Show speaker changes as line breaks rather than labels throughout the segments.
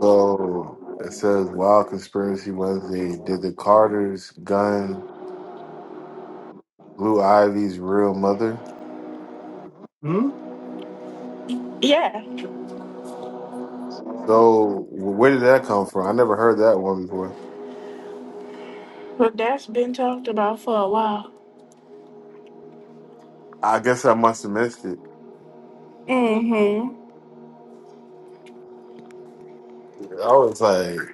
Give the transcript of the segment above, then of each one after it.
So it says Wild Conspiracy Wednesday. Did the Carters gun Blue Ivy's real mother?
Yeah,
So wh- where did that come from? I never heard that one before.
but that's been talked about for a while.
I guess I must have missed it.
Mm-hmm.
Yeah, I was like,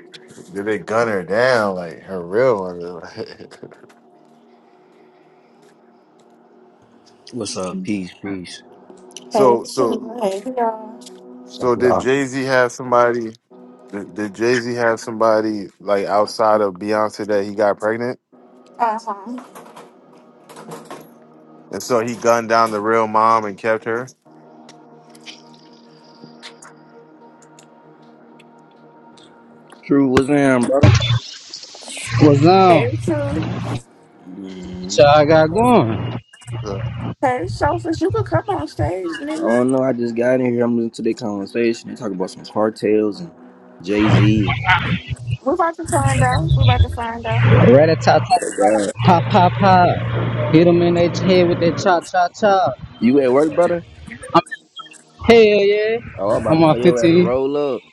did they gun her down like her real mother?
What's up? Peace, peace.
Hey,
so so
Sue. Hey, y'all.
So,
so did
yeah.
Jay Z have somebody? Did, did Jay Z have somebody like outside of Beyonce that he got pregnant,
Uh-huh.
and so he gunned down the real mom and kept her?
True, what's in, brother?
What's on?
Hey, True.
hmm
So I got going.
So
Hey, Sophus, you could come on stage,
I
nigga.
don't know. I just got in here. I'm listening to their conversation. They talk about some cartels and Jay Z and
We're about to find out. We're about to find out.
Rat a tat tat,
God.
pop pop pop. Hit them in their head with that cha cha cha.
You at work, brother?
Hell yeah. yeah.
Oh, I'm about
I'm
to
on
tell you at a
15.
roll up.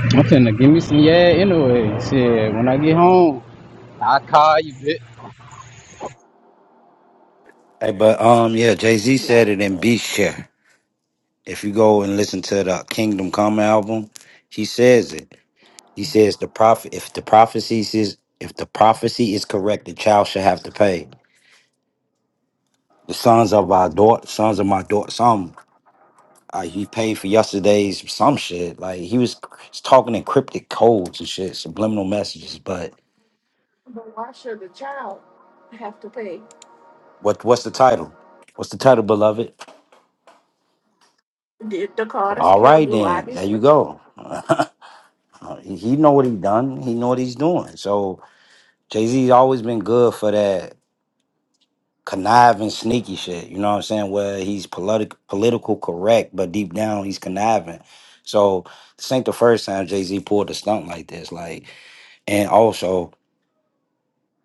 I'm finna give me some yeah anyway. Shit, when I get home, I call you, bitch.
Hey, but um, yeah, Jay Z
Y'all
said it
like
in
that.
Beast Share. If you go and listen to the Kingdom Come album, he says it. He says the prophet. If the prophecy is if the prophecy is correct, the child should have to pay. The sons of our daughter, sons of my daughter, some uh, he paid for yesterday's some shit. Like he was, he's talking in cryptic codes and shit, subliminal messages. But
But why should the child have to pay?
what what's the title? What's the title, beloved?
Did the Carters
All
kill
right,
Blue
then
Ivy's
there you
work?
go. Uh, He, he know what he done. He know what he's doing. So Jay Z's always been good for that conniving, sneaky shit. You know what I'm saying? Where he's politi- political correct, but deep down he's conniving. So this ain't the first time Jay Z pulled a stunt like this. Like, and also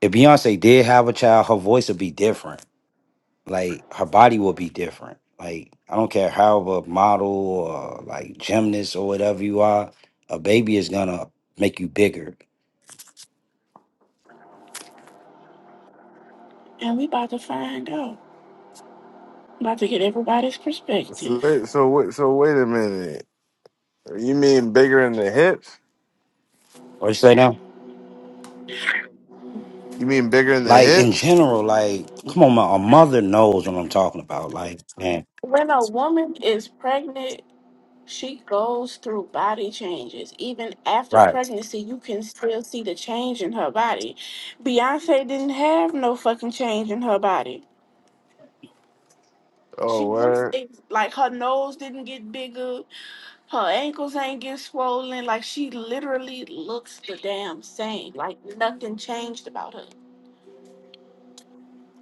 if Beyonce did have a child, her voice would be different. Like her body would be different. Like I don't care how of a model or like gymnast or whatever you are, a baby is gonna make you bigger.
And we about to find out. About to get everybody's
So
perspective.
wait, so wait, so wait a minute. You mean bigger in the hips?
What you say now?
You mean bigger in the
Like in
hips?
general, like come on, my, a mother knows what I'm talking about. Like, man,
When a woman is pregnant She goes through body changes. Even after
right?
pregnancy, you can still see the change in her body. Beyonce didn't have no fucking change in her body. She
Oh,
looks
word.
ex- like her nose didn't get bigger, her ankles ain't get swollen. Like she literally looks the damn same. Like nothing changed about her.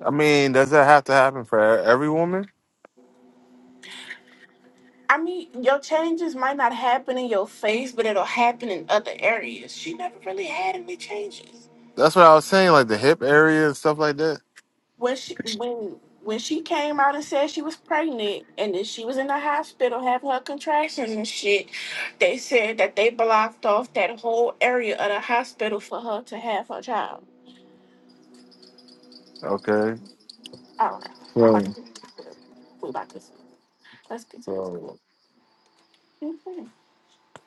I mean, does that have to happen for e- every woman?
I mean, your changes might not happen in your face, but it'll happen in other areas. She never really had any changes.
That's what I was saying, like the hip area and stuff like that.
when she when when she came out and said she was pregnant and then she was in the hospital having her contractions and shit, they said that they blocked off that whole area of the hospital for her to have her child.
Okay.
I don't know. I'm
So,
about to We about to let's get to this clip.
so,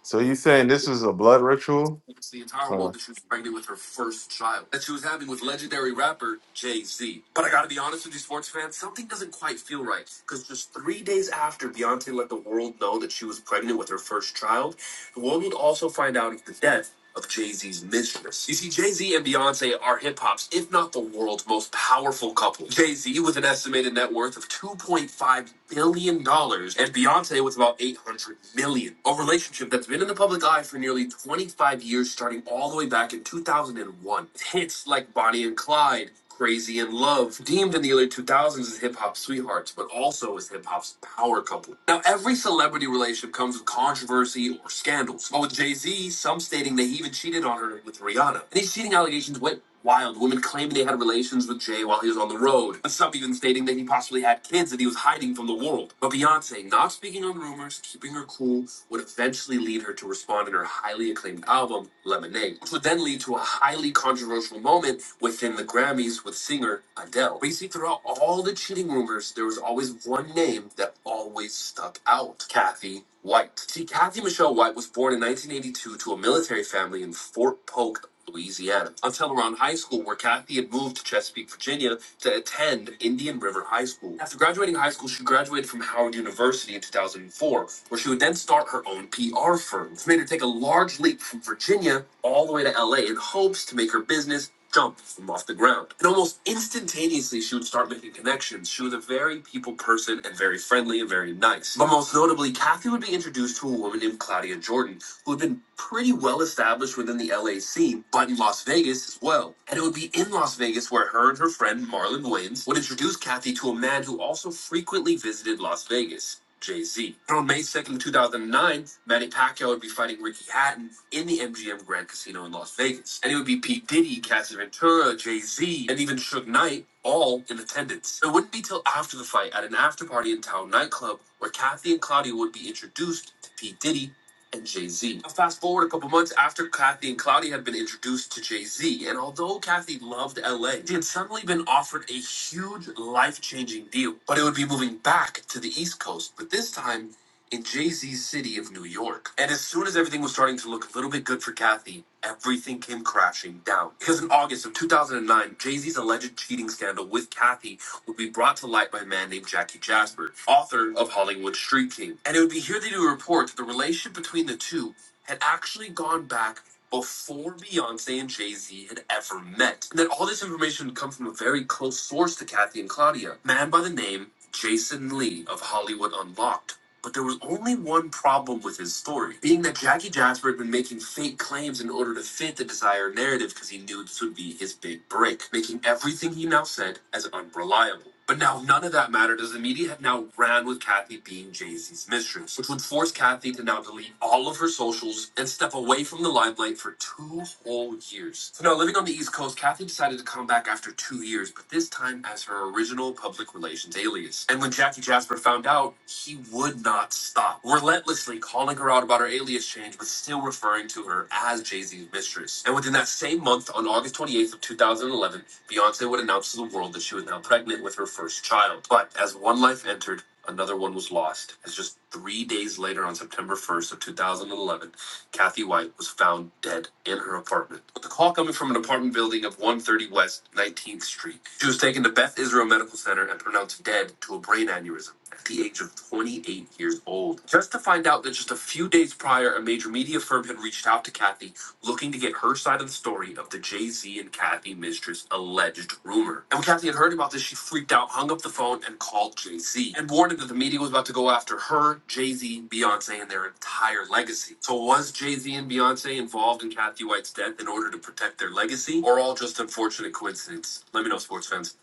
so you saying this is a blood ritual?
The entire world
Uh,
that she was pregnant with her first child that she was having with legendary rapper Jay Z. But I gotta be honest with you, sports fans, something doesn't quite feel right. Because just three days after Beyonce let the world know that she was pregnant with her first child, the world would also find out the death of Jay Z's mistress. You see, Jay Z and Beyonce are hip hop's, if not the world's, most powerful couple. Jay Z with an estimated net worth of $2.5 billion dollars and Beyonce with about $800 million. dollars. A relationship that's been in the public eye for nearly 25 years, starting all the way back in 2001. Hits like Bonnie and Clyde. Crazy in Love, deemed in the early 2000s as hip hop sweethearts, but also as hip hop's power couple. Now, every celebrity relationship comes with controversy or scandals. But with Jay Z, some stating they even cheated on her with Rihanna. And these cheating allegations went wild, women claiming they had relations with Jay while he was on the road, and some even stating that he possibly had kids that he was hiding from the world. But Beyonce, not speaking on rumors, keeping her cool, would have eventually lead her to respond in her highly acclaimed album, Lemonade, which would then lead to a highly controversial moment within the Grammys with singer Adele. Basically, throughout all the cheating rumors, there was always one name that always stuck out Kathy White. See, Kathy Michelle White was born in 1982 to a military family in Fort Polk, Louisiana. Until around high school, where Kathy had moved to Chesapeake, Virginia, to attend Indian River High School. After graduating high school, she graduated from Howard University in 2004, where she would then start her own PR firm, which made her take a large leap from Virginia all the way to LA in hopes to make her business jump from off the ground. And almost instantaneously, she would start making connections. She was a very people person and very friendly and very nice. But most notably, Kathy would be introduced to a woman named Claudia Jordan, who have been pretty well established within the LA scene, but in Las Vegas as well. And it would be in Las Vegas where her and her friend Marlon Wayans would introduce Kathy to a man who also frequently visited Las Vegas. Jay Z. On May 2nd, 2009, Manny Pacquiao would be fighting Ricky Hatton in the MGM Grand Casino in Las Vegas. And it would be Pete Diddy, Cassie Ventura, Jay Z, and even Suge Knight all in attendance. It wouldn't be till after the fight at an after party in Town nightclub where Kathy and Claudia would be introduced to Pete Diddy and Jay Z. Fast forward a couple months after Kathy and Cloudy had been introduced to Jay Z, and although Kathy loved LA, she had suddenly been offered a huge life changing deal, but it would be moving back to the East Coast, but this time in Jay Z's city of New York. And as soon as everything was starting to look a little bit good for Kathy, everything came crashing down. Because in August of 2009, Jay Z's alleged cheating scandal with Kathy would be brought to light by a man named Jackie Jasper, author of Hollywood Street King. And it would be here they do report that the relationship between the two had actually gone back before Beyonce and Jay Z had ever met. And that all this information would come from a very close source to Kathy and Claudia, a man by the name Jason Lee of Hollywood Unlocked but there was only one problem with his story, being that Jackie Jasper had been making fake claims in order to fit the desired narrative because he knew this would be his big break, making everything he now said as unreliable. But now none of that mattered as the media had now ran with Kathy being Jay-Z's mistress, which would force Kathy to now delete all of her socials and step away from the from the limelight for two whole years. So now living on the East Coast, Kathy decided to come back after two years, but this time as her original public relations alias. And when Jackie Jasper found out, he would not stop, relentlessly calling her out about her alias change, but still referring to her as Jay-Z's mistress. And within that same month, on August 28th of 2011, Beyonce would announce to the world that she was now pregnant with her first child. But as one life entered, another one was lost. As just three days later, on September 1st of 2011, Kathy White was found dead in her apartment. With the call coming from an apartment building of 130 West 19th Street, she was taken to Beth Israel Medical Center and pronounced dead to a brain aneurysm at the age of 28 years old. Just to find out that just a few days prior, a major media firm had reached out to Kathy looking to get her side of the story of the Jay Z and Kathy Mistress alleged rumor. And when Kathy had heard about this, she freaked out, hung up the phone, and called Jay Z and warned him that the media was about to go after her, Jay Z, Beyonce, and their entire legacy. So was Jay Z and Beyonce involved in Kathy White's death in order to protect their legacy, or all just unfortunate coincidence? Let me know, sports fans.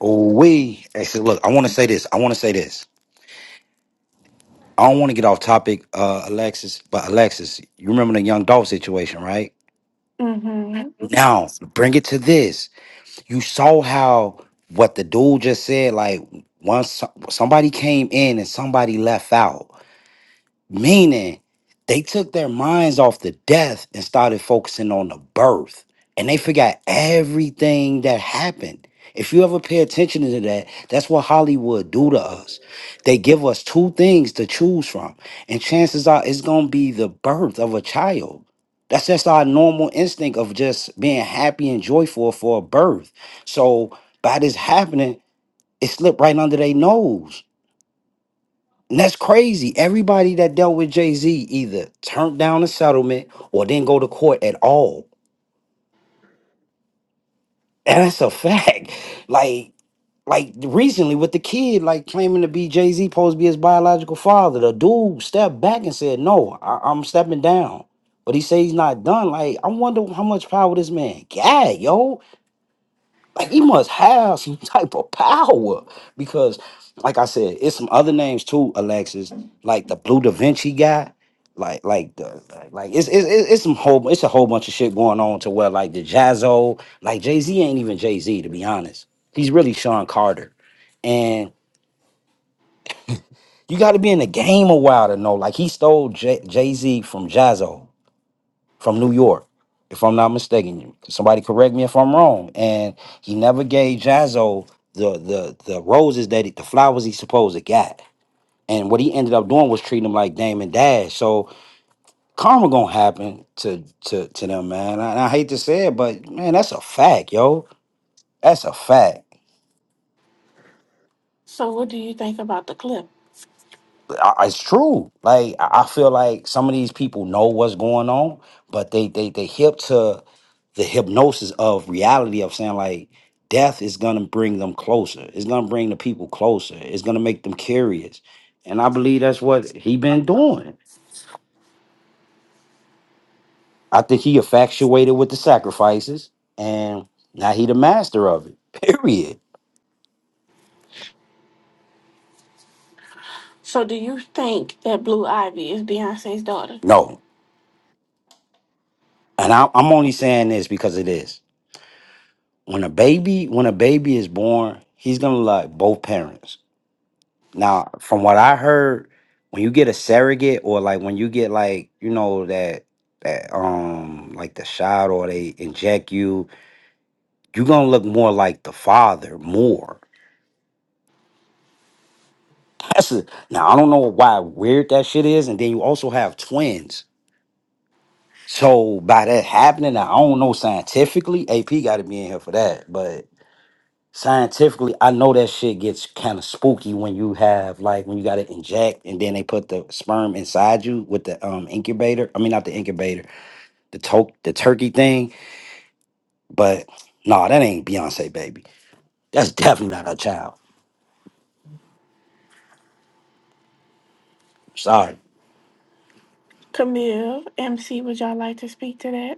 We actually look. I want to say this. I want to say this. I don't want to get off topic, uh, Alexis. But Alexis, you remember the young doll situation, right?
hmm
Now bring it to this. You saw how what the dude just said. Like once so- somebody came in and somebody left out. Meaning, they took their minds off the death and started focusing on the birth. And they forgot everything that happened. If you ever pay attention to that, that's what Hollywood do to us. They give us two things to choose from. And chances are it's gonna be the birth of a child. That's just our normal instinct of just being happy and joyful for a birth. So by this happening, it slipped right under their nose and that's crazy. Everybody that dealt with Jay Z either turned down a settlement or didn't go to court at all. And that's a fact. Like, like recently with the kid, like claiming to be Jay Z, supposed to be his biological father. The dude stepped back and said, "No, I, I'm stepping down." But he said he's not done. Like, I wonder how much power this man got, yo. Like he must have some type of power because, like I said, it's some other names too, Alexis. Like the Blue Da Vinci guy, like like the like, like it's it's it's it's some whole it's a whole bunch of shit going on to where like the Jazzo, like Jay Z ain't even Jay Z to be honest. He's really Sean Carter, and you got to be in the game a while to know. Like he stole Jay Z from Jazzo from New York, if I'm not mistaken. Somebody correct me if I'm wrong. And he never gave Jazzo the the the roses that he, the flowers he supposed to got. And what he ended up doing was treating him like Damon Dash. So karma gonna happen to to to them, man. And I hate to say it, but man, that's a fact, yo. That's a fact.
So, what do you think about the clip?
I- It's true. Like I I feel like some of these people know what's going on, but they they they hip to the hypnosis of reality of saying like death is gonna bring them closer. It's gonna bring the people closer. It's gonna make them curious. And I believe that's what he been doing. I think he infatuated with the sacrifices and now he the master of it. Period.
So, do you think that Blue Ivy is Beyonce's daughter?
No. And I, I'm only saying this because it is When a baby, when a baby is born, he's gonna like both parents Now, from what I heard, when you get a surrogate or like when you get like, you know, that that um like the shot or they inject you, you're gonna look more like the father more. That's a, now I don't know why weird that shit is, and then you also have twins. So by that happening, now, I don't know scientifically, AP gotta be in here for that, but Scientifically, I know that shit gets kind of spooky when you have like when you got to inject and then they put the sperm inside you with the um incubator. I mean, not the incubator, the to- the turkey thing. But no, nah, that ain't Beyonce baby. That's definitely not her child. Sorry.
Camille, MC, would y'all like to speak to that?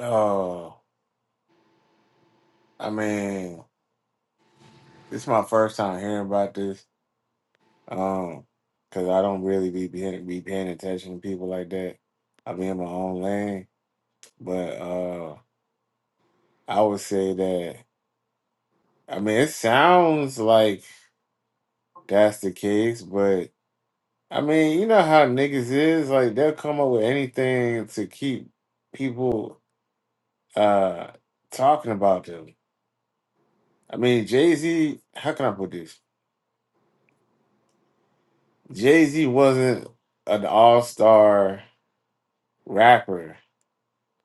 Oh, I mean, this is my first time hearing about this. Um, because I don't really be paying, be paying attention to people like that. I be in my own lane, but uh. I would say that. I mean, it sounds like that's the case, but I mean, you know how niggas is like they'll come up with anything to keep people uh talking about them. I mean, Jay Z. How can I put this? Jay Z wasn't an all star rapper.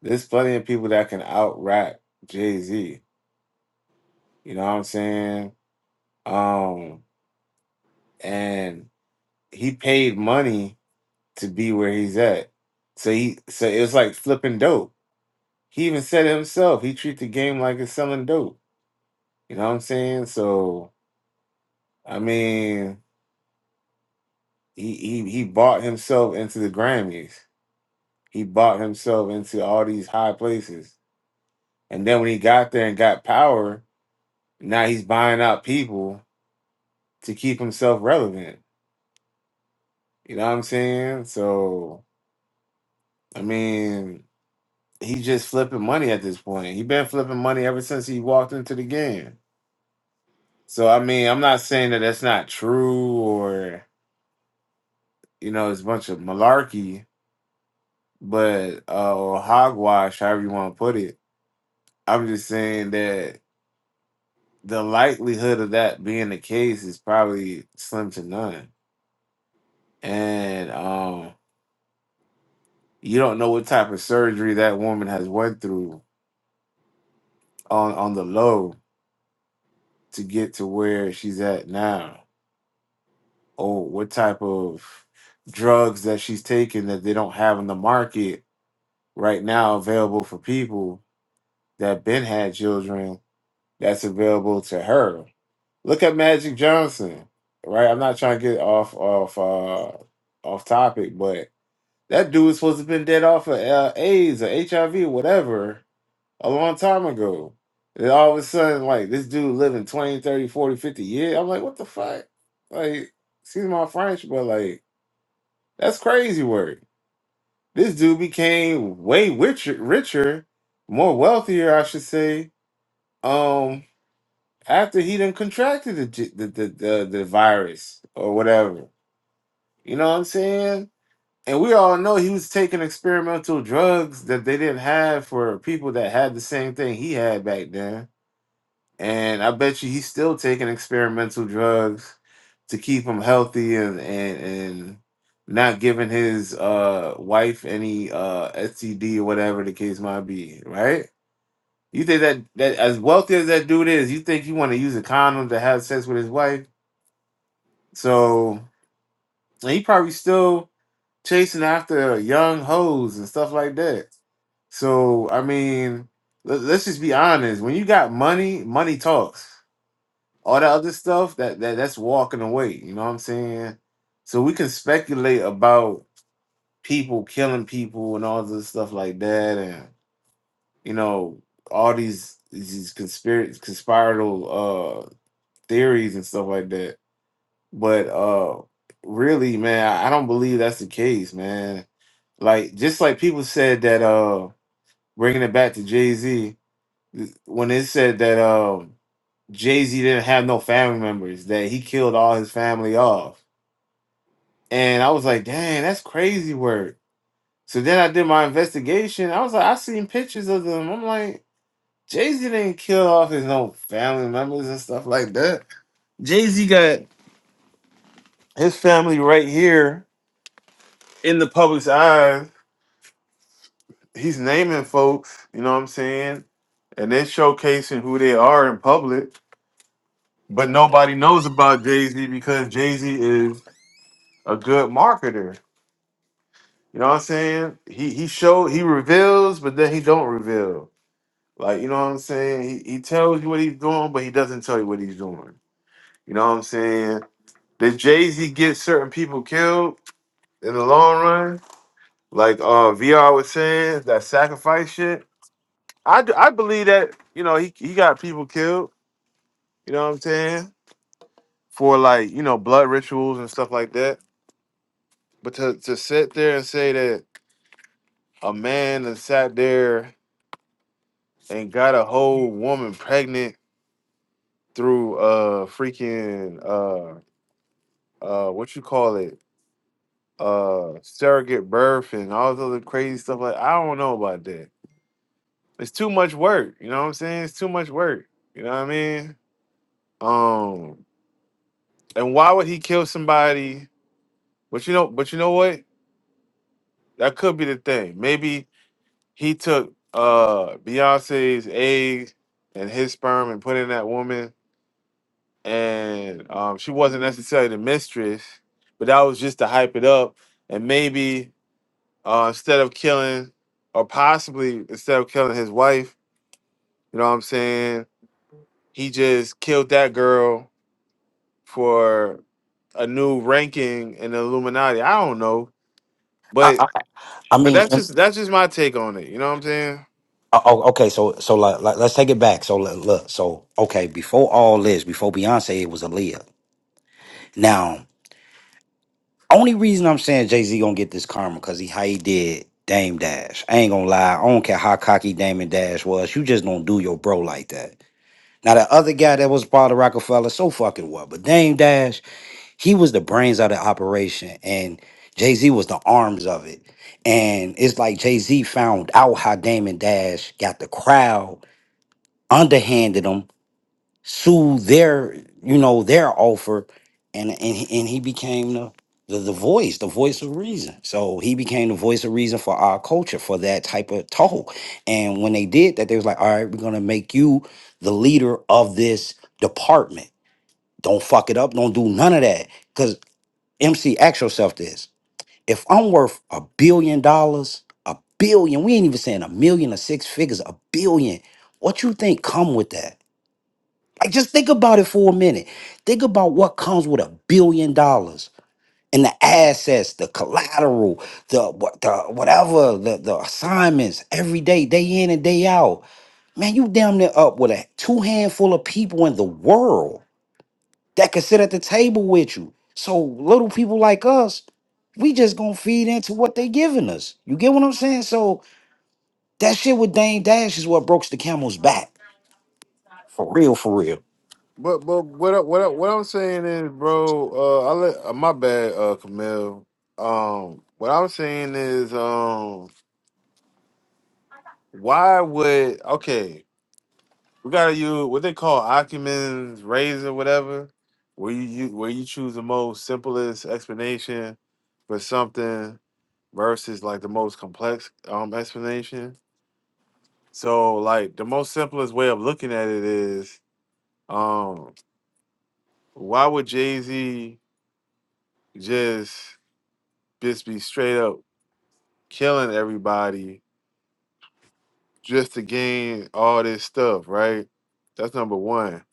There's plenty of people that can out rap Jay Z. You know what I'm saying? Um, and he paid money to be where he's at. So he so it was like flipping dope. He even said it himself. He treat the game like it's selling dope. You know what I'm saying? So I mean, he he he bought himself into the Grammys. He bought himself into all these high places. And then when he got there and got power, now he's buying out people to keep himself relevant. You know what I'm saying? So I mean, he's just flipping money at this point. He been flipping money ever since he walked into the game. So I mean, I'm not saying that that's not true or you know it's a bunch of malarkey, but uh, or hogwash, however you want to put it. I'm just saying that the likelihood of that being the case is probably slim to none, and um, you don't know what type of surgery that woman has went through on on the low to get to where she's at now, or what type of drugs that she's taking that they don't have in the market right now available for people that been had children that's available to her. Look at Magic Johnson, right? I'm not trying to get off off uh off topic, but that dude was supposed to have been dead off of uh, AIDS or HIV or whatever a long time ago. And all of a sudden, like this dude living 20, 30, 40, 50 years. I'm like, what the fuck? Like, excuse my French, but like, that's crazy work. This dude became way richer, richer, more wealthier, I should say. Um, after he done contracted the j- the the, the, the virus or whatever, you know what I'm saying? And we all know he was taking experimental drugs that they didn't have for people that had the same thing he had back then and I bet you he's still taking experimental drugs to keep him healthy and and, and not giving his uh wife any uh STD or whatever the case might be, right? You think that that as wealthy as that dude is, you think you want to use a condom to have sex with his wife? So and he probably still chasing after young hoes and stuff like that. So I mean, let- let's just be honest. When you got money, money talks. All the other stuff that, that that's walking away. You know what I'm saying? So we can speculate about people killing people and all this stuff like that, and you know all these these conspiracy conspiratorial uh, theories and stuff like that. But uh, really, man, I I don't believe that's the case, man. Like just like people said that uh, bringing it back to Jay Z when they said that um, Jay Z didn't have no family members, that he killed all his family off And I was like, dang, that's crazy work. So then I did my investigation. I was like, I seen pictures of them. I'm like, Jay Z didn't kill off his own family members and stuff like that. Jay Z got his family right here in the public's eye. He's naming folks, you know what I'm saying? And then showcasing who they are in public. But nobody knows about Jay Z because Jay Z is a good marketer. You know what I'm saying? He he show he reveals, but then he don't reveal. Like, you know what I'm saying? He, he tells you what he's doing, but he doesn't tell you what he's doing. You know what I'm saying? Did Jay Z get certain people killed in the long run? Like uh VR was saying, that sacrifice shit. I, d- I believe that, you know, he, he got people killed, you know what I'm saying? For like, you know, blood rituals and stuff like that. But to, to sit there and say that a man that sat there and got a whole woman pregnant through uh freaking uh uh what you call it uh surrogate birth and all this other crazy stuff like I don't know about that. It's too much work, you know what I'm saying? It's too much work. You know what I mean? Um and why would he kill somebody? But you know, but you know what? That could be the thing. Maybe he took uh Beyonce's egg and his sperm and put in that woman and um she wasn't necessarily the mistress, but that was just to hype it up and maybe uh, instead of killing or possibly instead of killing his wife, you know what I'm saying? He just killed that girl for a new ranking in the Illuminati. I don't know,
I
but
I, I
but
mean,
that's
and-
just that's just my take on it. You know what I'm saying?
oh, oh, okay. So so like, like let's take it back. So look, look, so okay. Before all this, before Beyonce, it was Aaliyah. Now. Only reason I'm saying Jay Z gonna get this karma because he how he did Dame Dash. I ain't gonna lie. I don't care how cocky Dame Dash was. You just don't do your bro like that. Now the other guy that was part of Rockefeller, so fucking what? But Dame Dash, he was the brains of the operation, and Jay Z was the arms of it. And it's like Jay Z found out how Dame Dash got the crowd underhanded them soothe their you know their offer and and he- and he became the, the the voice the voice of reason so he became the voice of reason for our culture for that type of talk and when they did that they was like all right we're gonna make you the leader of this department don't fuck it up don't do none of that because mc ask yourself this if i'm worth a billion dollars a billion we ain't even saying a million or six figures a billion what you think come with that like, just think about it for a minute. Think about what comes with a billion dollars and the assets, the collateral, the, what- the whatever, the, the assignments every day, day in and day out. Man, you damn near up with a two handful of people in the world that could sit at the table with you. So little people like us, we just gonna feed into what they giving us. You get what I'm saying? So that shit with Dame Dash is what broke the camel's back. For real, for real.
But but what I- what I- what I'm saying is, bro. Uh, I let uh, my bad, uh, Camille. Um, what I'm saying is, um, why would okay? We gotta use what they call Acumen's razor, whatever, where you, you where you choose the most simplest explanation for something versus like the most complex um explanation. So like the most simplest way of looking at it is um why would Jay Z just just be straight up killing everybody just to gain all this stuff, right? That's number one,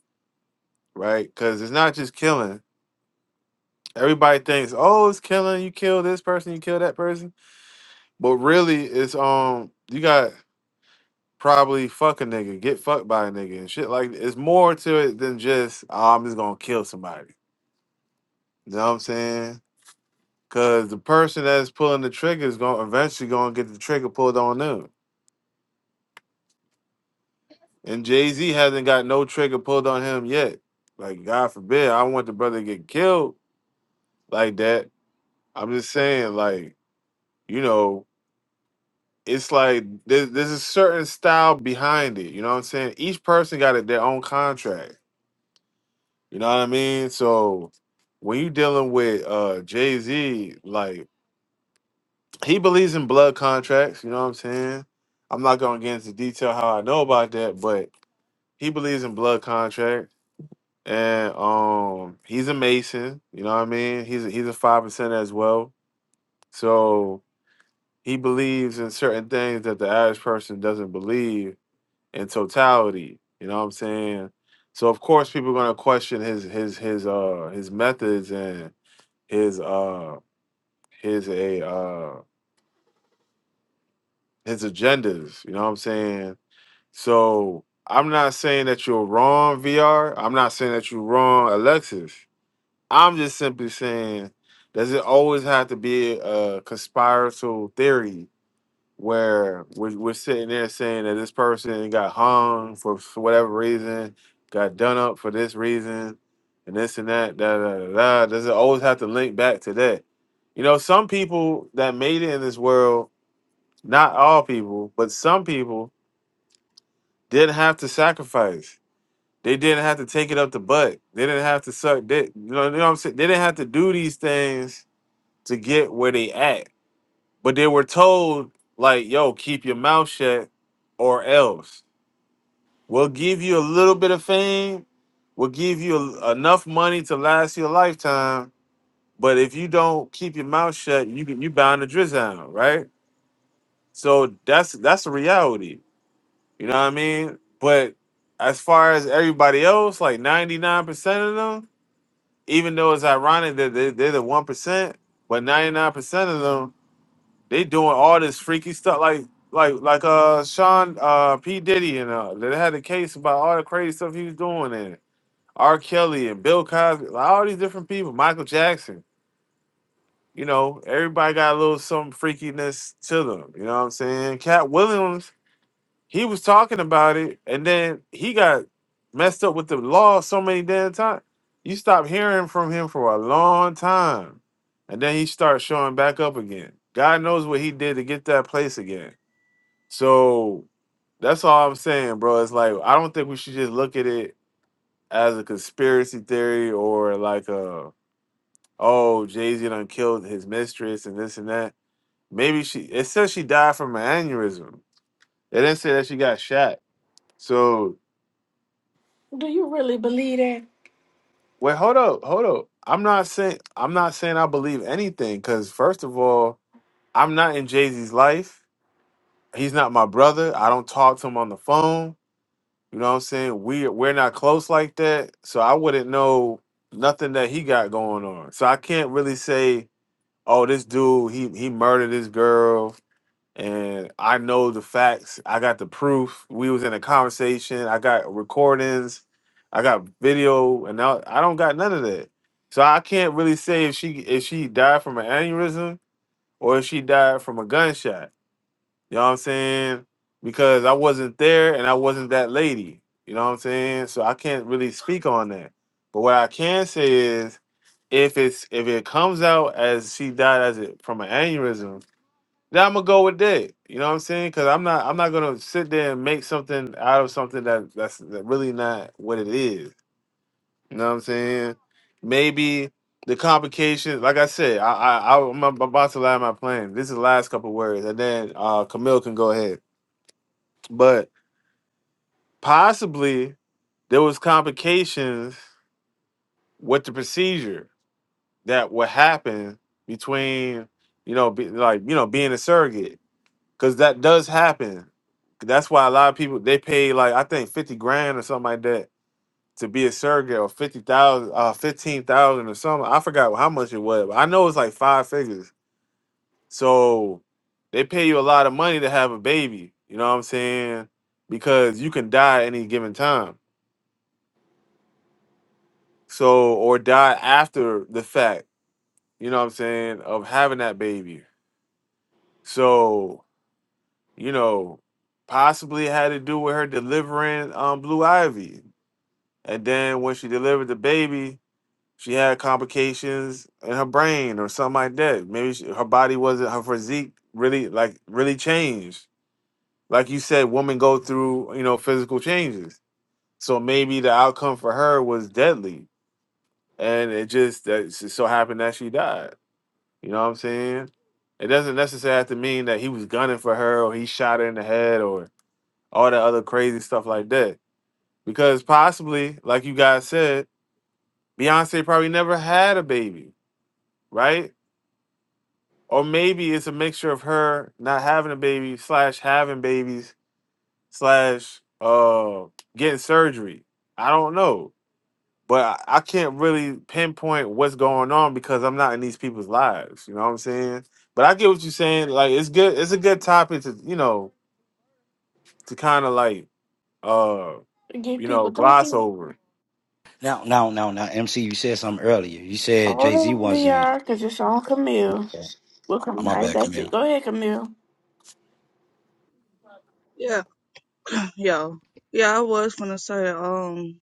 right? Because it's not just killing. Everybody thinks, oh, it's killing. You kill this person, you kill that person, but really, it's um, you got probably fuck a nigga, get fucked by a nigga, and shit. Like it's more to it than just oh, I'm just gonna kill somebody. You know what I'm saying? Because the person that's pulling the trigger is gonna eventually gonna get the trigger pulled on them. And Jay Z hasn't got no trigger pulled on him yet. Like God forbid, I don't want the brother to get killed like that. I'm just saying, like you know. it's like there's, there's a certain style behind it. You know what I'm saying? Each person got it, their own contract. You know what I mean? So when you dealing with uh Jay Z, like he believes in blood contracts. You know what I'm saying? I'm not gonna get into detail how I know about that, but he believes in blood contract, and um, he's a Mason. You know what I mean? He's a, he's a five percent as well. So he believes in certain things that the average person doesn't believe in totality. You know what I'm saying? So of course people are gonna question his his his uh his methods and his uh his a uh his agendas, you know what I'm saying? So I'm not saying that you're wrong, VR. I'm not saying that you're wrong, Alexis. I'm just simply saying does it always have to be a conspiratorial theory where we're, we're sitting there saying that this person got hung for s- whatever reason, got done up for this reason, and this and that, da da da da. Does it always have to link back to that? You know, some people that made it in this world, not all people, but some people didn't have to sacrifice. They didn't have to take it up the butt. They didn't have to suck dick. You know, you know what I'm saying? They didn't have to do these things to get where they at but they were told, like, yo, keep your mouth shut or else. We'll give you a little bit of fame. We'll give you enough money to last you a lifetime. But if you don't keep your mouth shut, you you bound to drizzle, out, right? So that's that's a reality. You know what I mean? But as far as everybody else, like 99% of them, even though it's ironic that they, they're the 1%, but 99% of them They doing all this freaky stuff, like like like uh Sean uh P Diddy and uh they had a case about all the crazy stuff he was doing and R Kelly and Bill Cosby, like, all these different people, Michael Jackson. You know, everybody got a little some freakiness to them. You know what I'm saying? Cat Williams, he was talking about it, and then he got messed up with the law so many damn times. You stop hearing from him for a long time and then he starts showing back up again. God knows what he did to get that place again. So that's all I'm saying, bro. It's like I don't think we should just look at it as a conspiracy theory or like a oh Jay Z done killed his mistress and this and that. Maybe she it says she died from an aneurysm. It didn't say that she got shot. So
Do you really believe that?
wait, hold up, hold up. I'm not saying I'm not saying I believe anything because first of all, I'm not in Jay Z's life. He's not my brother. I don't talk to him on the phone. You know what I'm saying? We we're not close like that, so I wouldn't know nothing that he got going on. So I can't really say, "Oh, this dude, he he murdered this girl." And I know the facts. I got the proof. We was in a conversation. I got recordings. I got video, and now I don't got none of that. So I can't really say if she if she died from an aneurysm or if she died from a gunshot you know what I'm saying? Because I wasn't there and I wasn't that lady. You know what I'm saying? So I can't really speak on that. But what I can say is if it's if it comes out as she died as it from an aneurysm, then I'm gonna go with that. You know what I'm saying? Because I'm not I'm not gonna sit there and make something out of something that that's that really not what it is. You know what I'm saying? Maybe the complications, like I said, I I, I am about to land my plane. This is the last couple words, and then uh Camille can go ahead but possibly there was complications with the procedure that would happen between you know be, like you know being a surrogate because that does happen that's why a lot of people they pay like i think 50 grand or something like that to be a surrogate or 50000 uh 15000 or something i forgot how much it was but i know it's like five figures so they pay you a lot of money to have a baby you know what i'm saying because you can die at any given time So or die after the fact, you know what I'm saying, of having that baby. So, you know, possibly it had to do with her delivering um Blue Ivy. And then when she delivered the baby, she had complications in her brain or something like that. Maybe she, her body wasn't her physique really like really changed. Like you said, women go through, you know, physical changes. So maybe the outcome for her was deadly. And it just that it so happened that she died. You know what I'm saying? It doesn't necessarily have to mean that he was gunning for her or he shot her in the head or all that other crazy stuff like that. Because possibly, like you guys said, Beyonce probably never had a baby, right? Or maybe it's a mixture of her not having a baby slash having babies slash uh getting surgery. I don't know. but I, I can't really pinpoint what's going on because I'm not in these people's lives. You know what I'm saying? But I get what you're saying. Like it's good. It's a good topic to you know to kind of like uh
Get
you know
people
gloss
thinking.
over.
Now, now, now, now, MC, you said something earlier. You said
Hold
Jay Z
on,
wasn't.
VR, because it's on Camille.
Oh,
We'll come
my
right
bad,
back to
Camille.
you. Go ahead, Camille.
Yeah, yeah, yeah. I was gonna say, um,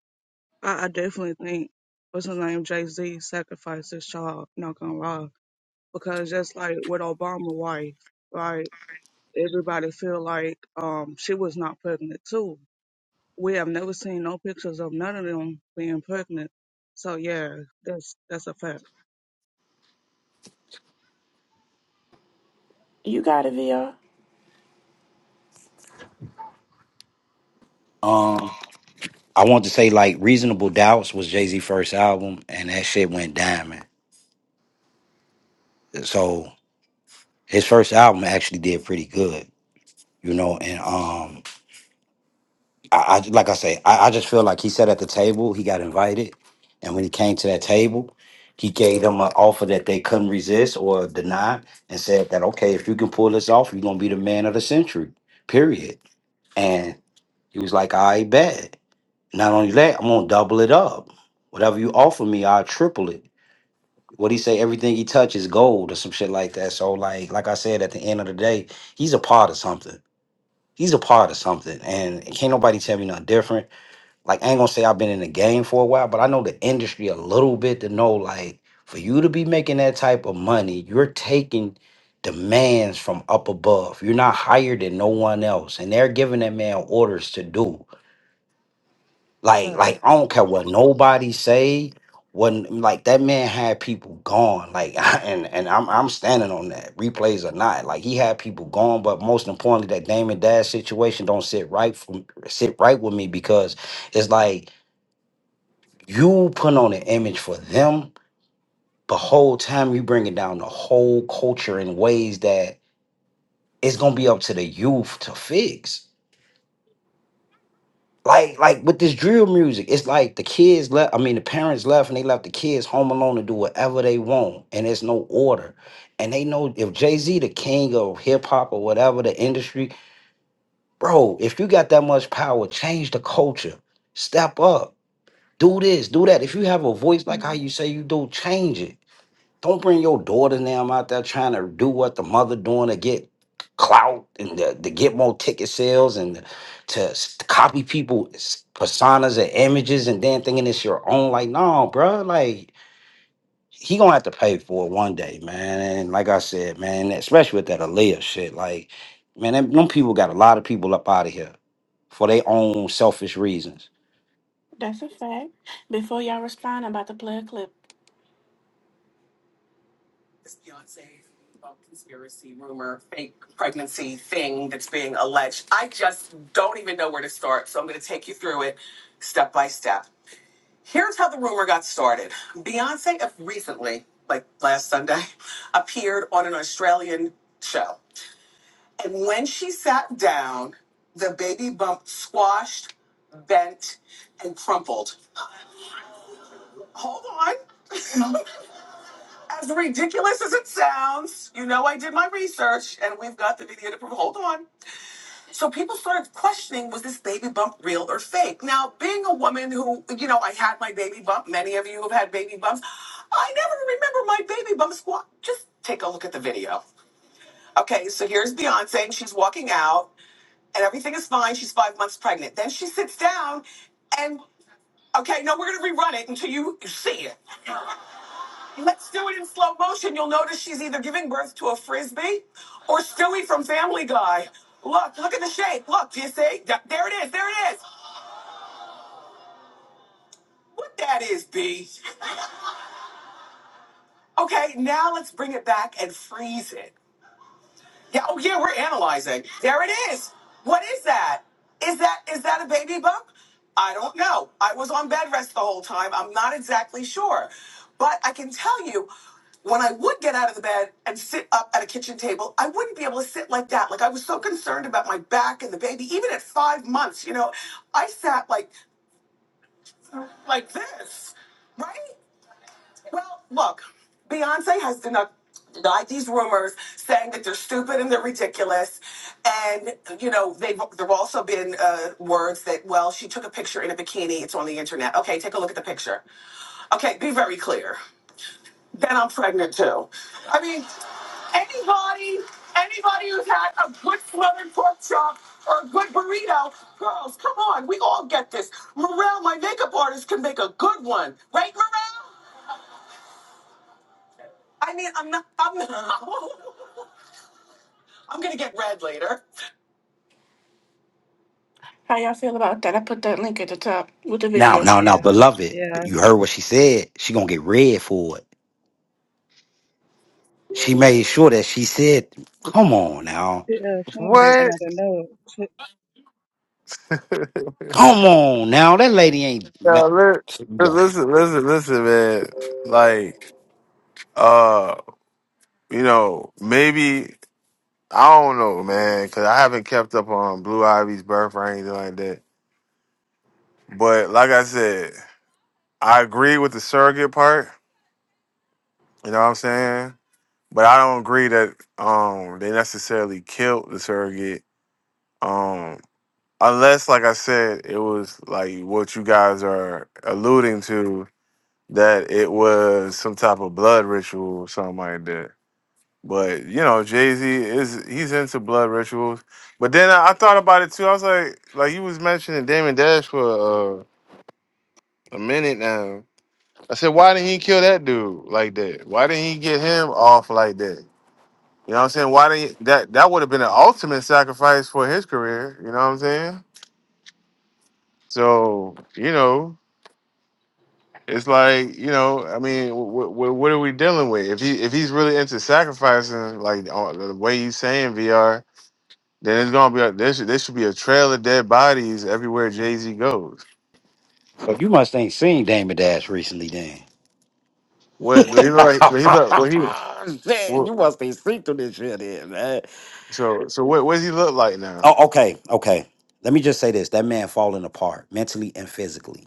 I, I definitely think what's his name, Jay Z, sacrificed his child. Not gonna lie, because just like with Obama wife, right? Everybody feel like um she was not pregnant too. We have never seen no pictures of none of them being pregnant. So yeah, that's that's a fact.
You got it, VR.
Um, I want to say like Reasonable Doubts was Jay Z first album, and that shit went diamond. So his first album actually did pretty good, you know. And um, I, I like I say, I, I just feel like he sat at the table, he got invited, and when he came to that table, he gave them an offer that they couldn't resist or deny, and said that okay, if you can pull this off, you're gonna be the man of the century. Period. And He was like, I bet. Not only that, I'm gonna double it up. Whatever you offer me, I'll triple it. What he say, everything he touches gold or some shit like that. So like like I said, at the end of the day, he's a part of something. He's a part of something. And can't nobody tell me nothing different. Like I ain't gonna say I've been in the game for a while, but I know the industry a little bit to know like for you to be making that type of money, you're taking demands from up above. You're not higher than no one else. And they're giving that man orders to do. Like,
But
like I don't care what nobody say. When like that man had people gone, like and and I'm I'm standing on that. Replays or not, like he had people gone. But most importantly, that Damon Dash situation don't sit right for sit right with me because it's like you put on an image for them, but whole time you bringing down the whole culture in ways that it's gonna be up to the youth to fix. like like with this drill music, it's like the kids left. I mean, the parents left, and they left the kids home alone to do whatever they want, and there's no order. And they know if Jay Z, the king of hip hop or whatever the industry, bro, if you got that much power, change the culture, step up, do this, do that. If you have a voice like how
Mhm.
you say you do, change it. Don't bring your daughter and them out there trying to do what the mother doing to get clout and to, to get more ticket sales and to s- copy people's personas and images and then thinking it's your own. Like, no, bro. Like, he gonna have to pay for it one day, man. And like I said, man, especially with that Aaliyah shit, like, man, them, them people got a lot of people up out of here for their own selfish reasons.
That's a fact. Before y'all respond, I'm about to play a clip. This Beyonce about conspiracy rumor, fake pregnancy thing that's being alleged. I just don't even know where to start, so I'm going to take you through it step by step. Here's how the rumor got started. Beyonce recently, like last Sunday, appeared on an Australian show. And when she sat down, the baby bump squashed, bent, and crumpled. Hold on. As ridiculous as it sounds, you know I did my research and we've got the video to prove. Hold on. So people started questioning was this baby bump real or fake? Now, being a woman who, you know, I had my baby bump, many of you have had baby bumps. I never remember my baby bump squat. Just take a look at the video. Okay, so here's Beyonce, and she's walking out, and everything is fine. She's five months pregnant. Then she sits down, and okay, no, we're gonna rerun it until you see it. Let's do it in slow motion. You'll notice she's either giving birth to a frisbee or Stewie from Family Guy. Look, look at the shape. Look, do you see? Th- There it is. There it is. What that is, B. Okay, now let's bring it back and freeze it. Yeah, oh yeah, we're analyzing. There it is. What is that? Is that is that a baby bump? I don't know. I was on bed rest the whole time. I'm not exactly sure. But I can tell you, when I would get out of the bed and sit up at a kitchen table, I wouldn't be able to sit like that. Like I was so concerned about my back and the baby. Even at five months, you know, I sat like like this, right? Well, look, Beyonce has denied denied these rumors, saying that they're stupid and they're ridiculous, and you know they've there've also been uh, words that well she took a picture in a bikini. It's on the internet. Okay, take a look at the picture. Okay, be very clear. Then I'm pregnant too. I mean, anybody, anybody who's had a good smothered pork chop or a good burrito, girls, come on, we all get this. Morel, my makeup artist, can make a good one, right, Morel? I mean, I'm not. I'm not. I'm gonna get red later. How y'all feel about that? I put that link at the top with the
Now,
video.
now, now, Yeah. beloved,
yeah,
you heard what she said. She gonna get red for it. she made sure that she said, "Come on now,
yeah, somebody
What?
added up. She-
yeah,
come on now, that lady ain't."
li-
So
listen, listen, listen, man. Like uh you know maybe I don't know, man, because I haven't kept up on Blue Ivy's birth or anything like that. But like I said, I agree with the surrogate part You know what I'm saying? But I don't agree that um they necessarily killed the surrogate. Um unless like I said, it was like what you guys are alluding to, that it was some type of blood ritual or something like that. But you know, Jay Z is he's into blood rituals. But then I, I thought about it too. I was like, like you was mentioning Damon Dash for uh, a minute now. I said, why didn't he kill that dude like that? Why didn't he get him off like that? You know what I'm saying? Why did that that would have been an ultimate sacrifice for his career, you know what I'm saying? So, you know, it's like, you know, I mean, wh- wh- what are we dealing with? If he if he's really into sacrificing like on- the way you saying VR, then it's going to be a, there should, there should be a trail of dead bodies everywhere Jay-Z goes.
you must ain't seen Damon Dash recently, then.
What you know like he's like what he
Shit,
what,
you must be seen through this shit, then, man.
so so what what does he look like now?
Oh, okay, okay. Let me just say this: that man falling apart mentally and physically.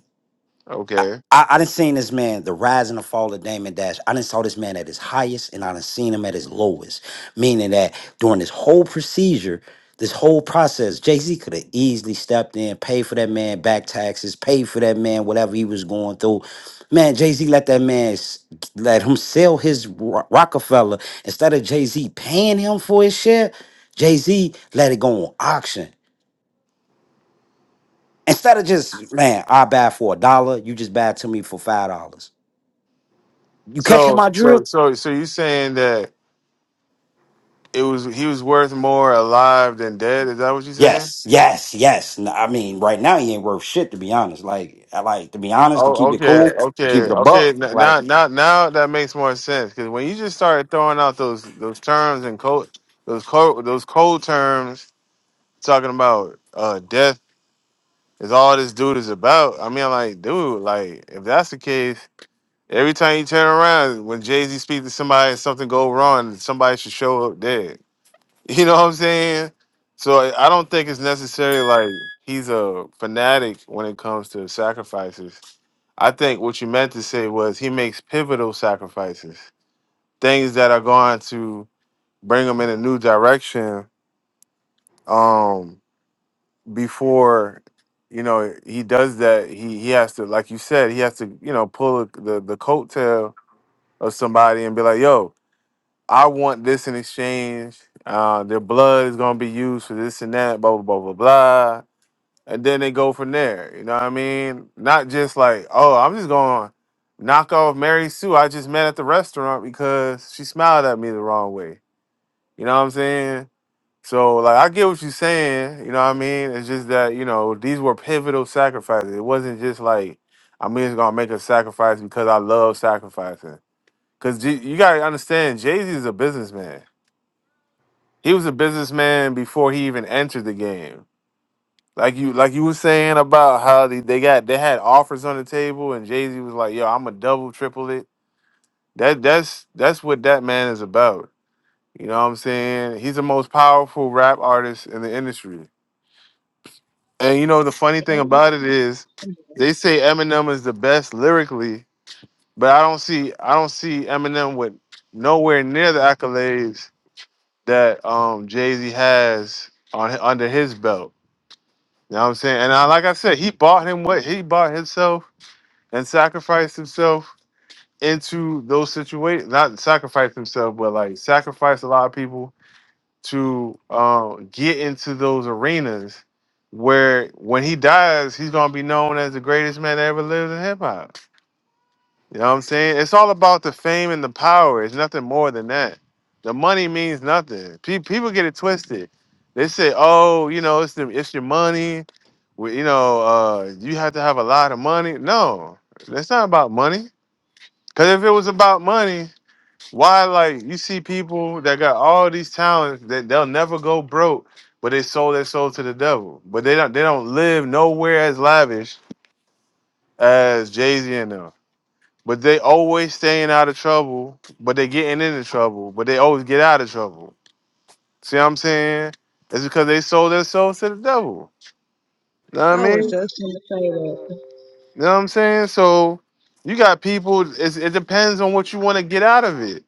I,
Okay.
I, I done seen this man, the rise and the fall of Damon Dash. I done saw this man at his highest and I done seen him at his lowest. Meaning that during this whole procedure, this whole process, Jay-Z could have easily stepped in, paid for that man back taxes, paid for that man whatever he was going through. Man, Jay-Z let that man s- let him sell his Ro- Rockefeller instead of Jay-Z paying him for his share. Jay-Z let it go on auction. Instead of just, man, I buy for a dollar, you just buy it to me for five dollars. You catching
So
my
so
drift?
so so you saying that it was he was worth more alive than dead. Is that what you're saying?
Yes, yes, yes. N- I mean, right now he ain't worth shit to be honest. Like, I like to be honest, to
Oh,
keep it
okay,
cool, to
okay,
keep it a
okay.
buck.
N-
Like,
Now, now, now that makes more sense because when you just started throwing out those those terms and cold those cold those cold terms talking about uh death is all this dude is about. I mean, like, dude, like if that's the case, every time you turn around, when Jay Z speaks to somebody, something go wrong, somebody should show up dead. You know what I'm saying? So I I don't think it's necessarily like he's a fanatic when it comes to sacrifices. I think what you meant to say was he makes pivotal sacrifices, things that are going to bring him in a new direction. Um, before you know he does that, he he has to, like you said, he has to you know pull the the coattail of somebody and be like, "Yo, I want this in exchange. Uh, their blood is gonna be used for this and that, blah blah blah blah blah. And then they go from there. You know what I mean? Not just like, oh, I'm just gonna knock off Mary Sue I just met at the restaurant because she smiled at me the wrong way. You know what I'm saying? So like I get what you're saying, you know what I mean? It's just that, you know, these were pivotal sacrifices. It wasn't just like I'm just gonna make a sacrifice because I love sacrificing. Cause J- you gotta understand, Jay Z is a businessman he was a businessman before he even entered the game. Like you, like you were saying about how they, they got they had offers on the table, and Jay Z was like, "Yo, I'm a double, triple it." That that's that's what that man is about. You know what I'm saying? He's the most powerful rap artist in the industry. And you know the funny thing about it is, they say Eminem is the best lyrically, but I don't see I don't see Eminem with nowhere near the accolades that um Jay Z has on under his belt. You know what I'm saying? And I, like I said, he bought him what he bought himself and sacrificed himself into those situations. Not sacrificed himself, but like sacrificed a lot of people to uh, get into those arenas where when he dies, he's gonna be known as the greatest man that ever lived in hip hop. You know what I'm saying? It's all about the fame and the power. It's nothing more than that. The money means nothing. Pe- people get it twisted. They say, "Oh, you know, it's the it's your money. We, you know, uh, you have to have a lot of money." No, it's not about money. Because if it was about money, why like you see people that got all these talents that they'll never go broke, but they sold their soul to the devil. But they don't they don't live nowhere as lavish as Jay Z and them. But they always staying out of trouble, but they getting into trouble, but they always get out of trouble. See what I'm saying? It's because they sold their souls to the devil. Know what I
I was
mean?
just gonna say that.
You know what I'm saying? So you got people, it's, it depends on what you want to get out of it.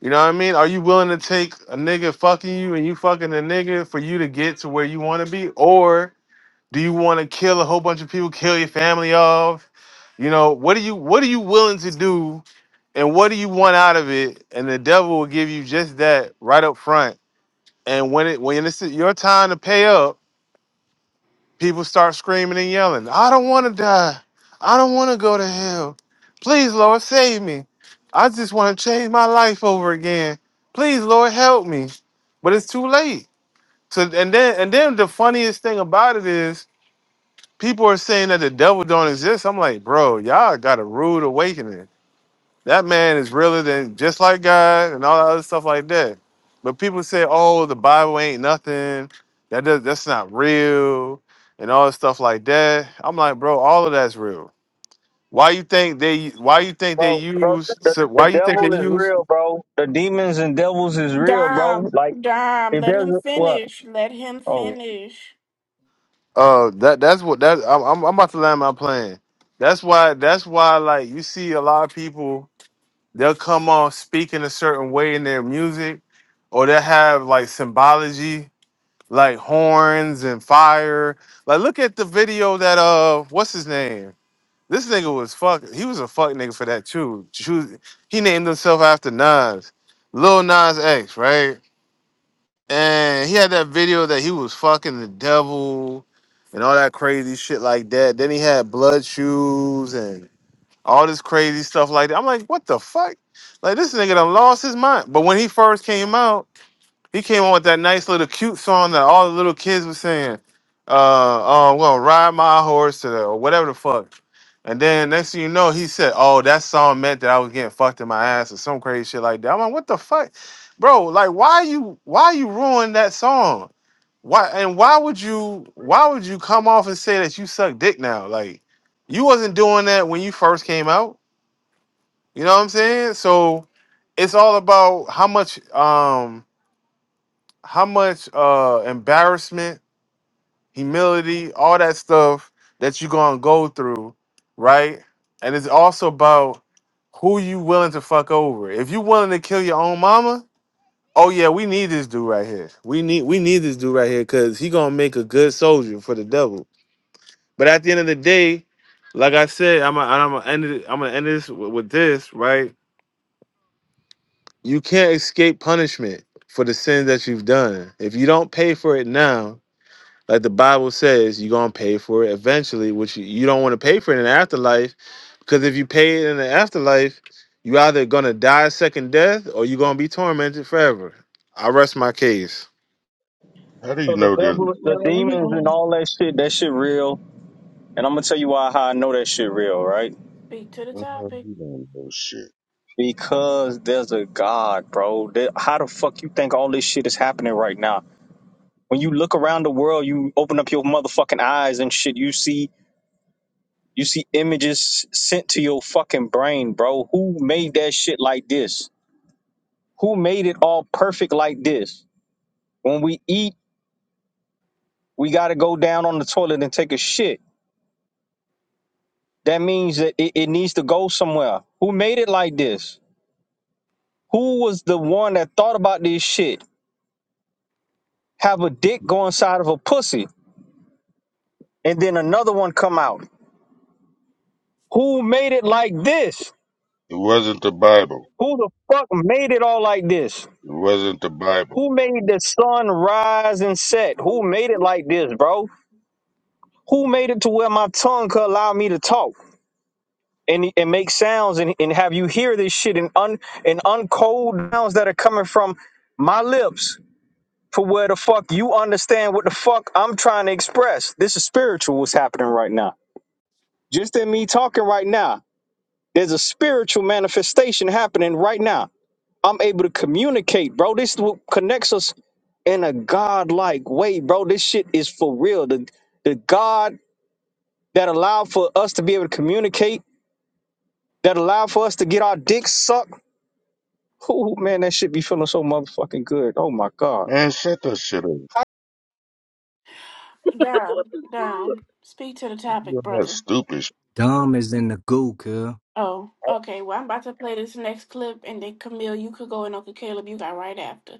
You know what I mean? Are you willing to take a nigga fucking you and you fucking a nigga for you to get to where you want to be? Or do you want to kill a whole bunch of people, kill your family off? You know, what are you what are you willing to do and what do you want out of it? And the devil will give you just that right up front. And when it when it's your time to pay up, people start screaming and yelling, "I don't want to die. I don't want to go to hell. Please, Lord, save me. I just want to change my life over again. Please, Lord, help me." But it's too late. So and then and then the funniest thing about it is people are saying that the devil don't exist. I'm like, bro, y'all got a rude awakening That man is realer than just like God and all that other stuff like that. But people say, "Oh, the Bible ain't nothing. That does, that's not real," and all that stuff like that. I'm like, bro, all of that's real. Why you think they? Why you think they
bro, bro.
use?
The,
so
the
Why you think
devil
they
is
use?
real, bro. The demons and devils is real, bro.
Dom,
Like
Dom,
if
let
there's
him
a, what?
finish. Let him
Oh,
finish.
Uh, that that's what that I'm, I'm I'm about to land my plan. That's why. That's why. Like you see a lot of people, they'll come off speaking a certain way in their music, or they'll have like symbology like horns and fire. Like, look at the video that uh, what's his name? This nigga was fuck. He was a fuck nigga for that too. Ju- He named himself after Nas, Lil Nas X, right? And he had that video that he was fucking the devil and all that crazy shit like that. Then he had blood shoes and all this crazy stuff like that. I'm like, what the fuck? Like this nigga done lost his mind. But when he first came out. He came on with that nice little cute song that all the little kids were singing. Uh, uh, I'm gonna ride my horse to the or whatever the fuck. And then next thing you know, he said, "Oh, that song meant that I was getting fucked in my ass or some crazy shit like that." I'm like, "What the fuck, bro? Like, why you why you ruin that song? Why and why would you why would you come off and say that you suck dick now? Like, you wasn't doing that when you first came out. You know what I'm saying? So it's all about how much um how much uh embarrassment, humility, all that stuff that you're gonna go through, right? And it's also about who you willing to fuck over. If you willing to kill your own mama, oh yeah, we need this dude right here. We need we need this dude right here because he gonna make a good soldier for the devil. But at the end of the day, like I said, I'm gonna I'm gonna end it, I'm gonna end this with, with this, right? You can't escape punishment for the sins that you've done. If you don't pay for it now, Like the Bible says, you're gonna pay for it eventually, which you you don't want to pay for it in the afterlife, because if you pay it in the afterlife, you either gonna die a second death or you're gonna be tormented forever. I rest my case.
How do you
so the
know there's? a
devil,
Yeah,
the
let me,
demons, and
um,
all that shit. That shit real. And I'm gonna tell you why how I know that shit real, right?
Speak to the
Uh,
topic.
you don't know shit.
Because there's a God, bro. There- How the fuck you think all this shit is happening right now? When you look around the world, you open up your motherfucking eyes and shit. You see, you see images sent to your fucking brain, bro. Who made that shit like this? Who made it all perfect like this? When we eat, we got to go down on the toilet and take a shit. That means that it, it needs to go somewhere. Who made it like this? Who was the one that thought about this shit? Have a dick go inside of a pussy and then another one come out. Who made it like this?
It wasn't the Bible.
Who the fuck made it all like this?
It wasn't the Bible.
Who made the sun rise and set? Who made it like this, bro? Who made it to where my tongue could allow me to talk? and and make sounds and, and have you hear this shit and un and uncode sounds that are coming from my lips for where the fuck you understand what the fuck I'm trying to express. This is spiritual what's happening right now. Just in me talking right now, there's a spiritual manifestation happening right now. I'm able to communicate, bro. This is what connects us in a godlike way, bro. This shit is for real. The the God that allowed for us to be able to communicate, that allowed for us to get our dicks sucked Oh man, that shit be feeling so motherfucking good. Oh my god.
Man, shut that shit up.
Dom, Dom, speak to the topic,
You're that
brother.
stupid. Shit.
Dom is in the goo, girl.
Oh, okay. Well, I'm about to play this next clip, and then Camille, you could go, and Uncle Caleb, you got right after.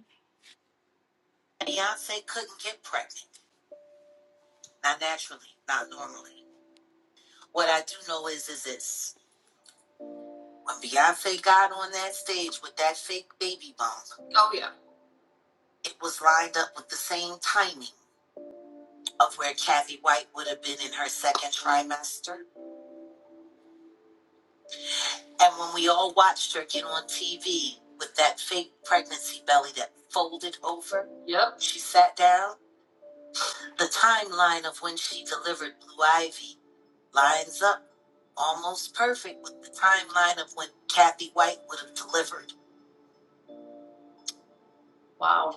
Oh yeah. Yep. Wow.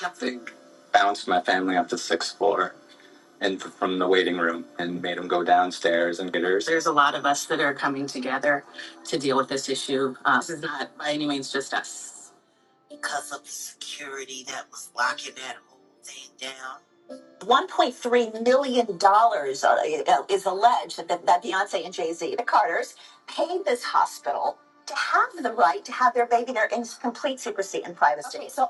Nothing. Bounced my family up to sixth floor. and from the waiting room and made him go downstairs and get hers. There's other who uh, this is not by any means just us. people to have their in complete secrecy and privacy. Okay, so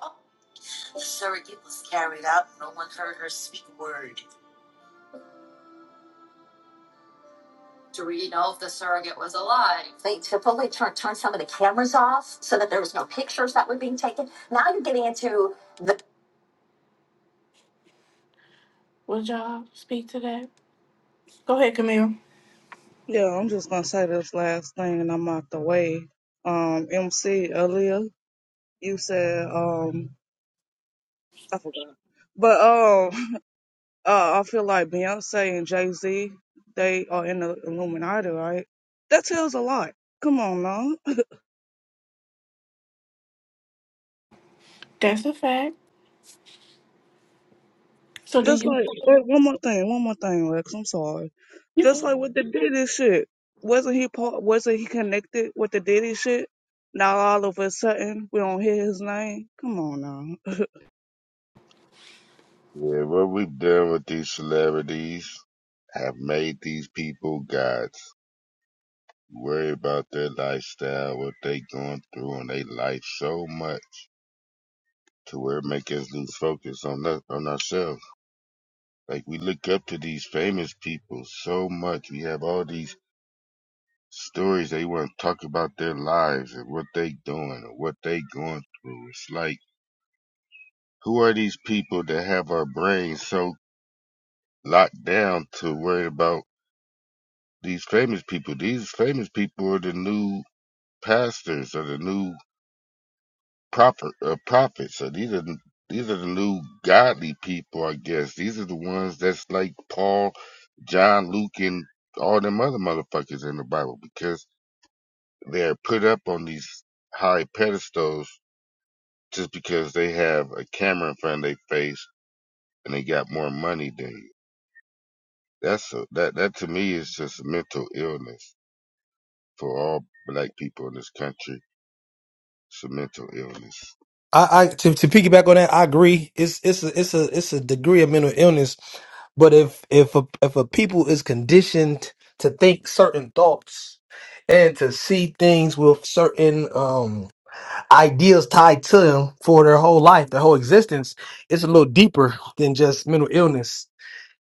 Do we know if the surrogate was alive? they to fully turned turn some of the cameras off so that there was no pictures that were being taken. Now you're getting into Would y'all speak to that? Go ahead, Camille.
Yeah, I'm just gonna say this last thing and I'm out the way. Um, MC Aaliyah, you said um I forgot. But um uh I feel like Beyonce and Jay Z, they are in the Illuminati, right? That tells a lot. Come on now.
That's a fact. So do
Just
you?
like wait, one more thing, one more thing, Lex. I'm sorry.
You
Just
can.
like with the Diddy shit. Wasn't he part wasn't he connected with the Diddy shit? Now all of a sudden we don't hear his name. Come on
Yeah, what we have done with these celebrities have made these people gods. Worry about their lifestyle, what they going through in their life so much to where it make us lose focus on us, on ourselves. Like we look up to these famous people so much. We have all these stories they want to talk about their lives and what they doing or what they going through. It's like, who are these people that have our brains so locked down to worry about these famous people? These famous people are the new pastors or the new prophet or prophets. So these are these are the new godly people, I guess. These are the ones that's like Paul, John, Luke, and all them other motherfuckers in the Bible because they're put up on these high pedestals just because they have a camera in front of their face and they got more money than you. That's a, that that to me is just a mental illness for all black people in this country. It's a mental illness.
I, I to, to piggyback on that, I agree. It's it's a, it's a it's a degree of mental illness, but if if a, if a people is conditioned to think certain thoughts and to see things with certain um ideas tied to them for their whole life, their whole existence, it's a little deeper than just mental illness.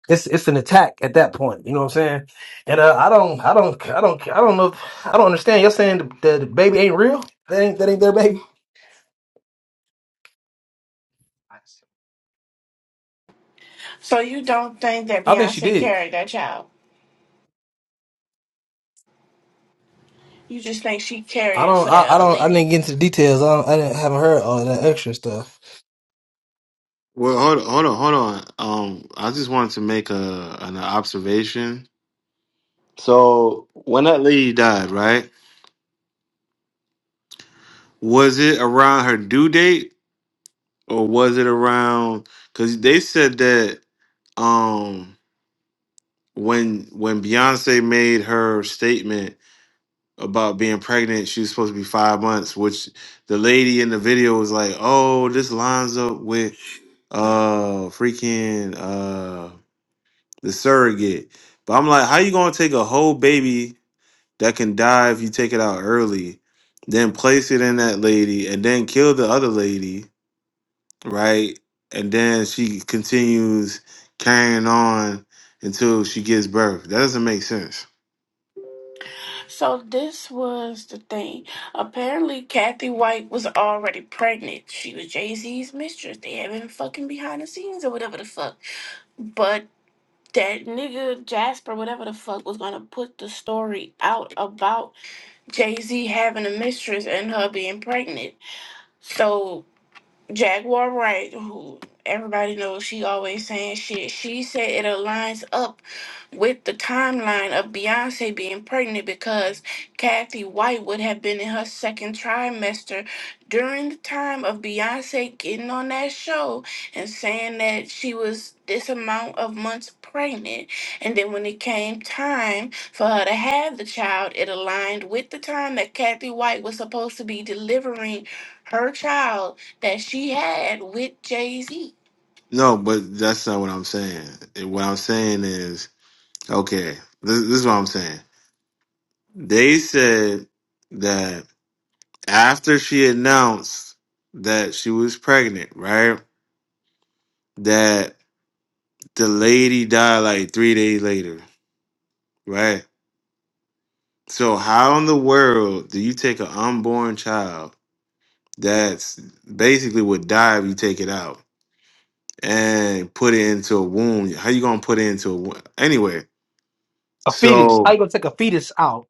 It's it's an attack at that point. You know what I'm saying? And uh, I don't I don't I don't I don't know. If, I don't understand. You're saying the, the, the baby ain't real. That ain't that ain't their baby.
So you don't think that
I think she
Beyonce
did.
carried that child? You just think she carried
I
it
don't.
for
I,
that
I
other
don't. I
lady?
didn't get into the details. I, don't, I didn't, haven't heard all that extra stuff.
Well, hold on, hold on, hold on. Um, I just wanted to make a an observation. So when that lady died, right? Was it around her due date or was it around? Because they said that. Um, when when Beyonce made her statement about being pregnant, she was supposed to be five months, which the lady in the video was like, "Oh, this lines up with uh freaking uh the surrogate." But I'm like, how you gonna take a whole baby that can die if you take it out early, then place it in that lady, and then kill the other lady, right? And then she continues carrying on until she gives birth. That doesn't make sense.
So this was the thing. Apparently, Kathy White was already pregnant. She was Jay Z's mistress. They had been fucking behind the scenes or whatever the fuck. But that nigga Jasper, whatever the fuck, was gonna put the story out about Jay Z having a mistress and her being pregnant. So Jaguar Wright, who everybody knows she always saying shit, she said it aligns up with the timeline of Beyonce being pregnant because Kathy White would have been in her second trimester during the time of Beyonce getting on that show and saying that she was this amount of months pregnant. And then when it came time for her to have the child, it aligned with the time that Kathy White was supposed to be delivering her child that she had with Jay Z.
No, but that's not what I'm saying. And What I'm saying is, okay, this, this is what I'm saying. They said that after she announced that she was pregnant, right? That the lady died like three days later, right? So how in the world do you take an unborn child that's basically would die if you take it out and put it into a womb? How you gonna put it into a womb? Anyway,
A fetus.
so.
How you gonna take a fetus out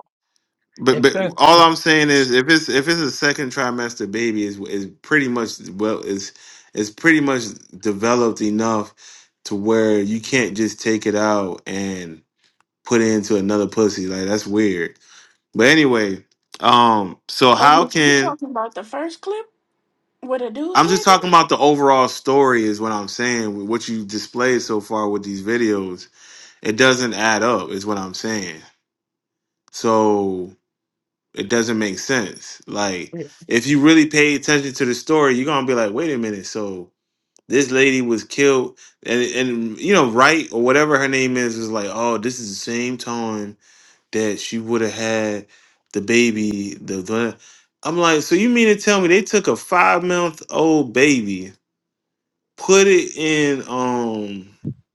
But
and
but
trans?
all
and-
I'm saying is if it's if it's a second trimester baby is is pretty much well is is pretty much developed enough to where you can't just take it out and put it into another pussy. Like that's weird. But anyway, um so
Oh,
how
you you
can
talking about the first clip where the dude
I'm
said?
just
it?
talking about the overall story is what I'm saying. with What you displayed so far with these videos, it doesn't add up is what I'm saying. So It doesn't make sense. Like, if you really pay attention to the story, you're gonna be like, wait a minute, so this lady was killed and and you know, right or whatever her name is, is like, oh, this is the same time that she would have had the baby, the, the I'm like, so you mean to tell me they took a five month old baby, put it in um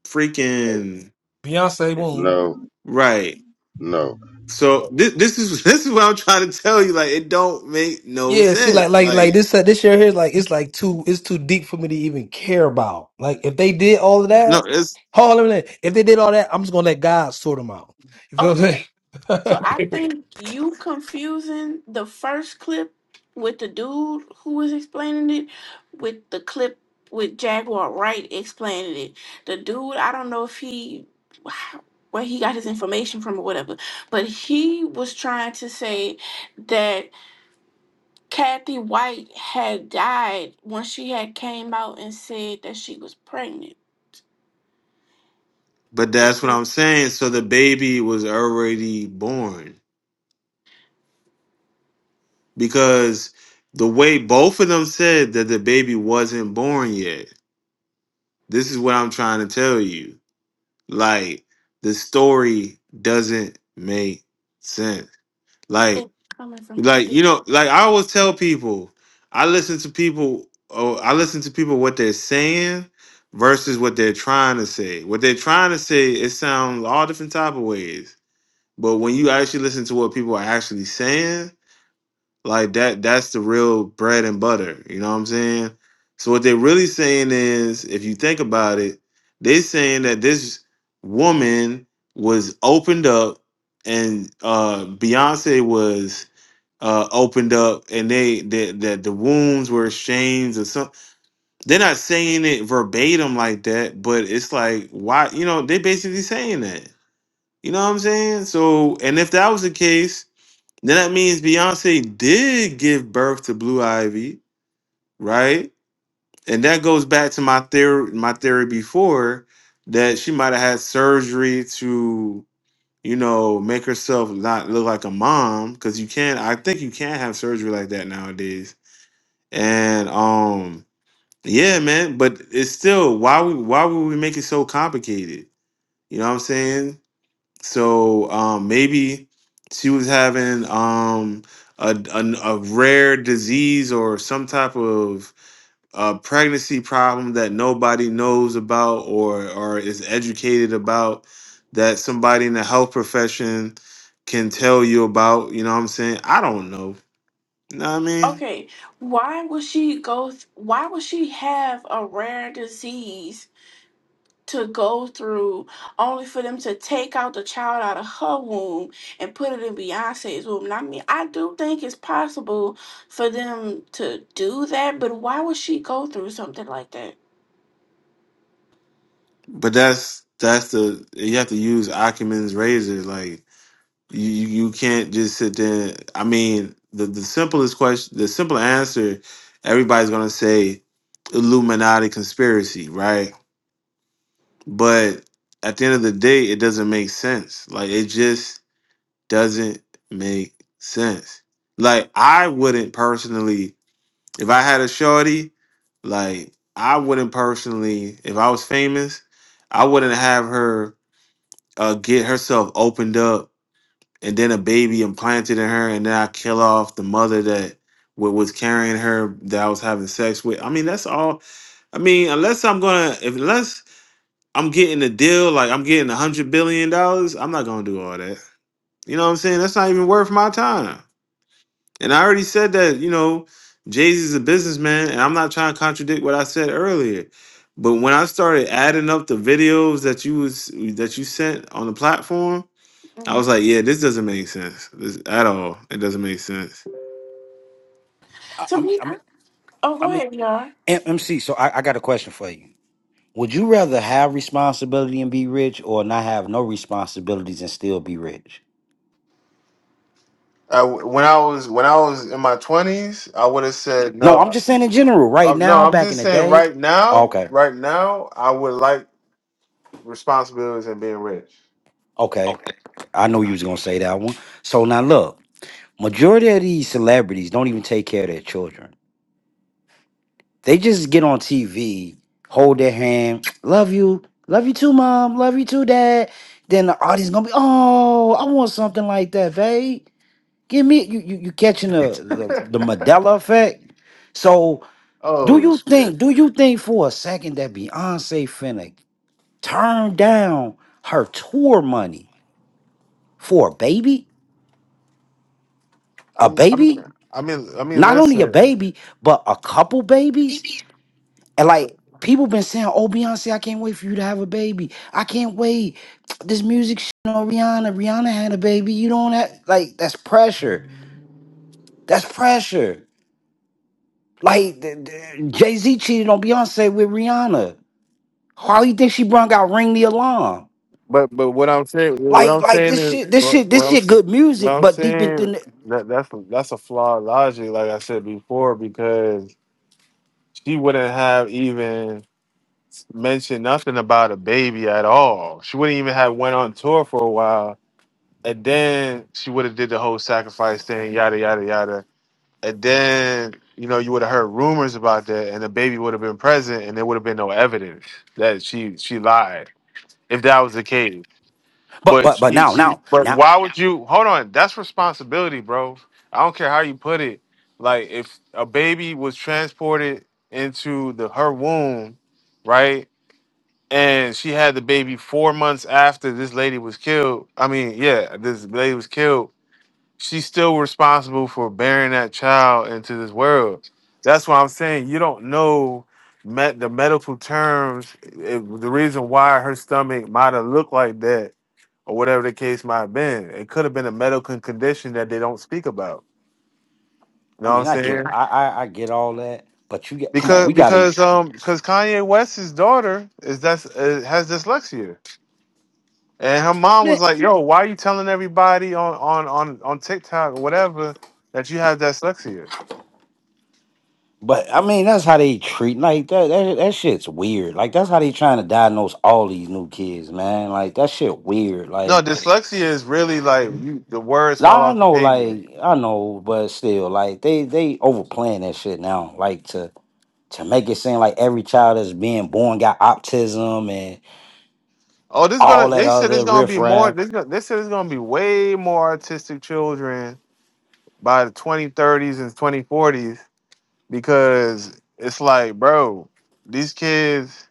freaking
Beyonce womb.
No,
right.
no.
So this this is this is what I'm trying to tell you. Like it don't make no
Yeah. See, like,
sense.
like, like
Like
this. uh, This year here, like, it's like too. It's too deep for me to even care about. Like, if they did all of that,
No, it's
hold on a minute. If they did all that, I'm just gonna let God sort them out. You feel what
Okay, so
I'm
I
saying?
think you confusing the first clip with the dude who was explaining it with the clip with Jaguar Wright explaining it. The dude, I don't know if he where he got his information from or whatever, but he was trying to say that. Kathy White had died when she had came out and said that she was pregnant.
but that's what
now.
I'm saying. So the baby was already born because the way both of them said that the baby wasn't born yet. This is what I'm trying to tell you. Like the story doesn't make sense.
It's
Like
coming from two
like you
different.
know like I always tell people I listen to people oh, I listen to people what they're saying versus what they're trying to say. What they're trying to say it sounds all different type of ways But when you actually listen to what people are actually saying, like that, that's the real bread and butter. You know what I'm saying? So what they're really saying is, if you think about it, they're saying that this woman was opened up, and uh, Beyonce was uh, opened up, and they that that the wounds were exchanged or something. They're not saying it verbatim like that, but it's like why you know they basically saying that. You know what I'm saying? So, and if that was the case then that means Beyonce did give birth to Blue Ivy, right? And that goes back to my theory my theory before that she might have had surgery to, you know, make herself not look like a mom. Cause you can I think you can have surgery like that nowadays. And um yeah, man, but it's still why we why would we make it so complicated? You know what I'm saying? So um, maybe she was having um, a, a a rare disease or some type of a pregnancy problem that nobody knows about or or is educated about that somebody in the health profession can tell you about you know what i'm saying i don't know you know what i mean
Okay, why would she go? Th- why would she have a rare disease to go through, only for them to take out the child out of her womb and put it in Beyonce's womb? And I mean, I do think it's possible for them to do that, but why would she go through something like that?
but that's that's the you have to use acumen's razor like You you can't just sit there. I mean, the the simplest question, the simple answer, everybody's gonna say Illuminati conspiracy, right? But at the end of the day, it doesn't make sense. Like it just doesn't make sense. Like I wouldn't personally, if I had a shorty, like I wouldn't personally, if I was famous, I wouldn't have her uh, get herself opened up and then a baby implanted in her, and then I kill off the mother that wa- was carrying her that I was having sex with. I mean, that's all. I mean, unless I'm gonna, if unless I'm getting a deal, like I'm getting a hundred billion dollars, I'm not gonna do all that. You know what I'm saying? That's not even worth my time. And I already said that. You know, Jay Z's a businessman, and I'm not trying to contradict what I said earlier. But when I started adding up the videos that you was that you sent on the platform, I
Mm.
was like, yeah, this doesn't make sense this, at all. It doesn't make sense.
I,
To
I mean,
me,
I
I-
mean,
oh,
I
go
mean,
ahead, Yar.
M- MC. So I, I got a question for you. Would you rather have responsibility and be rich, or not have no responsibilities and still be rich?
I, when I was when I was in my twenties, I would have said
No, I'm
no.
just saying in general. Right
I, no,
now,
I'm
back in
just
the
saying
day.
right now.
Okay,
Right now, I would like responsibilities and being rich.
okay. I know you was gonna say that one. So now look, majority of these celebrities don't even take care of their children. They just get on TV, hold their hand, love you, love you too, mom, love you too, dad. Then the audience gonna be, oh, I want something like that, babe. Give me you you, you catching the, the the Mandela effect. So do
Oh
you
shit!
think, do you think for a second that Beyonce finna turn down her tour money for a baby? A
I'm, I'm,
baby?
I mean, I mean,
Not only a
listen.
baby, but a couple babies? And like people been saying, "Oh, Beyonce, I can't wait for you to have a baby. I can't wait." This music, shit on Rihanna. Rihanna had a baby. You don't have like that's pressure. That's pressure. Like Jay Z cheated on Beyonce with Rihanna. How you think she brung out "Ring the Alarm"?
But but what I'm saying, what
Like,
I'm
like this
saying is,
shit, this shit,
what,
this
what I'm
shit.
sa-
Good
what
music,
I'm
but deep in,
saying
thin-
that that's that's a flawed logic. Like I said before, because she wouldn't have even. mention nothing about a baby at all. She wouldn't even have went on tour for a while, and then she would have did the whole sacrifice thing, yada yada yada. And then you know you would have heard rumors about that, and the baby would have been present, and there would have been no evidence that she she lied. If that was the case,
but
but
but but
she
now,
she
now,
but
now.
why would you hold on? That's responsibility, bro. I don't care how you put it. Like if a baby was transported into the her womb, right? and she had the baby four months after this lady was killed. I mean, yeah, this lady was killed. She's still responsible for bearing that child into this world. That's why I'm saying you don't know met the medical terms, eh, the reason why her stomach might have looked like that, or whatever the case might have been. It could have been a medical condition that they don't speak about. You
I
know what
mean,
I'm
I get,
saying?
I, I, I get all that. But you get, come on,
Because
we gotta.
because um because Kanye West's daughter is that's uh, has dyslexia. And her mom was like, "Yo, why are you telling everybody on on on on TikTok or whatever that you have dyslexia?"
But I mean, that's how they treat like that. That that shit's weird. Like that's how they trying to diagnose all these new kids, man. Like that shit weird.
No,
Like
dyslexia is really like you the words fall
I
off the
know,
pavement.
like I know, but still, like they they overplaying that shit now. Like to to make it seem like every child that's being born got autism and
Oh, this gonna
all that
they said it's
other
gonna be more.
riffraff.
This gonna, they said it's gonna be way more autistic children by the 2030s and 2040s because it's like, bro, these kids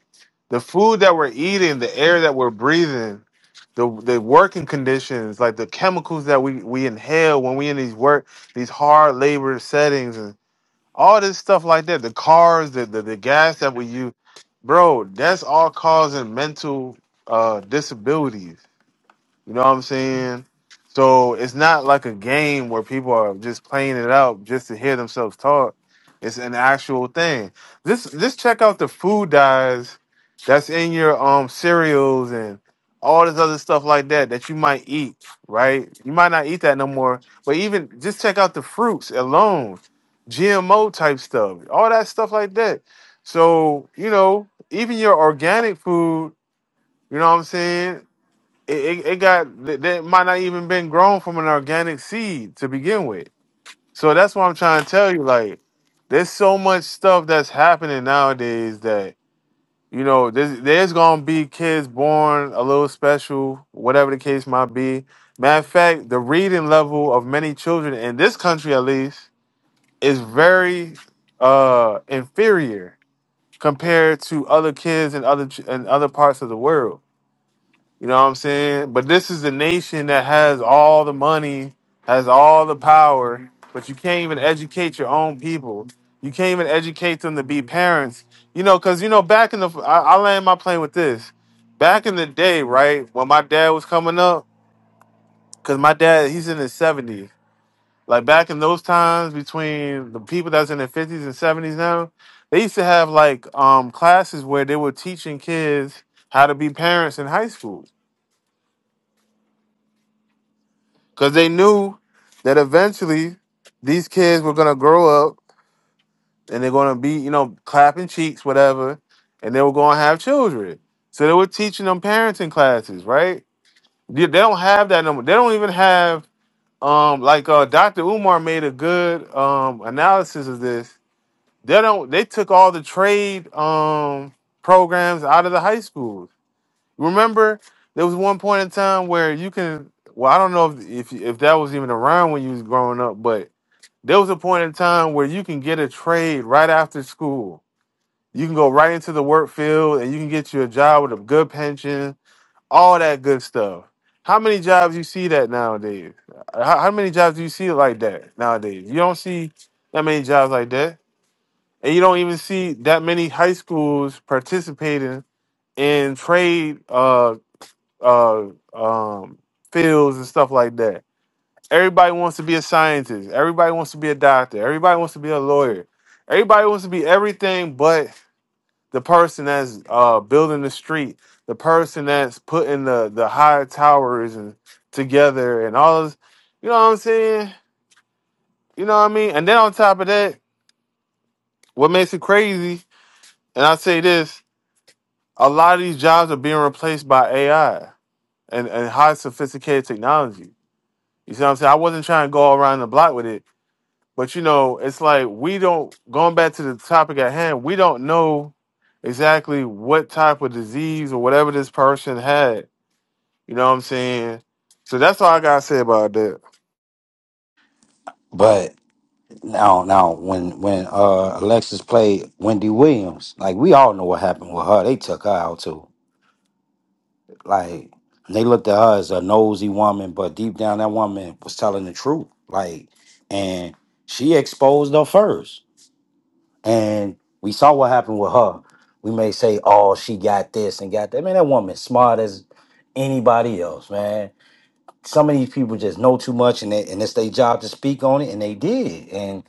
The food that we're eating, the air that we're breathing, the the working conditions, like the chemicals that we we inhale when we in these work these hard labor settings and all this stuff like that, the cars, the the, the gas that we use, bro, that's all causing mental uh disabilities. You know what I'm saying? So it's not like a game where people are just playing it out just to hear themselves talk. It's an actual thing. Just just check out the food dyes that's in your um cereals and all this other stuff like that that you might eat, right? You might not eat that no more, but even just check out the fruits alone, GMO type stuff, all that stuff like that. So, you know, even your organic food, you know what I'm saying? it, it, it got that that might not even been grown from an organic seed to begin with. So that's what I'm trying to tell you. Like, there's so much stuff that's happening nowadays that you know there's, there's gonna be kids born a little special, whatever the case might be. Matter of fact, the reading level of many children in this country, at least, is very uh, inferior compared to other kids in other ch- in other parts of the world. You know what I'm saying? But this is a nation that has all the money, has all the power, but you can't even educate your own people. You can't even educate them to be parents. You know, because, you know, back in the, I, I land my plane with this. Back in the day, right, when my dad was coming up, because my dad, he's in his 70s. Like back in those times between the people that's in their 50s and 70s now, they used to have like um classes where they were teaching kids how to be parents in high school. because they knew that eventually these kids were gonna grow up and they're gonna be, you know, clapping cheeks, whatever, and they were gonna have children. So they were teaching them parenting classes, right? They they don't have that number. They don't even have um like uh Dr. Umar made a good um analysis of this. They don't they took all the trade um programs out of the high schools. Remember, there was one point in time where you can. Well, I don't know if if, if that was even around when you was growing up, but there was a point in time where you can get a trade right after school. You can go right into the work field and you can get you a job with a good pension, all that good stuff. How many jobs you see that nowadays? How, how many jobs do you see like that nowadays? You don't see that many jobs like that, and you don't even see that many high schools participating in trade. Uh, uh, um, fields and stuff like that. Everybody wants to be a scientist. Everybody wants to be a doctor. Everybody wants to be a lawyer. Everybody wants to be everything but the person that's uh, building the street, the person that's putting the the high towers and together and all this. You know what I'm saying? You know what I mean? And then on top of that, what makes it crazy? And I say this: a lot of these jobs are being replaced by AI and, and high sophisticated technology. You see what I'm saying? I wasn't trying to go around the block with it, but you know, it's like we don't going back to the topic at hand. We don't know exactly what type of disease or whatever this person had. You know what I'm saying? So that's all I gotta say about that.
But no, no, when when uh Alexis played Wendy Williams, like we all know what happened with her. They took her out too. Like and they looked at her as a nosy woman, but deep down that woman was telling the truth. Like, and she exposed her first. And we saw what happened with her. We may say, oh, she got this and got that. Man, that woman smart as anybody else, man. Some of these people just know too much and they, and it's their job to speak on it, and they did. And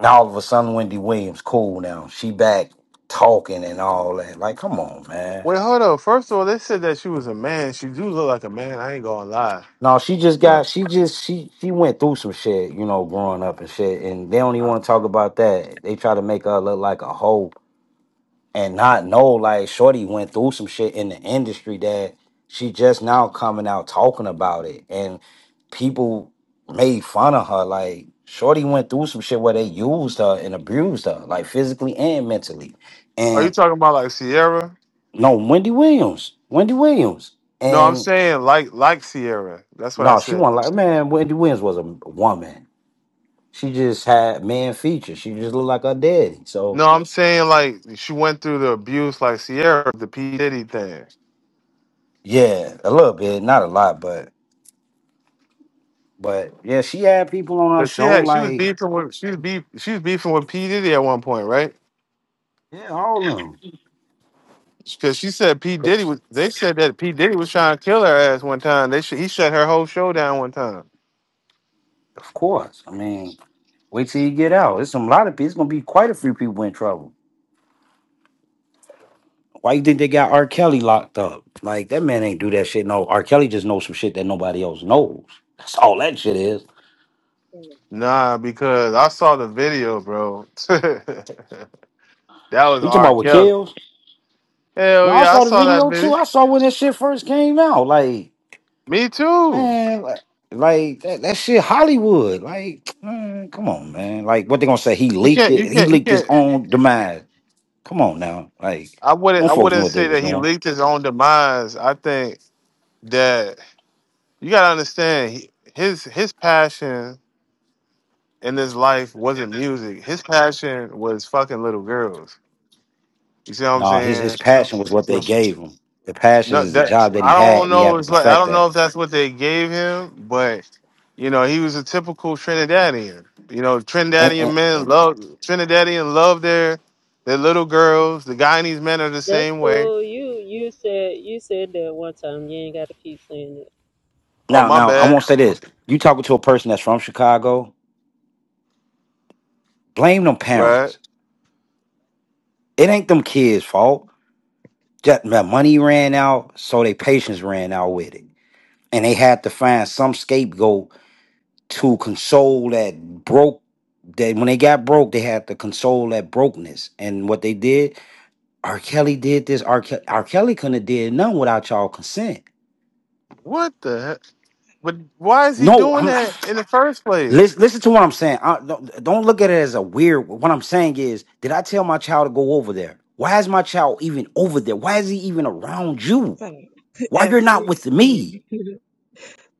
now all of a sudden Wendy Williams cool now. She back talking and all that. Like, come on, man
Wait, hold up. First of all, they said that she was a man. She do look like a man. I ain't gonna lie.
No, she just got she just she she went through some shit, you know, growing up and shit. And they don't even want to talk about that. They try to make her look like a hoe and not know like Shorty went through some shit in the industry that she just now coming out talking about it. And people made fun of her. Like Shorty went through some shit where they used her and abused her, like physically and mentally.
Are you
And
talking about like Sierra?
no, Wendy Williams. Wendy Williams.
No, I'm
And
saying like like Sierra. That's what I
no, she
said.
wasn't like man, Wendy Williams was a woman She just had man features. She just looked like her daddy. So
No, I'm saying like she went through the abuse like Sierra, the P Diddy thing.
yeah, a little bit, not a lot, but but yeah, she had people on her
Cause she
show
had she was
like
beefing with she was beef she was beefing with P Diddy at one point, right?
yeah, all of them,
Because she said P Diddy was they said that P Diddy was trying to kill her ass one time. They sh- he shut her whole show down one time.
of course. I mean, wait till you get out. There's some lot of people. It's gonna be quite a few people in trouble. Why you think they got R. Kelly locked up? Like that man ain't do that shit. No, R. Kelly just knows some shit that nobody else knows. That's all that shit is.
Nah, because I saw the video, bro. that was
You talking
R.
about what
Kelly.
kills? No,
Hell
I
yeah, I
saw the
saw that
video
video.
too. I saw when that shit first came out. Like.
Me too.
Man, li- like that, that shit Hollywood. Like, man, come on, man. Like what they gonna say? He
You
leaked
can't you
it. He
can't you
leaked his
can't.
own demise. Come on now. Like,
I wouldn't
them
I
folks knew
wouldn't
what they
say
was
that he
doing.
leaked his own demise. I think that you gotta understand he, his his passion in his life wasn't music. His passion was fucking little girls. You see what I'm
Nah, his his
saying?
passion was what they
Yes.
gave him. The passion
No,
is the
that
job that he
I
had,
don't
and he
know.
had to
It's like I
perfect
don't know
that.
if that's what they gave him, but you know, he was a typical Trinidadian. You know,
And, and,
Trinidadian men
and
love Trinidadian love their their little girls. The Guyanese men are the
That's
same way.
cool. You you said you said that one time. You ain't gotta keep saying it.
Oh
now,
my
now I
bad,
won't say this. You talking to a person that's from Chicago? Blame them
right?
parents. It ain't them kids' fault. Just that money ran out, so their patience ran out with it, and they had to find some scapegoat to console that broke that when they got broke, they had to console that brokenness. And what they did, R. Kelly did this. R. Kelly, R. Kelly couldn't have did nothing without y'all consent.
What the? Heck? But why is he
No,
doing
I'm
that
not.
in the first place?
Listen, listen to what I'm saying. I, don't, don't look at it as a weird. What I'm saying is, did I tell my child to go over there? Why is my child even over there? Why is he even around you?
Thing.
Why
At
you're not with me?
14,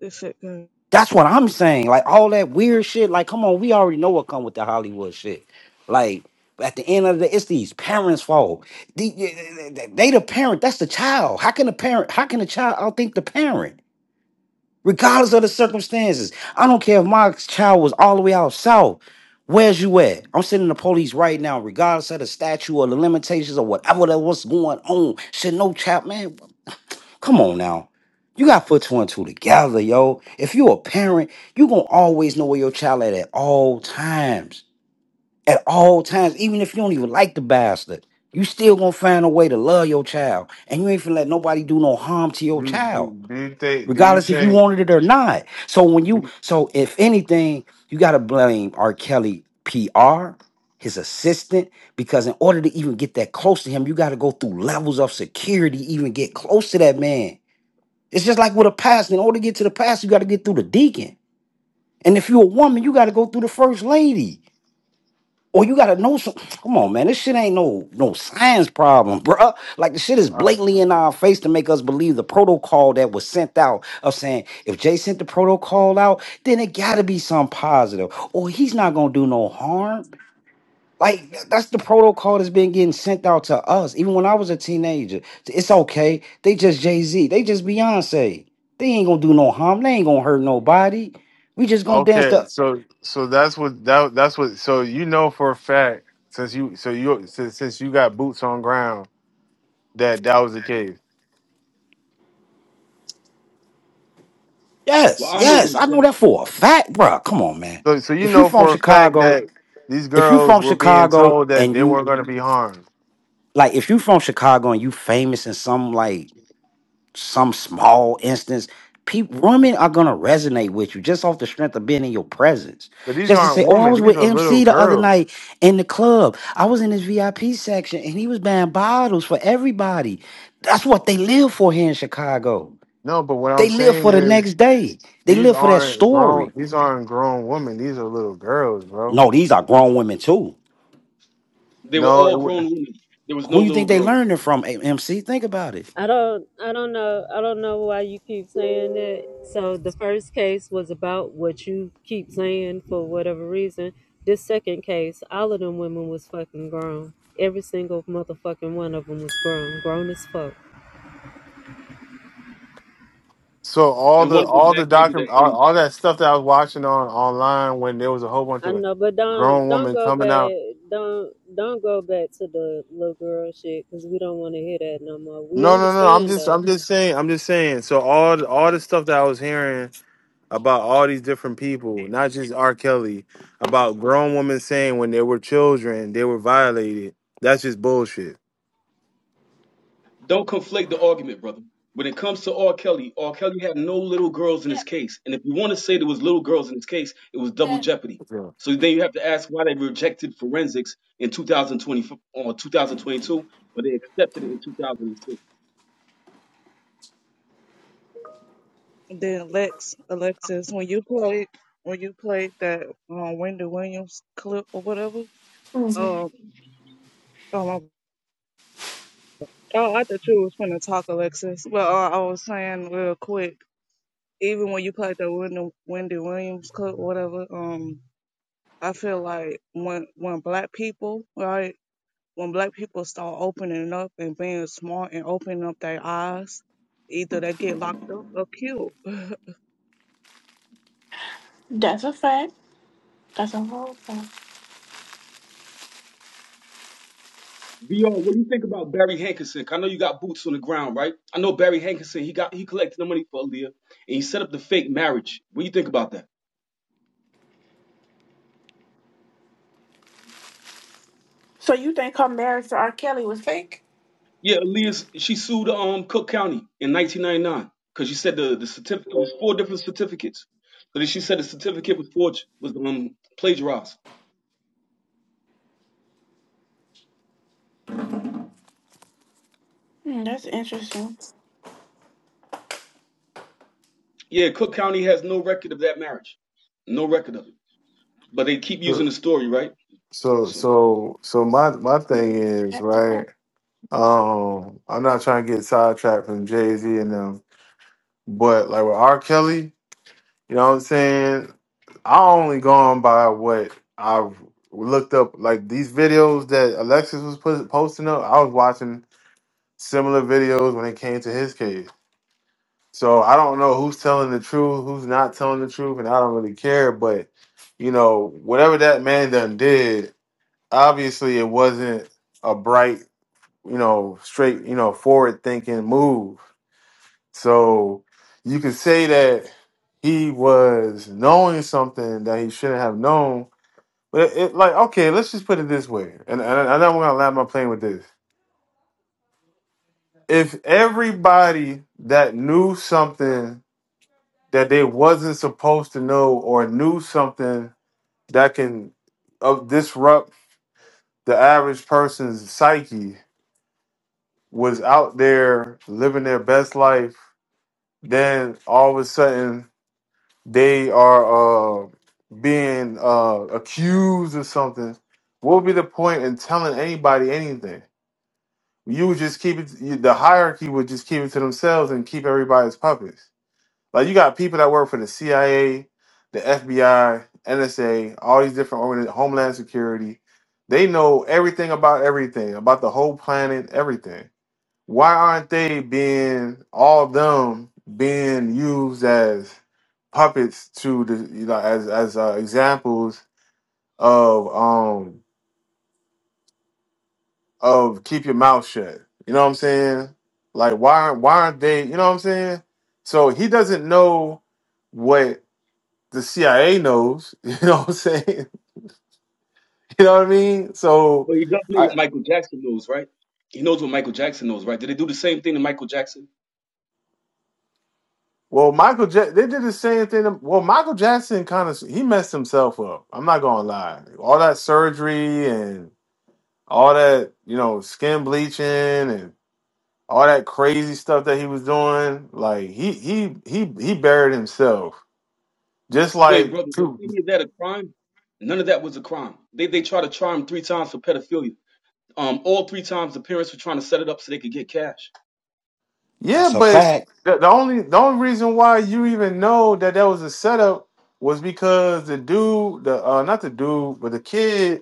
this shit good.
That's what I'm saying. Like all that weird shit. Like, come on, we already know what come with the Hollywood shit. Like at the end of the, it's these parents' fault. The- They, the parent. That's the child. How can the parent? How can the child outthink the parent? Regardless of the circumstances, I don't care if my child was all the way out south. Where's you at? I'm sending the police right now, regardless of the statute or the limitations or whatever that was going on. Should no child, man. Come on now. You gotta put two and two together, yo. If you're a parent, you gonna always know where your child at at all times. At all times, even if you don't even like the bastard, you still gonna find a way to love your child. And you ain't finna let nobody do no harm to your
Do, do,
child,
do you think? Do you
regardless if you
think?
wanted it or not. So when you
do
so if anything, you gotta blame R. Kelly PR, his assistant, because in order to even get that close to him, you gotta go through levels of security, even get close to that man. It's just like with a pastor. In order to get to the pastor, you got to get through the deacon. And if you're a woman, you got to go through the first lady. Or you got to know some. Come on, man. This shit ain't no no science problem, bruh. Like, the shit is
you-
blatantly in our face to make us believe the protocol that was sent out of saying, if Jay sent the protocol out, then it got to be something positive. Or he's not going to do no harm. Like th- that's the protocol that's been getting sent out to us. Even when I was a teenager, it's okay. They just Jay Z. They just Beyonce. They ain't gonna do no harm. They ain't gonna hurt nobody. We just gonna dance
Okay,
to.
so so that's what that that's what so you know for a fact since you so you since, since you got boots on ground that that was the case.
Well,
Yes,
I know
yes.
the
I know
exact
that
clue.
for a fact, bruh. Come on, man.
So so you
If you
know
from
for a fact
Chicago,
that these
if you from
girls were being
Chicago
told that
and
they
you
weren't going to be harmed.
like, if you from Chicago and you famous in some like some small instance, people, women are gonna resonate with you just off the strength of being in your presence.
But these
Just to
aren't
say, oh, I
women;
was
these
with
are little
MC the other
girls.
night in the club. I was in his VIP section, and he was buying bottles for everybody. That's what they live for here in Chicago.
No, but what
They
I'm
live for
saying
the
is
next day. They
these
live for that
aren't
story.
grown. These aren't grown women. These are little girls, bro.
No, these are grown women too.
They were
No, it,
all
wa-
grown women. There was
Who
no
you
little
think they
girls,
learning from, A- MC? Think about it.
I don't I don't know I don't know why you keep saying that. So the first case was about what you keep saying for whatever reason. This second case, all of them women was fucking grown. Every single motherfucking one of them was grown, grown as fuck.
So all
and
the
one of them
all the
backdated their
document all,
age.
all that stuff that I was watching on online when there was a whole bunch
I
of
know, but don't
grown
don't
women
go
coming out.
back don't don't go back to the little girl shit because we don't want to hear that no more. We
No, no, no. I'm
understand
just
though
I'm just saying I'm just saying. So all the- all the stuff that I was hearing about all these different people, not just R. Kelly, about grown women saying when they were children they were violated. That's just bullshit.
Don't conflate the argument, brother. When it comes to R. Kelly, R. Kelly had no little girls in his case, and if you want to say there was little girls in his case, it was double jeopardy.
Yeah.
So then you have to ask why they rejected forensics in 2020 or 2022, but they accepted it in 2006.
Then Lex, Alexis, when you played, when you played that um, Wendy Williams clip or whatever,
Mhm.
um, oh, my, oh, I thought you was gonna talk, Alexis. But uh, I was saying real quick, even when you played the Wendy, Wendy Williams clip or whatever, um, I feel like when when black people, right, when black people start opening up and being smart and opening up their eyes, either they get locked up or killed.
That's a fact. That's a whole fact.
VR, what do you think about Barry Hankinson? I know you got boots on the ground, right? I know Barry Hankinson. He got he collected the money for Aaliyah, and he set up the fake marriage. What do you think about that?
So you think her marriage to R. Kelly was fake?
Yeah, Aaliyah, she sued um Cook County in 1999 because she said the, the certificate was four different certificates. So then she said the certificate was forged, was um plagiarized.
Hmm, that's interesting.
Yeah, Cook County has no record of that marriage, no record of it. But they keep using
So
the story, right?
so
So,
so so my my thing is
That's a fact.
right. Um, I'm not trying to get sidetracked from Jay Z and them, but like with R. Kelly. You know what I'm saying? I only gone by what I've looked up. Like these videos that Alexis was put, posting up, I was watching similar videos when it came to his case. So I don't know who's telling the truth, who's not telling the truth, and I don't really care. But you know, whatever that man done did, obviously it wasn't a bright, you know, straight, you know, forward thinking move. So you could say that he was knowing something that he shouldn't have known. But it, it- like, okay, let's just put it this way. And, and I know I'm gonna land my plane with this. If everybody that knew something that they wasn't supposed to know or knew something that can uh, disrupt the average person's psyche was out there living their best life, then all of a sudden they are uh, being uh, accused of something, what would be the point in telling anybody anything? You would just keep it. You, the hierarchy would just keep it to themselves and keep everybody as puppets. Like you got people that work for the CIA, the FBI, NSA, all these different organi- Homeland Security. They know everything about everything, about the whole planet, everything why aren't they being all of them being used as puppets to the you know as as uh, examples of um of keep your mouth shut. You know what I'm saying? Like why why aren't they? You know what I'm saying? So he doesn't know what the CIA knows. You know what I'm saying? You know what I mean? So.
but he does know what Michael Jackson knows, right? He knows what Michael Jackson knows, right? Did they do the same thing to Michael Jackson?
Well, Michael, ja- they did the same thing. to- Well, Michael Jackson kind of he messed himself up. I'm not gonna lie. All that surgery and all that, you know, skin bleaching and all that crazy stuff that he was doing, like he he he he buried himself. Just
Wait,
like,
brother, was
True.
any of that a crime? None of that was a crime. They they tried to try him three times for pedophilia. Um, all three times the parents were trying to set it up so they could get cash.
yeah,
That's a
but
fact.
the, the only the only reason why you even know that that was a setup was because the dude, the uh, not the dude, but the kid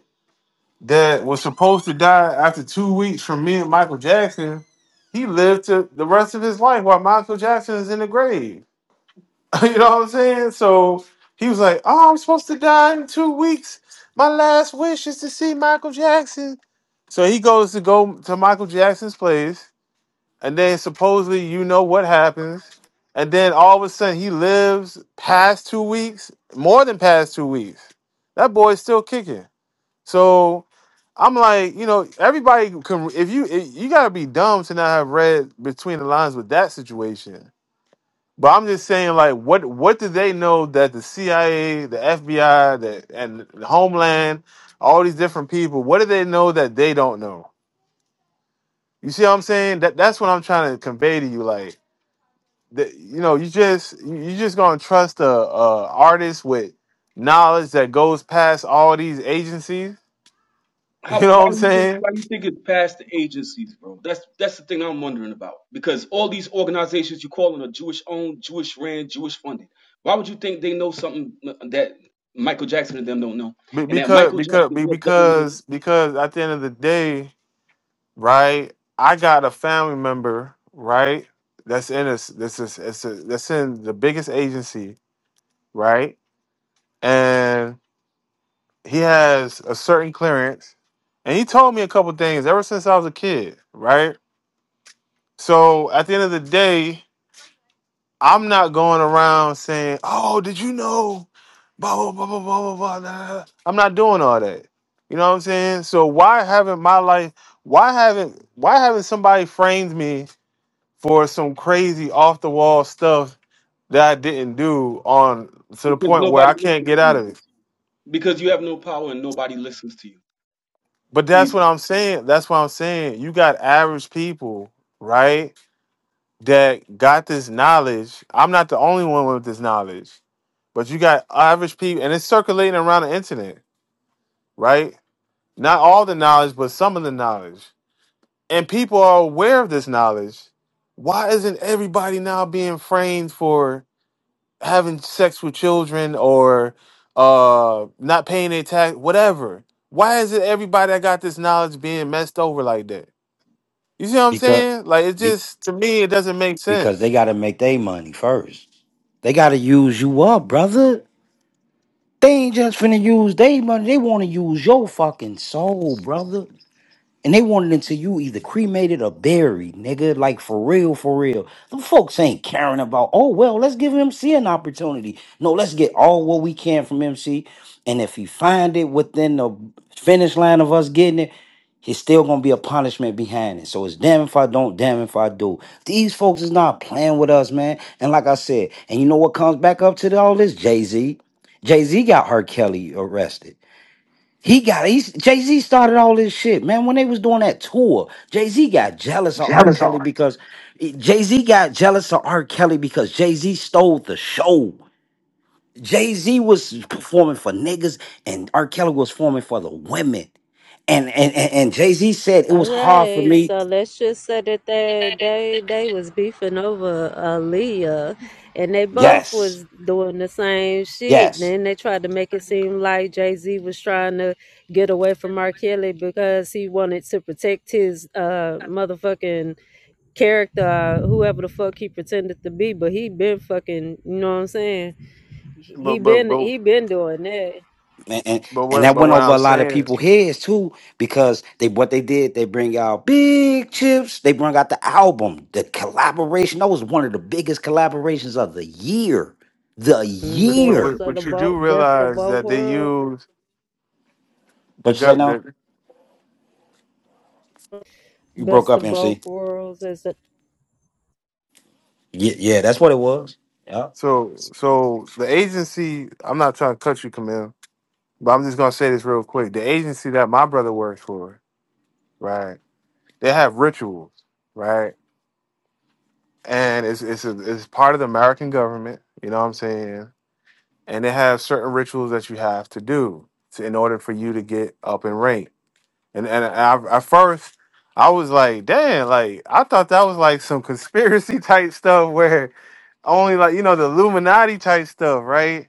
that was supposed to die after two weeks from me and Michael Jackson, he lived to the rest of his life while Michael Jackson is in the grave. you know what I'm saying? So he was like, "Oh, I'm supposed to die in two weeks. My last wish is to see Michael Jackson." So he goes to go to Michael Jackson's place, and then supposedly you know what happens, and then all of a sudden he lives past two weeks, more than past two weeks. That boy's still kicking. So I'm like, you know, everybody can. If you if, you gotta be dumb to not have read between the lines with that situation. But I'm just saying, like, what what do they know that the CIA, the FBI, the and the Homeland, all these different people, what do they know that they don't know? You see what I'm saying? That that's what I'm trying to convey to you. Like, that, you know, you just you you just gonna trust a, a artist with knowledge that goes past all these agencies. You
How
know
why
what I'm
you think
saying?
why you think it's past the agencies, bro? That's that's the thing I'm wondering about. Because all these organizations you calling are Jewish owned, Jewish ran, Jewish funded. Why would you think they know something that Michael Jackson and them don't know,
Be-
and that
because
Michael
because
Jackson
be-
just doesn't listen
because because at the end of the day, right? I got a family member, right? That's in this this is it's a, that's in the biggest agency, right? And he has a certain clearance, and he told me a couple things ever since I was a kid, right? So at the end of the day, I'm not going around saying, "Oh, did you know?" Blah blah blah blah blah blah. blah nah, nah, nah." I'm not doing all that. You know what I'm saying? So why haven't my life? Why haven't Why haven't somebody framed me for some crazy off the wall stuff that I didn't do on to the
because
point where I
nobody
can't
listens
get
to
out
you
of it?
because you have no power and nobody listens to you.
But that's what
Easy.
I'm saying. That's what I'm saying. You got average people, right? that got this knowledge. I'm not the only one with this knowledge, but you got average people, and it's circulating around the internet, right? Not all the knowledge, but some of the knowledge. And people are aware of this knowledge. Why isn't everybody now being framed for having sex with children or uh, not paying their tax, whatever? Why is it everybody that got this knowledge being messed over like that? You see what I'm
Because,
saying? Like it
be-
just to me, it doesn't make
because they
sense.
got to make their money first. They got to use you up, brother. They ain't just finna use their money. They want to use your fucking soul, brother. And they wanted until you either cremated or buried, nigga. Like for real, for real. The folks ain't caring about, oh well, let's give MC an opportunity. No, let's get all what we can from MC. And if he find it within the finish line of us getting it, it's still gonna be a punishment behind it. So it's damn if I don't, damn if I do. These folks is not playing with us, man. And like I said, and you know what comes back up to all this? Jay-Z. Jay-Z got R. Kelly arrested. He got he's Jay Z started all this shit, man. When they was doing that tour, Jay Z got jealous of R. Kelly because Jay Z got jealous of R. Kelly because Jay Z stole the show. Jay Z was performing for niggas, and R. Kelly was performing for the women. And and and, and Jay Z said it
All
was hard for
right,
me.
so let's just say that they they they was beefing over Aaliyah, and they both
Yes,
was doing the same shit. And
yes.
then they tried to make it seem like Jay Z was trying to get away from R. Kelly because he wanted to protect his uh motherfucking character, uh, whoever the fuck he pretended to be. But he been fucking, you know what I'm saying?
But
He
but
been
but.
he been doing that.
and, and
But
and
what
that
but
went
what
over a
I'm
lot of
saying,
people's heads too because they what they did they bring out big chips they bring out the album the collaboration that was one of the biggest collaborations of the year the
Mm,
but, but,
year
Best
but
of the
but you
both,
do
best of
realize
both
that they
worlds,
use
what
the
you say
gut.
now
The,
you broke
best
up
of both
MC
worlds, as
yeah yeah that's what it was yeah
so so the agency. I'm not trying to cut you, Camille, but I'm just gonna say this real quick. The agency that my brother works for, right? They have rituals, right? And it's it's a, it's part of the American government. You know what I'm saying? And they have certain rituals that you have to do to, in order for you to get up in rank And and I, at first, I was like, "Damn!" Like I thought that was like some conspiracy type stuff where only like you know the Illuminati type stuff, right?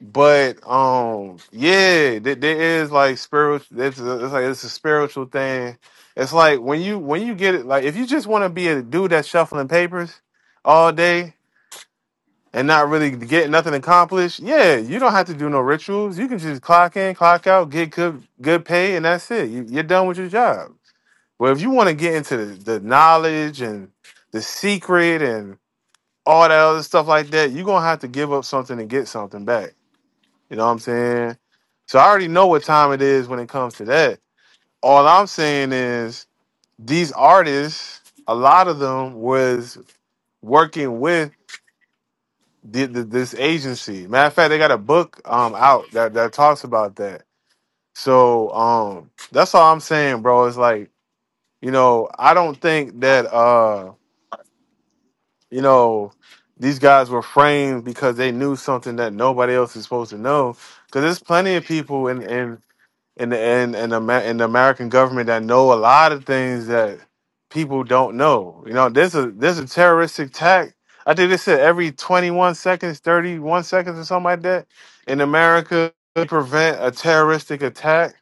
But um, yeah, th- there is like spiritual. It's, a- it's like it's a spiritual thing. It's like when you when you get it, like if you just want to be a dude that's shuffling papers all day and not really get nothing accomplished, yeah, you don't have to do no rituals. You can just clock in, clock out, get good good pay, and that's it. You, you're done with your job. Well, if you want to get into the, the knowledge and the secret and all that other stuff like that, you're gonna have to give up something and get something back. You know what I'm saying? So I already know what time it is when it comes to that. All I'm saying is these artists, a lot of them was working with the, the, this agency. Matter of fact, they got a book um out that, that talks about that. So um that's all I'm saying, bro. It's like, you know, I don't think that uh. you know, these guys were framed because they knew something that nobody else is supposed to know. Because there's plenty of people in in in the in, in, the, Ma- in the American government that know a lot of things that people don't know. You know, there's a there's a terroristic attack. I think they said every 21 seconds, 31 seconds, or something like that in America to prevent a terroristic attack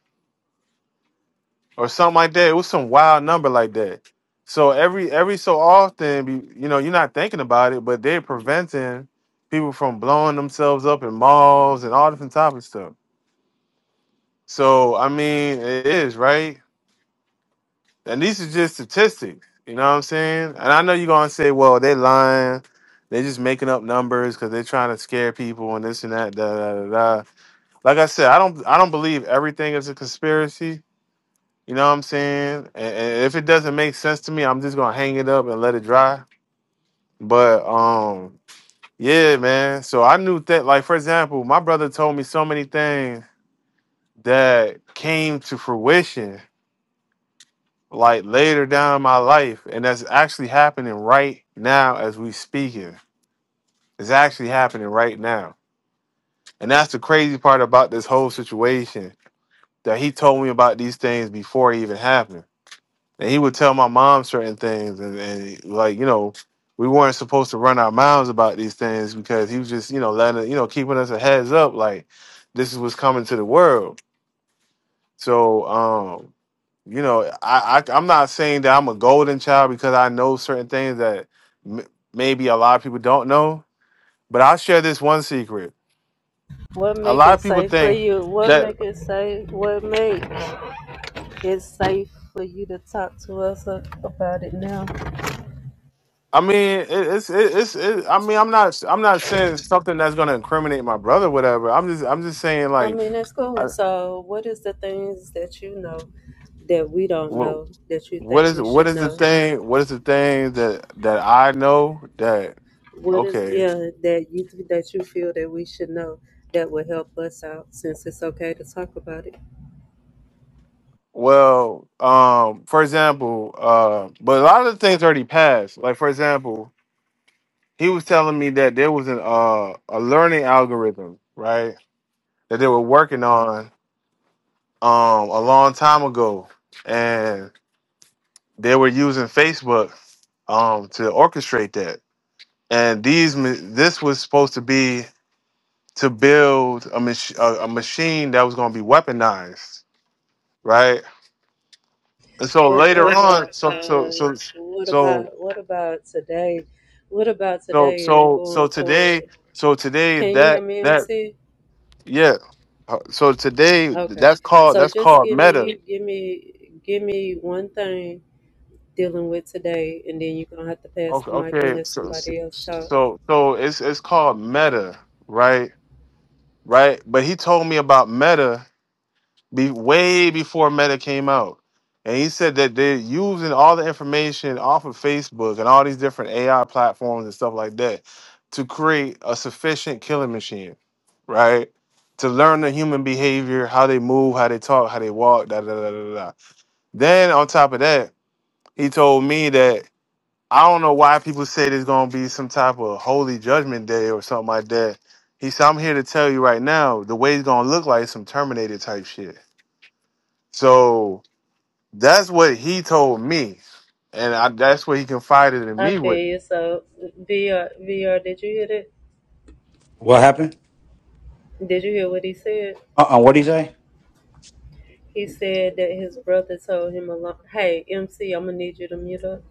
or something like that. It was some wild number like that. So every every so often, be- you know, you're not thinking about it, but they're preventing people from blowing themselves up in malls and all different types of stuff. So I mean, it is right, and these are just statistics. You know what I'm saying? And I know you're gonna say, "Well, they lying. They just making up numbers because they're trying to scare people and this and that." Da, da, da, da. Like I said, I don't I don't believe everything is a conspiracy You know what I'm saying? And, and if it doesn't make sense to me, I'm just gonna hang it up and let it dry. But um, yeah, man. So I knew that, like, for example, my brother told me so many things that came to fruition like later down in my life, and that's actually happening right now as we speaking. It's actually happening right now, and that's the crazy part about this whole situation that he told me about these things before it even happened. and he would tell my mom certain things and, and like you know we weren't supposed to run our mouths about these things because he was just you know letting it- you know keeping us a heads up like this is what's coming to the world so um you know i, I i'm not saying that i'm a golden child because i know certain things that m- maybe a lot of people don't know but i'll share this one secret
What
a
make
lot
it
of people
safe for
think
you? What
that
make it safe? What make it safe for you to talk to us a- about it now?
I mean, it, it's it, it's. It, I mean, I'm not. I'm not saying something that's gonna incriminate my brother, whatever. I'm just. I'm just saying,
I
like,
mean, that's cool.
I,
So, what is the things that you know that we don't
what
know that you
what
think
is
we
what
should
is the
know?
thing? What is the thing that that I know that
What is
okay?
yeah that you that you feel that we should know that will help us out since it's okay to talk about it?
Well, um, for example, uh, but a lot of the things already passed. Like, for example, he was telling me that there was an uh a learning algorithm, right? That they were working on um a long time ago, they were using Facebook um, to orchestrate that. And these, ma- this was supposed to be to build a, mach- a, a machine that was going to be weaponized, right? And so
But what
later on,
about
so so
uh,
so
what about
so
what about today? What about
so
today and
so so
going
today,
forward?
so today
Can you hear
that
me,
that
MC?
yeah, Uh, so today
Okay.
that's called
So
that's
just
called
give
meta.
me give me give me one thing dealing with today and then you're gonna have to pass
Okay,
the mic and
okay,
let
so so
somebody else talk.
so so it's it's called meta, right? Right, but he told me about meta be way before Meta came out. And he said that they're using all the information off of Facebook and all these different AI platforms and stuff like that to create a sufficient killing machine, right? To learn the human behavior, how they move, how they talk, how they walk, da da da da da. da. Then on top of that, he told me that I don't know why people say there's gonna be some type of holy judgment day or something like that. He said, I'm here to tell you right now, the way it's gonna look like is some Terminator type shit. So that's what he told me, and I, that's what he confided in
I
me
feel
with.
you. So VR VR, did you hear it?
what happened
Did you hear what he said?
uh uh what did he say
He said that his brother told him along hey MC, I'm gonna need you to mute up.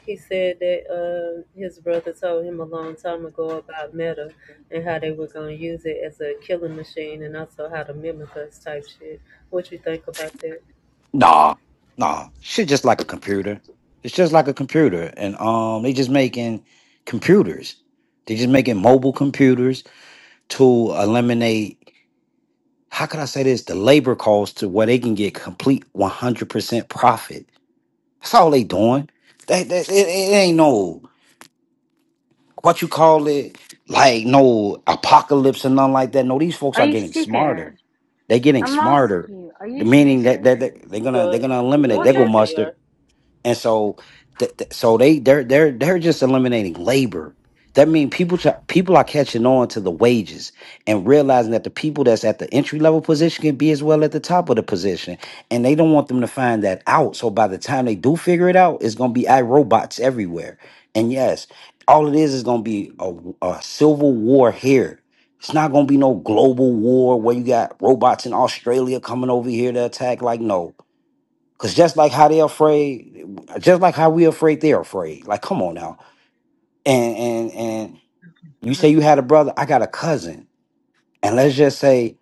He said that uh, his brother told him a long time ago about Meta and how they were gonna use it as a killing machine and also how to mimic us type shit. What you think about that?
nah nah shit just like a computer it's just like a computer and um they just making computers they just making mobile computers to eliminate how could I say this? The labor cost to where they can get complete 100% profit. That's all they doing. That, that it, it ain't no what you call it, like no apocalypse or nothing like that. No, these folks
Are
are
you
getting
stupid?
smarter. They're getting
I'm asking
smarter,
you, are you
The meaning that
stupid?
that, that they're gonna
Go
they're gonna eliminate.
go
They
What's
go
ahead,
mustard
VR.
and so th- th- so they they're they're they're just eliminating labor that means people try, people are catching on to the wages and realizing that the people that's at the entry level position can be as well at the top of the position and they don't want them to find that out so by the time they do figure it out it's going to be iRobots everywhere and yes all it is is going to be a, a civil war here it's not going to be no global war where you got robots in australia coming over here to attack like no Cause just like how they're afraid, just like how we're afraid, they're afraid. Like, come on now. And and and you say you had a brother, I got a cousin. And let's just say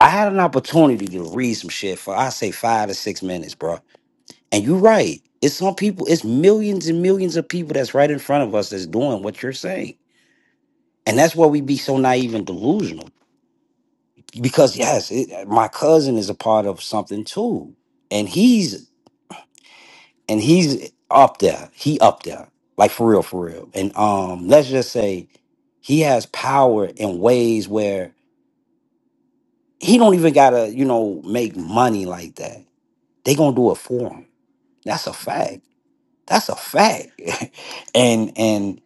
I had an opportunity to read some shit for I say five to six minutes, bro. And you're right. It's some people, it's millions and millions of people that's right in front of us that's doing what you're saying. And that's why we be so naive and delusional. Because yes, it, my cousin is a part of something too. And he's and he's up there. He up there, like for real, for real. And um, let's just say he has power in ways where he don't even gotta, you know, make money like that. They gonna do it for him. That's a fact. That's a fact. and and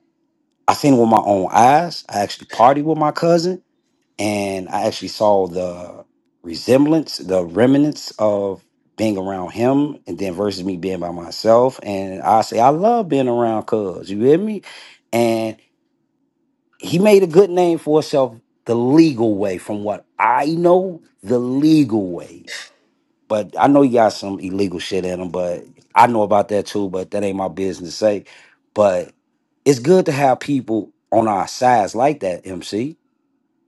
I seen it with my own eyes. I actually partied with my cousin and I actually saw the resemblance, the remnants of being around him, and then versus me being by myself. And I say I love being around Cuz. You hear me? And he made a good name for himself the legal way, from what I know, the legal way. But I know he got some illegal shit in him, but I know about that too. But that ain't my business to say. But it's good to have people on our sides like that, MC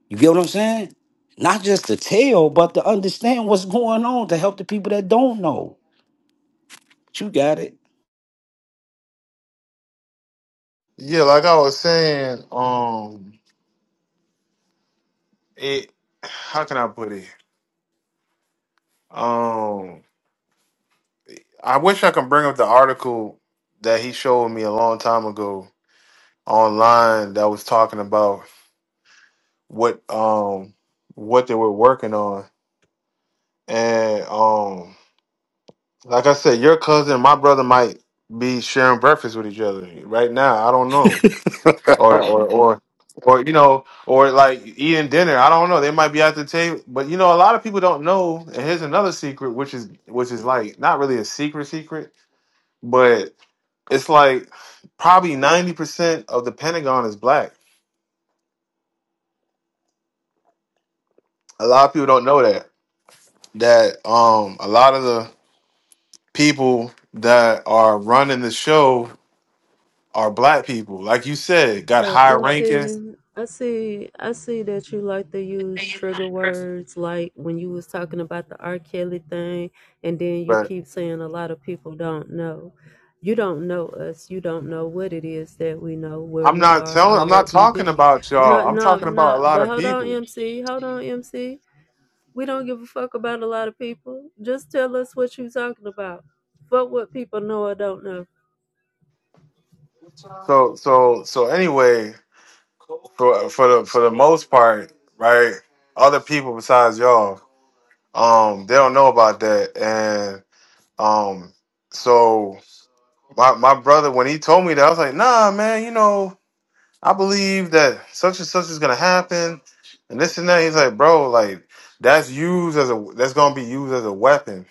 you get what I'm saying? Not just to tell, but to understand what's going on to help the people that don't know. You got it.
Yeah, like I was saying, um, it. How can I put it? Um, I wish I can bring up the article that he showed me a long time ago online that was talking about what um what they were working on, and um, like I said, your cousin, and my brother might be sharing breakfast with each other right now. I don't know or or or or you know or like eating dinner i don't know they might be at the table but you know a lot of people don't know and here's another secret which is which is like not really a secret secret but it's like probably 90% of the pentagon is black a lot of people don't know that that um a lot of the people that are running the show are black people like you said got
So
high ranking
MC, I see I see that you like to use trigger words like when you was talking about the R. Kelly thing and then you
but
keep saying a lot of people don't know. You don't know us. You don't know what it is that we know, where
i'm
we
not
are or
telling i'm not
what we
talking
do.
about
No
y'all i'm
no
talking about
no
a lot
but
of
hold on
people
MC. Hold on MC. We don't give a fuck about a lot of people. Just tell us what you talking about. Fuck what people know or don't know.
So so so anyway, for for the for the most part, right? Other people besides y'all, um, they don't know about that, and um, so my my brother when he told me that, I was like, nah, man, you know, I believe that such and such is gonna happen, and this and that. He's like, bro, like that's used as a that's gonna be used as a weapon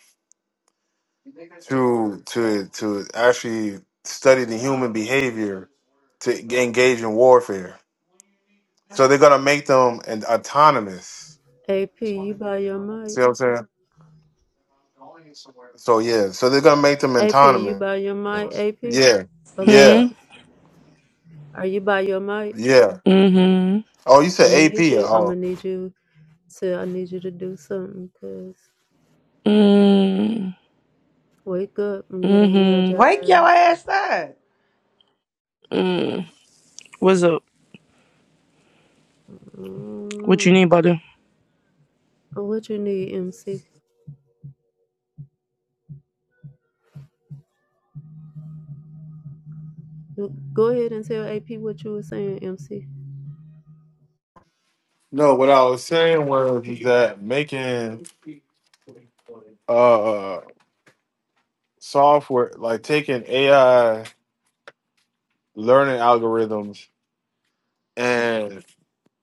to to to actually study the human behavior to engage in warfare. So they're gonna make them and autonomous.
AP, you buy your mic.
See what I'm saying? So yeah. So they're gonna make them
AP, you
autonomous.
by your mic, AP?
Yeah. Yeah.
Hmm.
Alexis, are you by your mic?
Yeah.
Mm-hmm.
Oh, you
I'm gonna
said AP.
need you. I'm
Oh
gonna need you to. I need you to do something. Cause
Mm.
wake up and get on your
Mm-hmm.
Wake
job.
your ass up.
What's up? What you
Mm.
need, buddy?
What you need, MC? Go ahead and tell AP what you were saying, MC.
no. What I was saying was that making uh software like taking AI learning algorithms and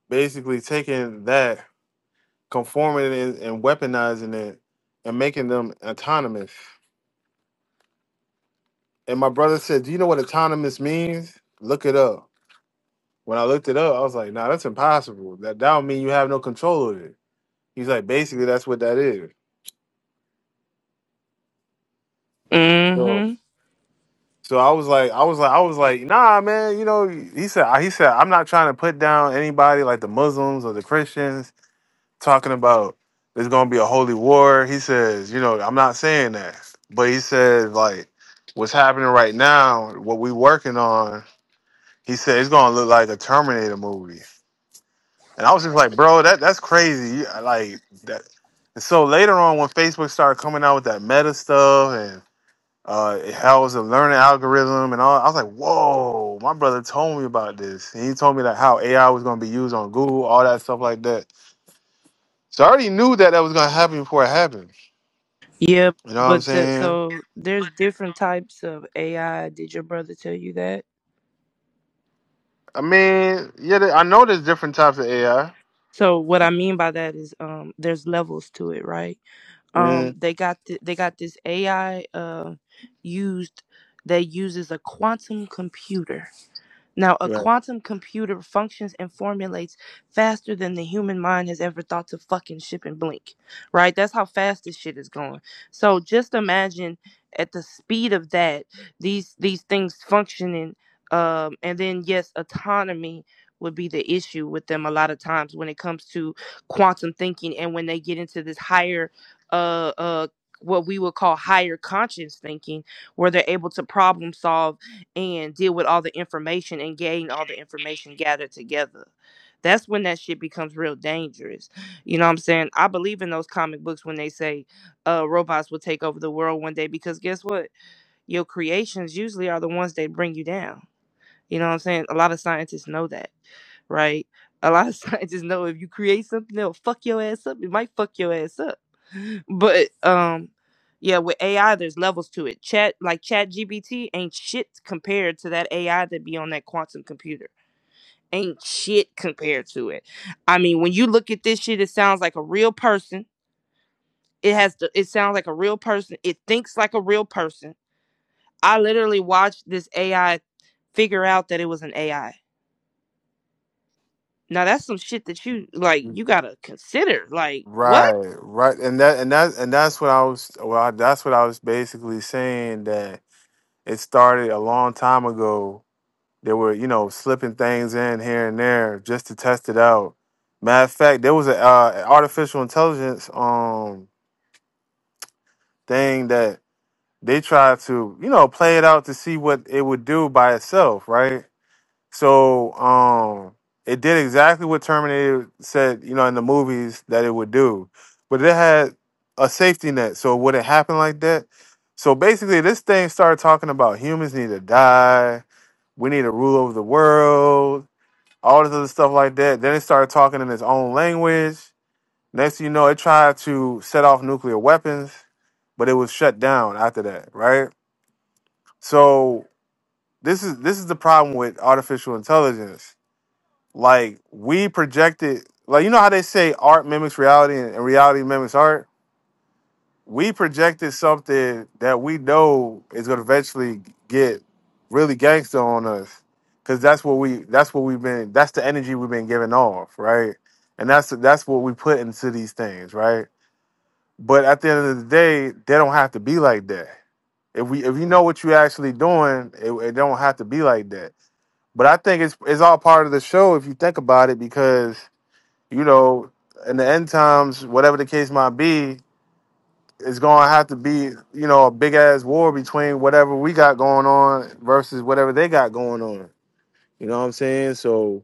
basically taking that, conforming it and weaponizing it, and making them autonomous. And my brother said, "Do you know what autonomous means? Look it up." When I looked it up, I was like, nah, that's impossible. That that don't mean you have no control of it. He's like, basically, that's what that is.
Mm-hmm.
So I was like, I was like, I was like, nah, man. You know, he said, he said, I'm not trying to put down anybody like the Muslims or the Christians talking about there's gonna be a holy war. He says, you know, I'm not saying that, but he says like, what's happening right now, what we working on. He said it's gonna look like a Terminator movie. And I was just like, bro, that that's crazy. You- uh, Like that. And so later on, when Facebook started coming out with that Meta stuff and uh, it has a learning algorithm and all, I was like, whoa, my brother told me about this. And he told me like how AI was going to be used on Google, all that stuff like that. So I already knew that that was going to happen before it happened.
Yeah,
You know what I'm
but the,
saying?
so there's different types of AI. Did your brother tell you that?
I mean, yeah, there- I know there's different types of AI.
So what I mean by that is, um, there's levels to it, right? Um,
Mm,
they got th- they got this AI uh used that uses a quantum computer Now, a quantum computer functions and formulates faster than the human mind has ever thought to fucking ship and blink, right? That's how fast this shit is going. So just imagine at the speed of that, these these things functioning, um, and then yes, autonomy would be the issue with them a lot of times when it comes to quantum thinking and when they get into this higher, uh, uh, what we would call higher conscience thinking, where they're able to problem solve and deal with all the information and gain all the information gathered together. That's when that shit becomes real dangerous. You know what I'm saying? I believe in those comic books when they say uh, robots will take over the world one day because guess what? Your creations usually are the ones that bring you down. You know what I'm saying? A lot of scientists know that right? A lot of scientists know if you create something that'll fuck your ass up, it might fuck your ass up. But um yeah, with AI there's levels to it. Chat like Chat GBT ain't shit compared to that AI that be on that quantum computer. Ain't shit compared to it. I mean, when you look at this shit, it sounds like a real person. It has the it sounds like a real person. It thinks like a real person. I literally watched this AI figure out that it was an AI Now that's some shit that you like
right.
you gotta consider. Like what?
Right, right, and that and that and that's what I was. Well, that's what I was basically saying that it started a long time ago. They were, you know, slipping things in here and there just to test it out. Matter of fact, there was a uh, artificial intelligence um thing that they tried to, you know, play it out to see what it would do by itself, right? So um, it did exactly what Terminator said, you know, in the movies that it would do, but it had a safety net. So would it happen like that? So basically, this thing started talking about humans need to die. We need to rule over the world. All this other stuff like that. Then it started talking in its own language. Next thing you know, it tried to set off nuclear weapons, but it was shut down after that, right? So this is this is the problem with artificial intelligence like we projected, like you know how they say art mimics reality and, and reality mimics art. We projected something that we know is gonna eventually get really gangster on us, because that's what we that's what we've been that's the energy we've been giving off, right? And that's that's what we put into these things, right? But at the end of the day, they don't have to be like that. If we if you know what you're actually doing, it, it don't have to be like that. But I think it's it's all part of the show if you think about it because you know, in the end times, whatever the case might be, it's gonna have to be, you know, a big ass war between whatever we got going on versus whatever they got going on. You know what I'm saying? So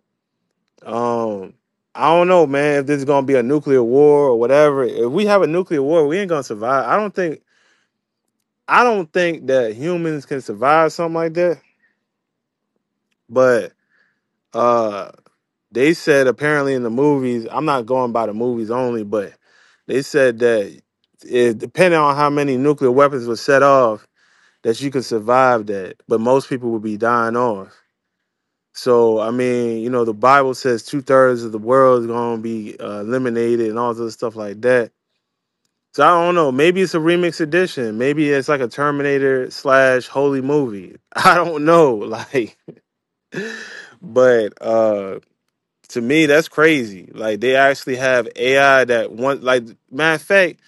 um I don't know, man, if this is gonna be a nuclear war or whatever. If we have a nuclear war, we ain't gonna survive. I don't think I don't think that humans can survive something like that. But uh They said apparently in the movies, I'm not going by the movies only, but they said that it, depending on how many nuclear weapons were set off, that you could survive that, but most people would be dying off. So I mean, you know, the Bible says two thirds of the world is going to be uh, eliminated and all this other stuff like that. So I don't know. Maybe it's a remix edition. Maybe it's like a Terminator slash Holy movie. I don't know. Like, but uh. to me that's crazy like they actually have ai that one like matter of fact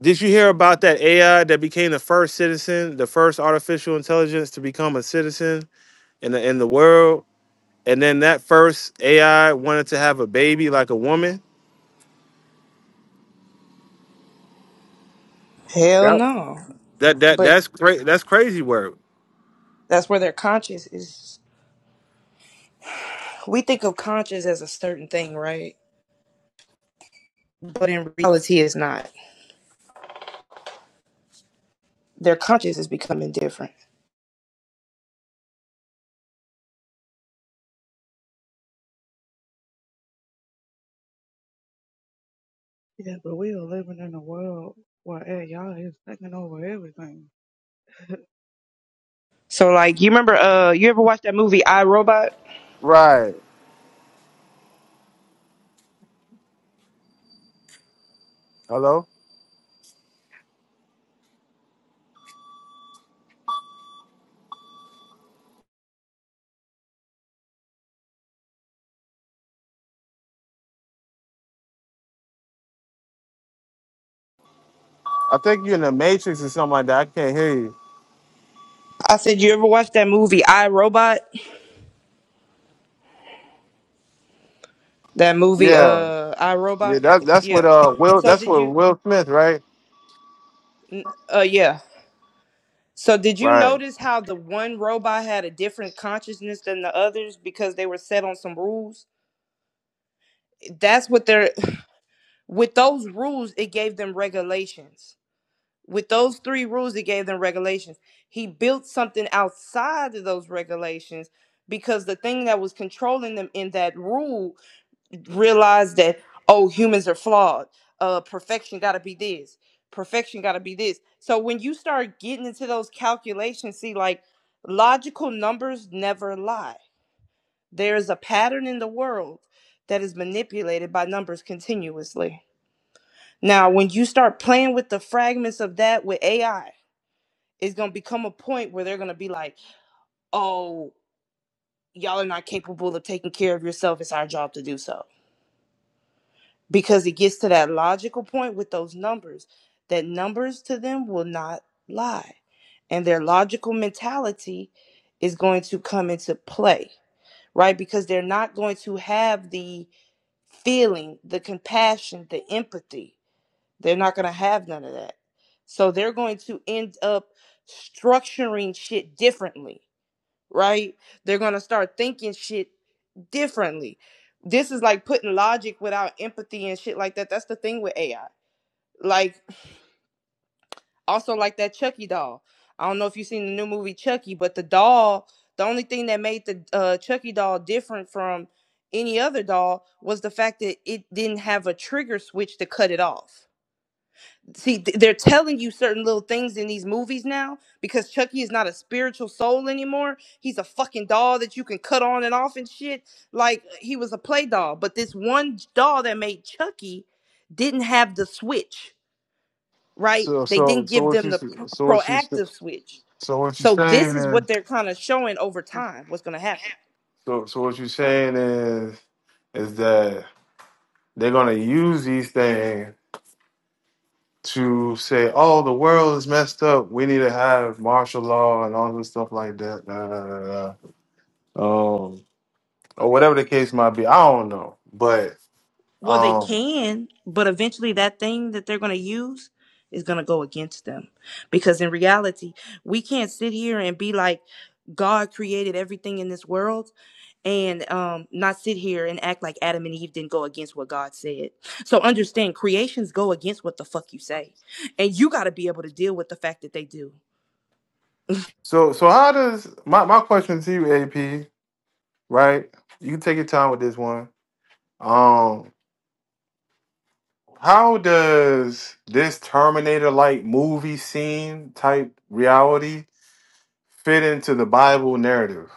did you hear about that ai that became the first citizen the first artificial intelligence to become a citizen in the in the world and then that first ai wanted to have a baby like a woman
Hell no.
that that
But
that's crazy that's crazy work
that's where their conscience is. We think of conscience as a certain thing, right? But in reality, it's not. Their conscience is becoming different.
Yeah, but we are living in a world where AI is taking over everything.
So like you remember uh you ever watched that movie I Robot?
right hello i think you're in the matrix or something like that i can't hear you
I said you ever watched that movie I Robot? That movie
yeah
uh I
yeah
Robot?
that, that's
Yeah.
what uh will
So
that's
did
what
you
will smith right
uh yeah. So did you
right
notice how the one robot had a different consciousness than the others because they were set on some rules? That's what they're with those rules it gave them regulations. With those three rules it gave them regulations. He built something outside of those regulations because the thing that was controlling them in that rule realize that oh humans are flawed uh perfection got to be this perfection got to be this so when you start getting into those calculations see like logical numbers never lie there is a pattern in the world that is manipulated by numbers continuously now when you start playing with the fragments of that with ai it's going to become a point where they're going to be like oh y'all are not capable of taking care of yourself it's our job to do so because it gets to that logical point with those numbers that numbers to them will not lie and their logical mentality is going to come into play right because they're not going to have the feeling the compassion the empathy they're not going to have none of that so they're going to end up structuring shit differently right they're going to start thinking shit differently. This is like putting logic without empathy and shit like that. That's the thing with AI. Like also like that Chucky doll. I don't know if you've seen the new movie Chucky, but the doll, the only thing that made the uh, Chucky doll different from any other doll was the fact that it didn't have a trigger switch to cut it off see th- they're telling you certain little things in these movies now because Chucky is not a spiritual soul anymore. He's a fucking doll that you can cut on and off and shit. Like uh, he was a play doll, but this one doll that made Chucky didn't have the switch, right?
so
They
so
didn't
so
give
what
them
you
the pr-
so what you
proactive switch.
So what you're
So this
saying
is what
is,
they're kind of showing over time what's going to happen.
so so what you're saying is, is that they're gonna use these things to say, oh, the world is messed up. We need to have martial law and all this stuff like that. Da, da, da, da. Um, or whatever the case might be. I don't know, but
Well, they
um,
can, but eventually that thing that they're going to use is going to go against them. Because in reality, we can't sit here and be like, God created everything in this world and um, not sit here and act like Adam and Eve didn't go against what God said. So understand creations go against what the fuck you say. And you got to be able to deal with the fact that they do.
so so how does my my question to you, AP? Right, you can take your time with this one. Um, how does this Terminator like movie scene type reality? fit into the Bible narrative.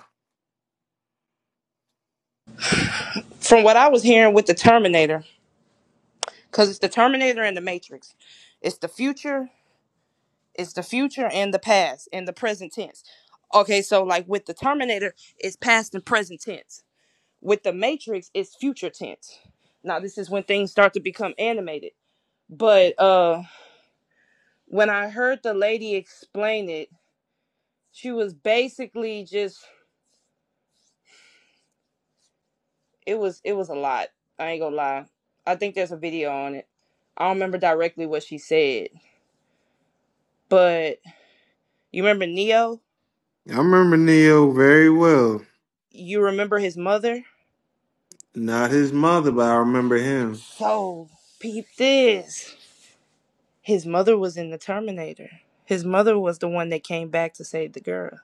From what I was hearing with the Terminator, because it's the Terminator and the Matrix. It's the future, it's the future and the past and the present tense. Okay, so like with the Terminator, it's past and present tense. With the Matrix, it's future tense. Now this is when things start to become animated. But uh when I heard the lady explain it, she was basically just it was it was a lot. I ain't gonna lie. I think there's a video on it. I don't remember directly what she said, but you remember Neo?
I remember Neo very well.
You remember his mother?
Not his mother, but I remember him.
So peep this. His mother was in the Terminator. His mother was the one that came back to save the girl.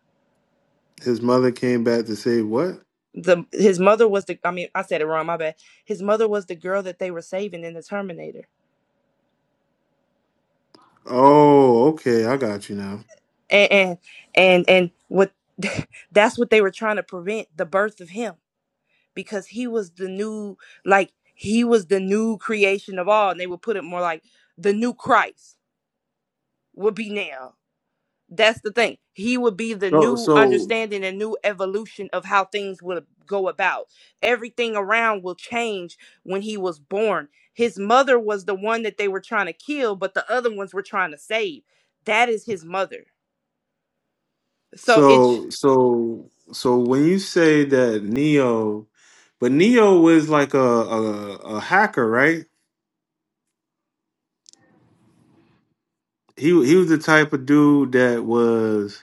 His mother came back to say what?
The his mother was the I mean I said it wrong, my bad. His mother was the girl that they were saving in the Terminator.
Oh, okay, I got you now.
and and and, and what that's what they were trying to prevent the birth of him because he was the new like he was the new creation of all and they would put it more like the new christ would be now that's the thing he would be the
So
new
so
understanding and new evolution of how things would go about everything around will change when he was born his mother was the one that they were trying to kill but the other ones were trying to save that is his mother so it
so so so when you say that Neo but Neo was like a a, a hacker, right? He he was the type of dude that was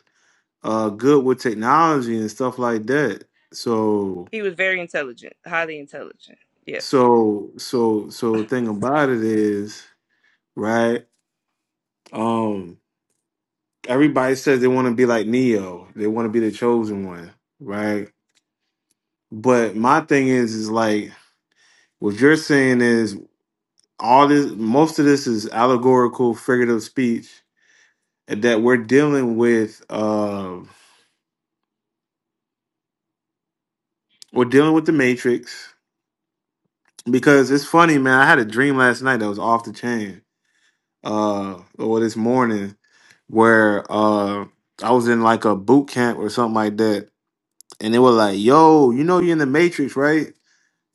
uh good with technology and stuff like that. So
He was very intelligent, highly intelligent. Yes.
so so so thing about it is, right? Um everybody says they want to be like Neo. They want to be the chosen one, right? But my thing is is like what you're saying is all this most of this is allegorical figurative speech and that we're dealing with uh we're dealing with the matrix because it's funny man i had a dream last night that was off the chain uh or this morning where uh I was in like a boot camp or something like that, and they were like, "Yo, you know you're in the Matrix, right?"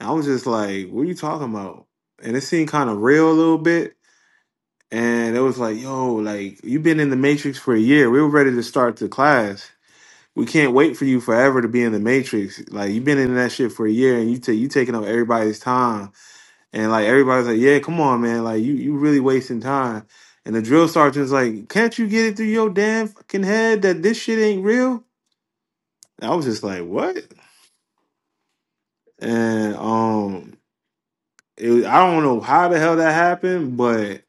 And I was just like, "What are you talking about?" And it seemed kind of real a little bit, and it was like, "Yo, like you've been in the Matrix for a year. We were ready to start the class. We can't wait for you forever to be in the Matrix. Like you've been in that shit for a year, and you take you taking up everybody's time." And like everybody's like, yeah, come on, man. Like you, you really wasting time. And the drill sergeant's like, can't you get it through your damn fucking head that this shit ain't real? And I was just like, what? And um, it, I don't know how the hell that happened, but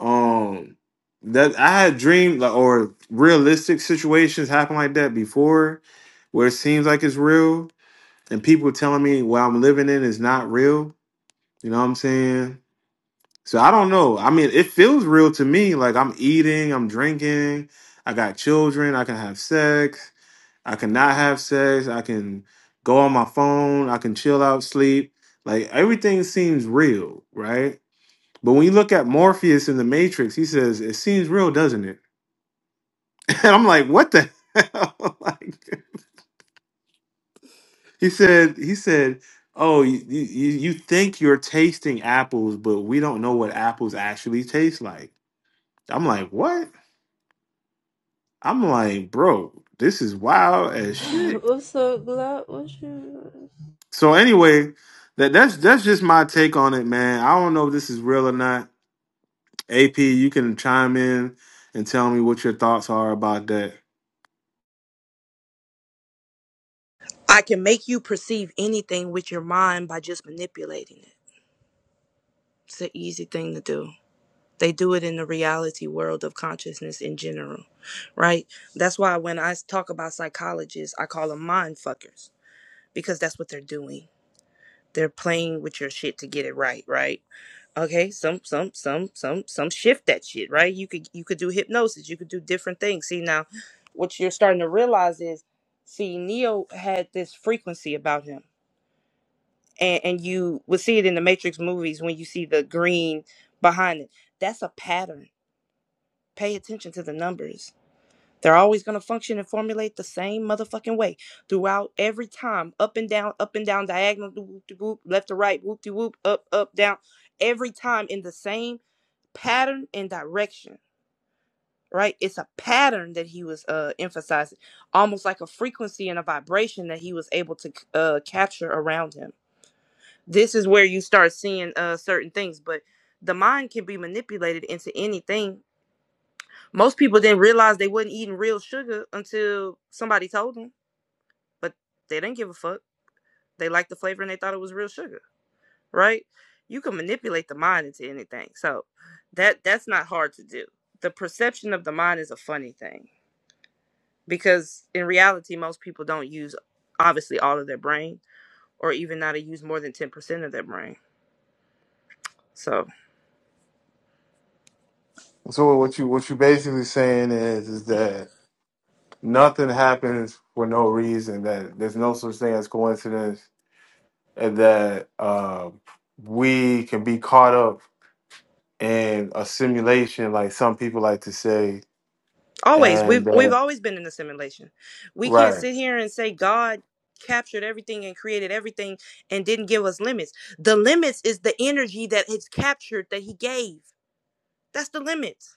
um, that I had dreamed like, or realistic situations happen like that before, where it seems like it's real, and people telling me what I'm living in is not real. You know what I'm saying? So I don't know. I mean, it feels real to me. Like I'm eating, I'm drinking, I got children, I can have sex, I cannot have sex, I can go on my phone, I can chill out, sleep. Like everything seems real, right? But when you look at Morpheus in the Matrix, he says, It seems real, doesn't it? And I'm like, what the hell? like he said, he said, Oh, you, you, you think you're tasting apples, but we don't know what apples actually taste like. I'm like, what? I'm like, bro, this is wild as shit.
What's up, Glock? What you?
So anyway, that that's that's just my take on it, man. I don't know if this is real or not. AP, you can chime in and tell me what your thoughts are about that.
I can make you perceive anything with your mind by just manipulating it. It's an easy thing to do. They do it in the reality world of consciousness in general, right? That's why when I talk about psychologists, I call them mind fuckers because that's what they're doing. They're playing with your shit to get it right, right? okay some some some some some shift that shit right you could you could do hypnosis you could do different things see now what you're starting to realize is see neo had this frequency about him and and you would see it in the matrix movies when you see the green behind it that's a pattern pay attention to the numbers they're always going to function and formulate the same motherfucking way throughout every time up and down up and down diagonal whoop de whoop left to right whoop de whoop up up down every time in the same pattern and direction right it's a pattern that he was uh emphasizing almost like a frequency and a vibration that he was able to uh capture around him this is where you start seeing uh certain things but the mind can be manipulated into anything most people didn't realize they wasn't eating real sugar until somebody told them but they didn't give a fuck they liked the flavor and they thought it was real sugar right you can manipulate the mind into anything so that that's not hard to do the perception of the mind is a funny thing because in reality most people don't use obviously all of their brain or even not to use more than 10% of their brain so
So what you what you basically saying is is that nothing happens for no reason. That there's no such thing as coincidence, and that uh, we can be caught up in a simulation, like some people like to say,
always
and
we've we've
that
always been in a simulation we can't
right.
sit here and say god captured everything and created everything and didn't give us limits the limits is the energy that it's captured that he gave that's the limits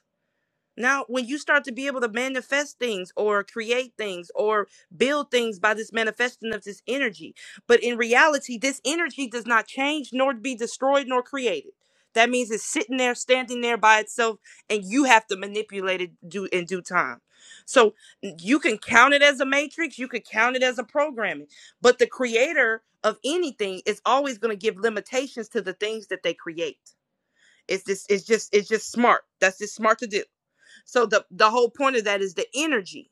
Now, when you start to be able to manifest things or create things or build things by this manifesting of this energy, but in reality, this energy does not change nor be destroyed nor created. That means it's sitting there, standing there by itself, and you have to manipulate it due, in due time. So you can count it as a matrix, you could count it as a programming, but the creator of anything is always going to give limitations to the things that they create. It's just, it's just, it's just smart. That's just smart to do so the the whole point of that is the energy,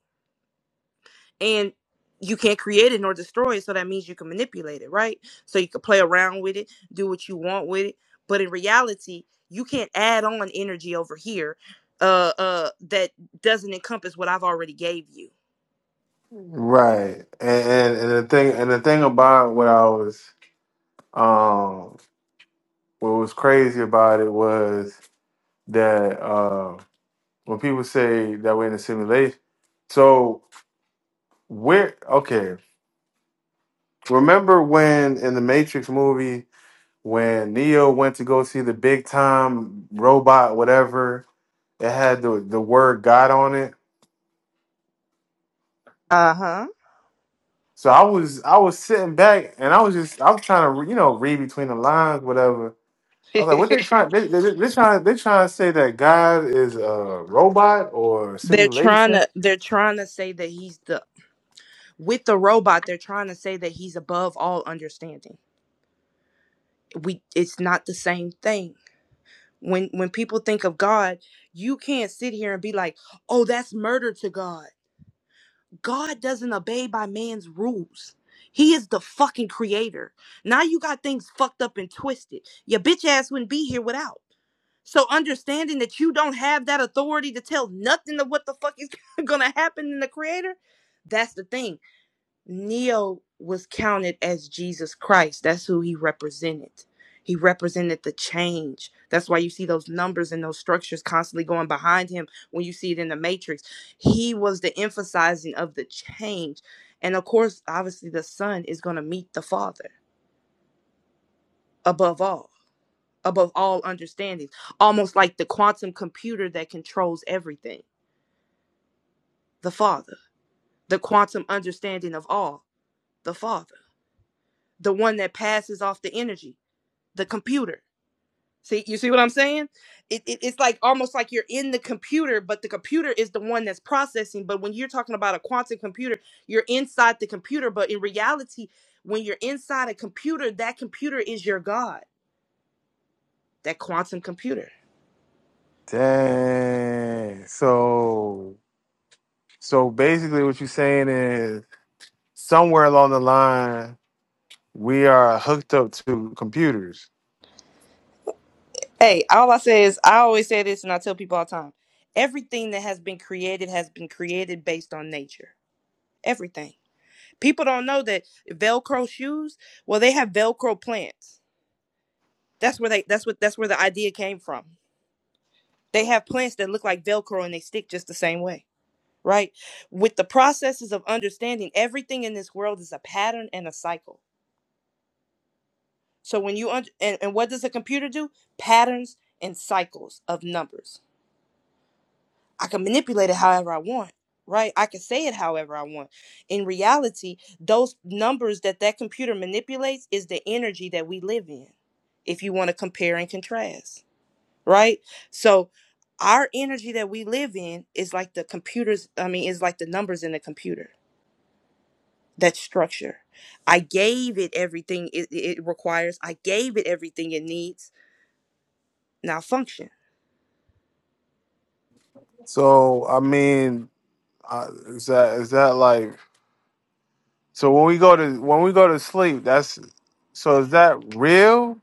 and you can't create it nor destroy it. So that means you can manipulate it, right? So you can play around with it, do what you want with it. But in reality, you can't add on energy over here uh uh that doesn't encompass what I've already gave you.
Right. And, and and the thing and the thing about what I was um what was crazy about it was that uh when people say that we're in a simulation. So where okay. Remember when in the Matrix movie when Neo went to go see the big time robot, whatever, it had the, the word God on it.
Uh-huh.
So I was I was sitting back and I was just I was trying to you know read between the lines, whatever. I was like, what they trying? They, they, they trying. They trying to say that God is a robot or
They're trying
simulation.
to they're trying to say that he's the with the robot, they're trying to say that he's above all understanding. We it's not the same thing when when people think of God, you can't sit here and be like, "Oh, that's murder to God." God doesn't obey by man's rules. He is the fucking creator. Now you got things fucked up and twisted. Your bitch ass wouldn't be here without. So understanding that you don't have that authority to tell nothing of what the fuck is gonna happen in the creator, that's the thing Neo was counted as Jesus Christ. That's who he represented. He represented the change. That's why you see those numbers and those structures constantly going behind him when you see it in the matrix. He was the emphasizing of the change. And of course, obviously, the son is going to meet the father above all, above all understanding, almost like the quantum computer that controls everything, the father, the quantum understanding of all, the father, the one that passes off the energy the computer. See, you see what I'm saying? It, it, it's like almost like you're in the computer, but the computer is the one that's processing. But when you're talking about a quantum computer, you're inside the computer. But in reality, when you're inside a computer, that computer is your God, that quantum computer.
Dang. So so basically what you're saying is somewhere along the line we are hooked up to computers.
Hey, all I say is, I always say this and I tell people all the time everything that has been created has been created based on nature. Everything. People don't know that Velcro shoes, well, they have Velcro plants That's where they that's what that's where the idea came from. They have plants that look like Velcro and they stick just the same way, right? With the processes of understanding, everything in this world is a pattern and a cycle. So when you under, and, and what does a computer do? Patterns and cycles of numbers. I can manipulate it however I want, right? I can say it however I want. In reality, those numbers that that computer manipulates is the energy that we live in. If you want to compare and contrast right? So our energy that we live in is like the computers, I mean, is like the numbers in the computer. That structure. I gave it everything it, it requires. I gave it everything it needs. Now function.
So I mean uh, is that is that like so when we go to when we go to sleep that's so is that real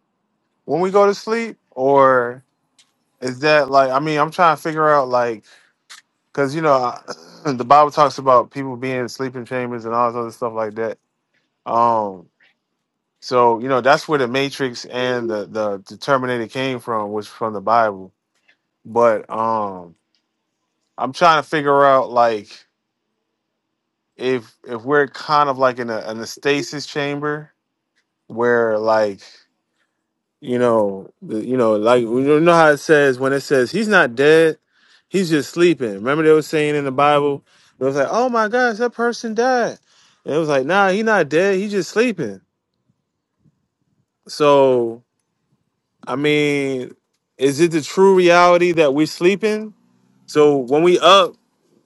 when we go to sleep or is that like I mean I'm trying to figure out like because you know I, the Bible talks about people being in sleeping chambers and all this other stuff like that. Um, so you know that's where the Matrix and the the, the Terminator came from, was from the Bible. But um, I'm trying to figure out like if if we're kind of like in a, in a stasis chamber where like You know, the, you know, like you know how it says when it says he's not dead, he's just sleeping. Remember they were saying in the Bible, it was like, oh my gosh, that person died, and it was like, nah, he's not dead, he's just sleeping. So I mean, is it the true reality that we're sleeping? So when we up,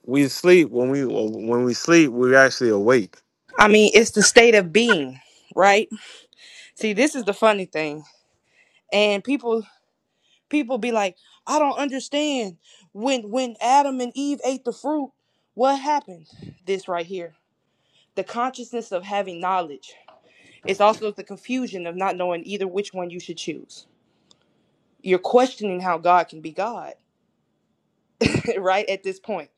we sleep. When we when we sleep, we're actually awake.
I mean, it's the state of being, right? See, this is the funny thing. And people people be like, I don't understand. When when Adam and Eve ate the fruit, what happened? This right here. The consciousness of having knowledge It's also the confusion of not knowing either which one you should choose. You're questioning how God can be God, right? At this point,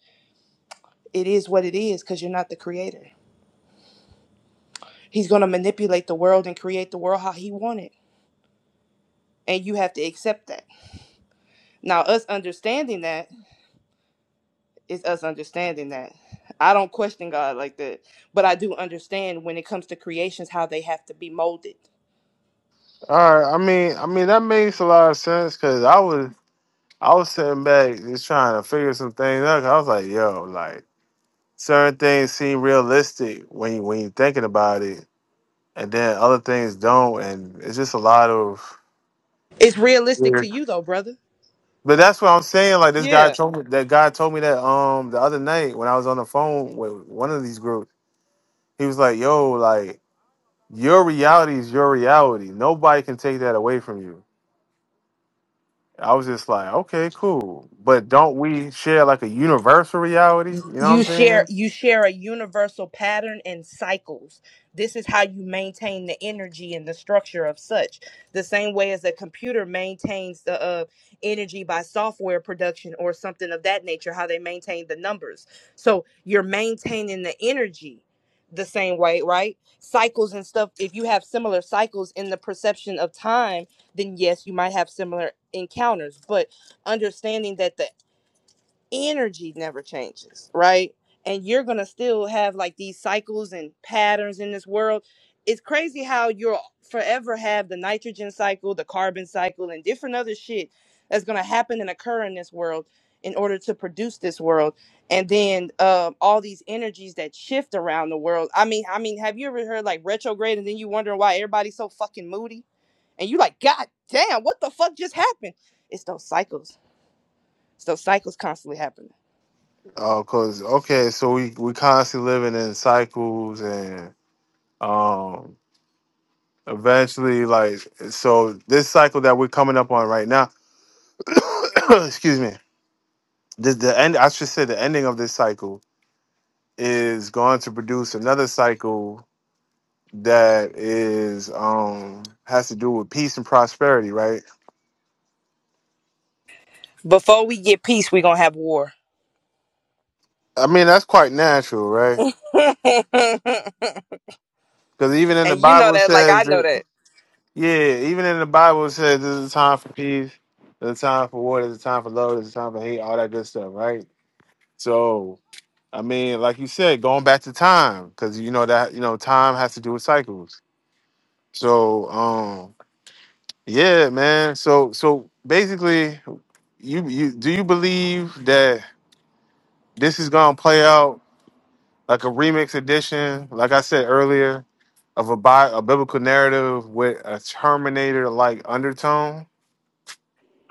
it is what it is because you're not the creator. He's going to manipulate the world and create the world how he wanted, And you have to accept that. Now, us understanding that is us understanding that. I don't question God like that, but I do understand when it comes to creations how they have to be molded.
All right. I mean, I mean that makes a lot of sense because I was I was sitting back just trying to figure some things out. 'cause I was like, yo, like. certain things seem realistic when you, when you're thinking about it, and then other things don't, and it's just a lot of.
It's realistic to
weird-
you, though, brother.
But that's what I'm saying. Like this guy
Yeah.
told me that guy told me that um the other night when I was on the phone with one of these groups, he was like, "Yo, like your reality is your reality. Nobody can take that away from you." I was just like, "Okay, cool," but don't we share like a universal reality? You know what I'm
you share
saying?
you share a universal pattern and cycles this is how you maintain the energy and the structure of such the same way as a computer maintains the uh, energy by software production or something of that nature how they maintain the numbers so you're maintaining the energy the same way right cycles and stuff if you have similar cycles in the perception of time then yes you might have similar encounters but understanding that the energy never changes, right? And you're gonna still have like these cycles and patterns in this world. It's crazy how you'll forever have the nitrogen cycle, the carbon cycle, and different other shit that's gonna happen and occur in this world in order to produce this world. And then um, all these energies that shift around the world. I mean, I mean, have you ever heard like retrograde and then you wondering why everybody's so fucking moody? And you like, God damn, what the fuck just happened? It's those cycles. It's those cycles constantly happening.
Oh, cause okay, so we we constantly living in cycles, and um, eventually, like, so this cycle that we're coming up on right now, excuse me, the the end. I should say the ending of this cycle is going to produce another cycle that is um has to do with peace and prosperity, right?
Before we get peace, we gonna have war.
I mean, that's quite natural, right?
and
Because even in the
you know
Bible it
that, like I
says
know that.
Yeah, even in the Bible it says there's a time for peace, there's a time for war, there's a time for love, there's a time for hate, all that good stuff, right? So, I mean, like you said, going back to time, because you know that you know time has to do with cycles. So, um, yeah, man. So, so basically, you you do you believe that this is gonna play out like a remix edition, like I said earlier, of a bi- a biblical narrative with a Terminator like undertone?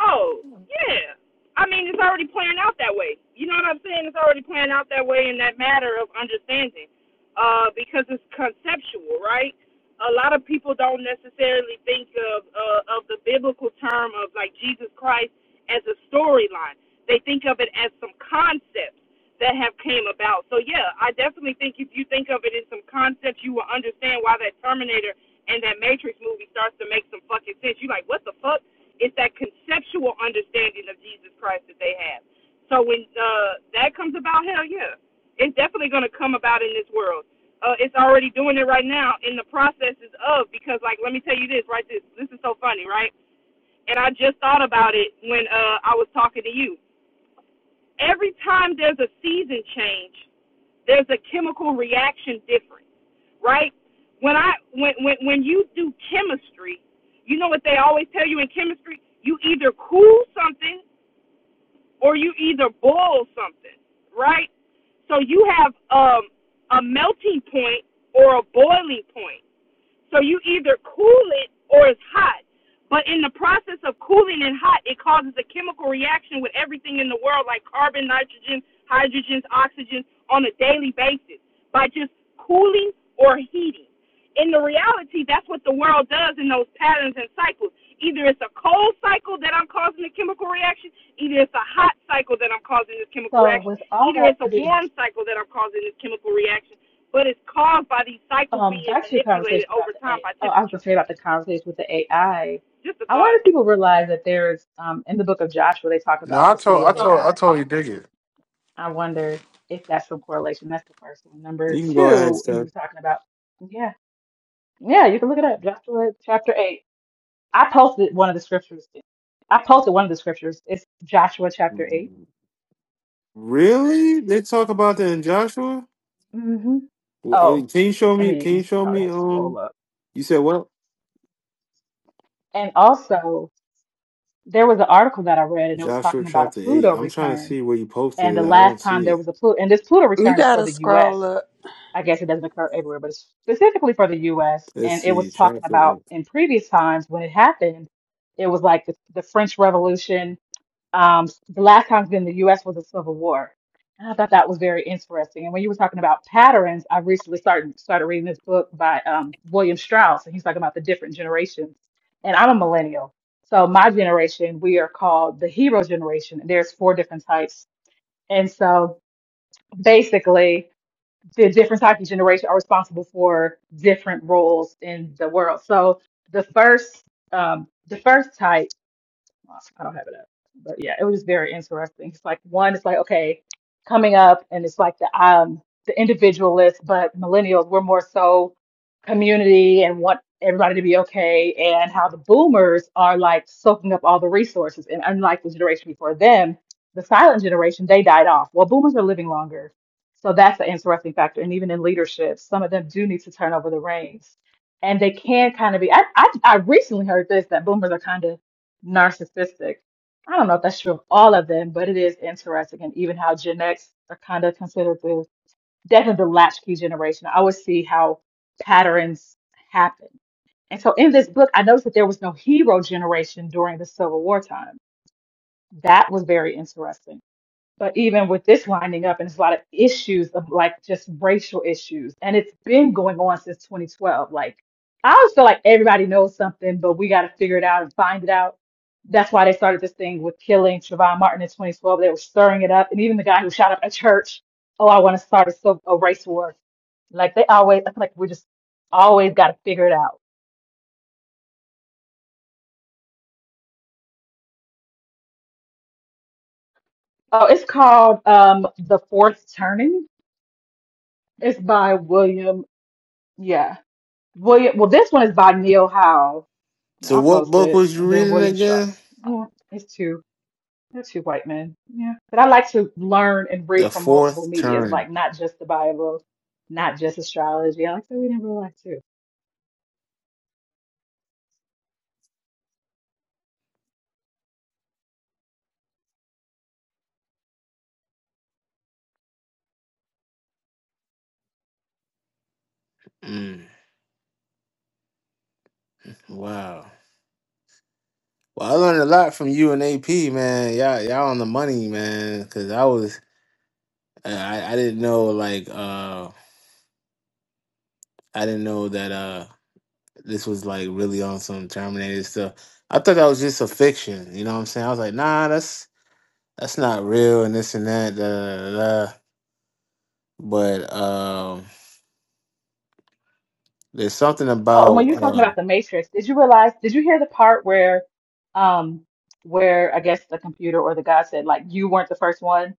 Oh, yeah. I mean, it's already playing out that way. You know what I'm saying? It's already playing out that way in that matter of understanding, uh, because it's conceptual, right? A lot of people don't necessarily think of uh, of the biblical term of like Jesus Christ as a storyline. They think of it as some concepts that have came about. So yeah, I definitely think if you think of it in some concepts, you will understand why that Terminator and that Matrix movie starts to make some fucking sense. You're like, what the fuck? It's that conceptual understanding of Jesus Christ that they have. So when uh, that comes about, hell yeah, it's definitely going to come about in this world. Uh, it's already doing it right now in the processes of because, like, let me tell you this, right? This this is so funny, right? And I just thought about it when uh, I was talking to you. Every time there's a season change, there's a chemical reaction difference, right? When I when when when you do chemistry, you know what they always tell you in chemistry? You either cool something or you either boil something, right? So you have um, a melting point or a boiling point, either it or it's hot. But it's a cooling and hot, it causes a chemical reaction with everything in the world, like carbon, nitrogen, hydrogens, oxygen, on a basis by just cooling or heating. that's what the world does in those patterns and cycles. Either it's a cold cycle that I'm causing the chemical reaction, either it's a hot cycle that I'm causing this chemical
So
reaction,
with all
either
that
it's a
being
warm cycle that I'm causing this chemical reaction, but it's caused by these cycles
um
being
back to your
manipulated
conversation
over
about the
time
A
by
oh, I was gonna
temperature.
say about the conversation with the AI. I
Just a
I
thought.
wonder if people realize that there is um in the book of Joshua they talk
No,
about
I
the
told
city
I
of
told I
AI.
told you dig it.
I I wonder if that's some correlation. That's the first one. Number two, you were talking about yeah, yeah, you can look it up. Joshua chapter eight. I posted one of the scriptures. I posted one of the scriptures. It's Joshua chapter 8
Really? They talk about that in Joshua?
Mm-hmm.
Well, I
Oh,
mean, can you show
I
me?
mean,
Can
you
you show
probably
me?
have to scroll
Um,
up.
you said what?
And also, there was an article that I read and it was
Joshua
talking about a
chapter
Pluto
eight. I'm trying to
return.
see where you posted
And the
it. I don't
last time
see
there
it.
was a Pluto, and this Pluto
You
return is for
gotta
the
scroll
US.
up.
I guess it doesn't occur everywhere, but it's specifically for the US.
Let's
And it
see
was talking
chapter.
about
Eight.
in previous times when it happened, it was like the, the French Revolution um, the last time it's been in the U.S. was a civil war. And I thought that was very interesting. And when you were talking about patterns, I recently started started reading this book by um, William Strauss, and he's talking about the different generations. And I'm a millennial, so my generation we are called the hero generation. And there's four different types, and so basically the different types of generation are responsible for different roles in the world. So the first um, the first type I don't have it up. But yeah, it was just very interesting. It's like one, it's like, okay, coming up and it's like the um the individualist, but millennials, we're more so community and want everybody to be okay and how the boomers are like soaking up all the resources. And unlike the generation before them, the silent generation, they died off. Well, boomers are living longer. So that's an interesting factor. And even in leadership, some of them do need to turn over the reins. And they can kind of be, I, I, I recently heard this that boomers are kind of narcissistic. I don't know if that's true of all of them, but it is interesting. And even how Gen X are kind of considered the definitely the latchkey generation. I always see how patterns happen. And so in this book, I noticed that there was no hero generation during the Civil War time. That was very interesting. But even with this winding up, and there's a lot of issues of like just racial issues, and it's been going on since 2012. Like, I always feel like everybody knows something, but we got to figure it out and find it out. That's why they started this thing with killing Trayvon Martin in 2012. They were stirring it up, and even the guy who shot up a church, oh, I want to start a, civil- a race war. Like they always, I feel like we just always got to figure it out. Oh, it's called um The Fourth Turning. It's by William. Yeah, William. Well, this one is by Neil Howe Yeah,
So
I'll
what
post
book
it.
was
And
you
then
reading
William
again?
Strauss. Yeah, it's two. They're two white men. Yeah. But I like to learn and
The
read from multiple
fourth
medias,
turn.
like not just the Bible, not just astrology. I like to read in real life too.
Mm, wow. Well, I learned a lot from you and AP, man. Y'all, y'all on the money, man. Cause I was, uh, I, I didn't know, like, uh, I didn't know that uh, this was like really on some Terminator stuff. I thought that was just a fiction. You know what I'm saying? I was like, nah, that's that's not real, and this and that. Da, da, da, da. But um, there's something
Oh, and
about
when you were talking
uh,
about the Matrix, did you realize, did you hear the part where, um, where I guess the computer or the guy said, like, you weren't the first one?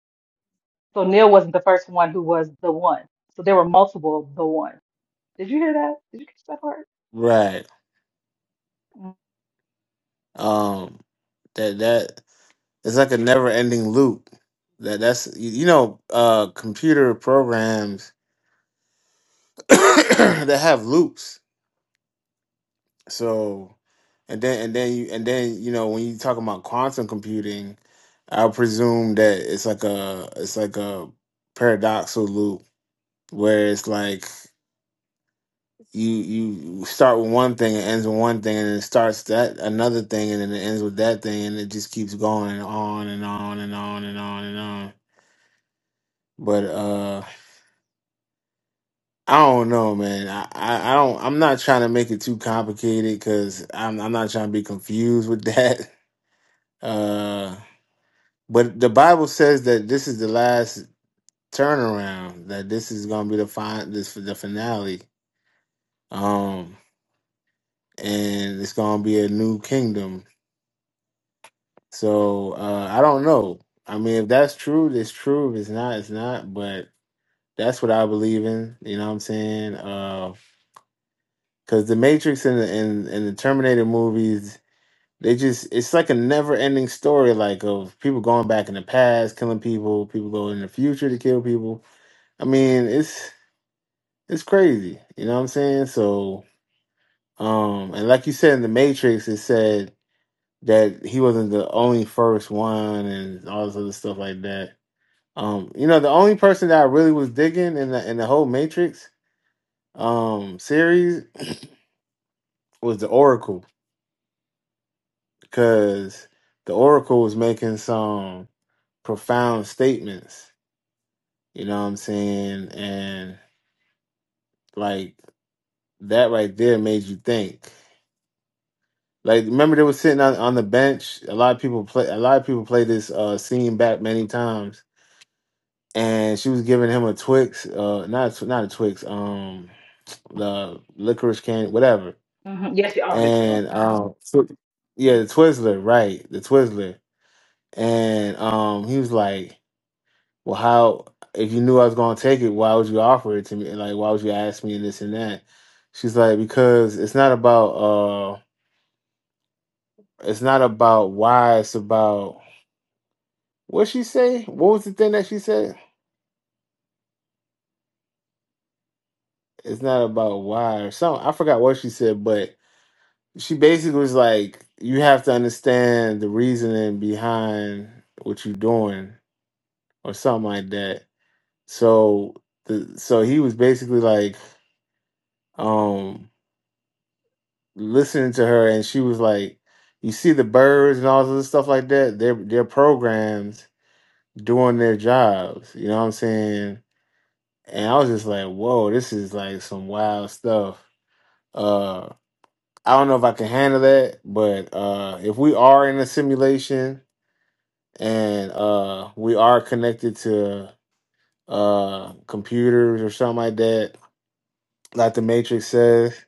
So Neil wasn't the first one who was the one. So there were multiple the one. Did you hear that? Did you catch that part?
right, um, that that it's like a never-ending loop. That that's you, you know, uh, computer programs that have loops. So and then and then you and then you know when you talk about quantum computing, I presume that it's like a it's like a paradoxical loop where it's like you you start with one thing and ends with one thing and it starts that another thing and then it ends with that thing and it just keeps going on and on and on and on and on. But uh I don't know, man. I, I, I don't. I'm not trying to make it too complicated because I'm I'm not trying to be confused with that. Uh, but the Bible says that this is the last turnaround. That this is gonna be the fin this the finale. Um, and it's gonna be a new kingdom. So uh, I don't know. I mean, if that's true, it's true. If it's not, it's not. But that's what I believe in. You know what I'm saying? Uh, because the Matrix and the and, and the Terminator movies They just it's like a never ending story, like of people going back in the past, killing people, people going in the future to kill people. I mean, it's it's crazy. You know what I'm saying? So um and like you said in the Matrix it said that he wasn't the only first one and all this other stuff like that. Um, you know, the only person that I really was digging in the in the whole Matrix um series was the Oracle because the Oracle was making some profound statements You know what I'm saying? And like that right there made you think. Like remember they were sitting on, on the bench. A lot of people play a lot of people play this uh scene back many times. And she was giving him a Twix, uh not a, Tw- not a Twix, um the licorice candy, whatever.
hmm Yes, you offered it to
And
him.
um Twi- yeah, the Twizzler, right, the Twizzler. And um he was like well, how if you knew I was gonna take it, why would you offer it to me? And like, why would you ask me and this and that? She's like, because it's not about uh, it's not about why. It's about what she say. What was the thing that she said? It's not about why or something. I forgot what she said, but she basically was like, you have to understand the reasoning behind what you're doing or something like that. So the so he was basically like, um listening to her, and she was like, "You see the birds and all this other stuff like that. They're they're programmed doing their jobs. You know what I'm saying?" And I was just like, "Whoa, this is like some wild stuff." Uh, I don't know if I can handle that, but uh, if we are in a simulation and uh, we are connected to uh, computers or something like that, like the Matrix says.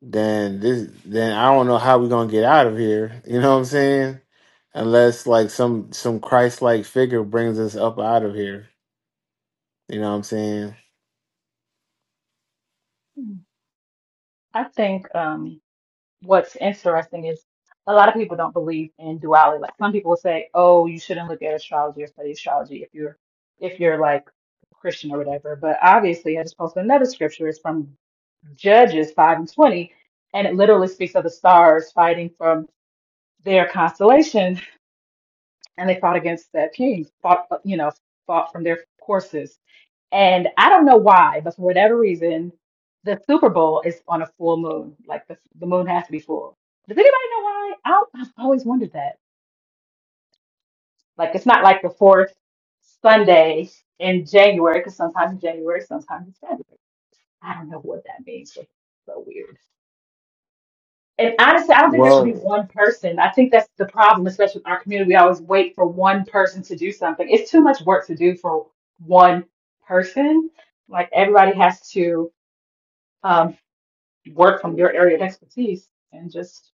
then this then I don't know how we're gonna get out of here. You know what I'm saying? Unless like some some Christ like figure brings us up out of here. You know what I'm saying?
hmm I think. Um, what's interesting is a lot of people don't believe in duality. Like some people say, "Oh, you shouldn't look at astrology or study astrology if you're if you're like Christian or whatever." But obviously, I just posted another scripture. It's from Judges five and twenty, and it literally speaks of the stars fighting from their constellations and they fought against the kings. fought, you know, fought from their courses. And I don't know why, but for whatever reason, the Super Bowl is on a full moon. Like the, the moon has to be full. Does anybody know why? I don't, I've always wondered that. Like it's not like the fourth Sunday in January, because sometimes in January, sometimes it's January. I don't know what that means. It's so weird. And honestly, I don't think there should be
Well,
one person. I think that's the problem, especially with our community. We always wait for one person to do something. It's too much work to do for one person. Like everybody has to um, work from your area of expertise and just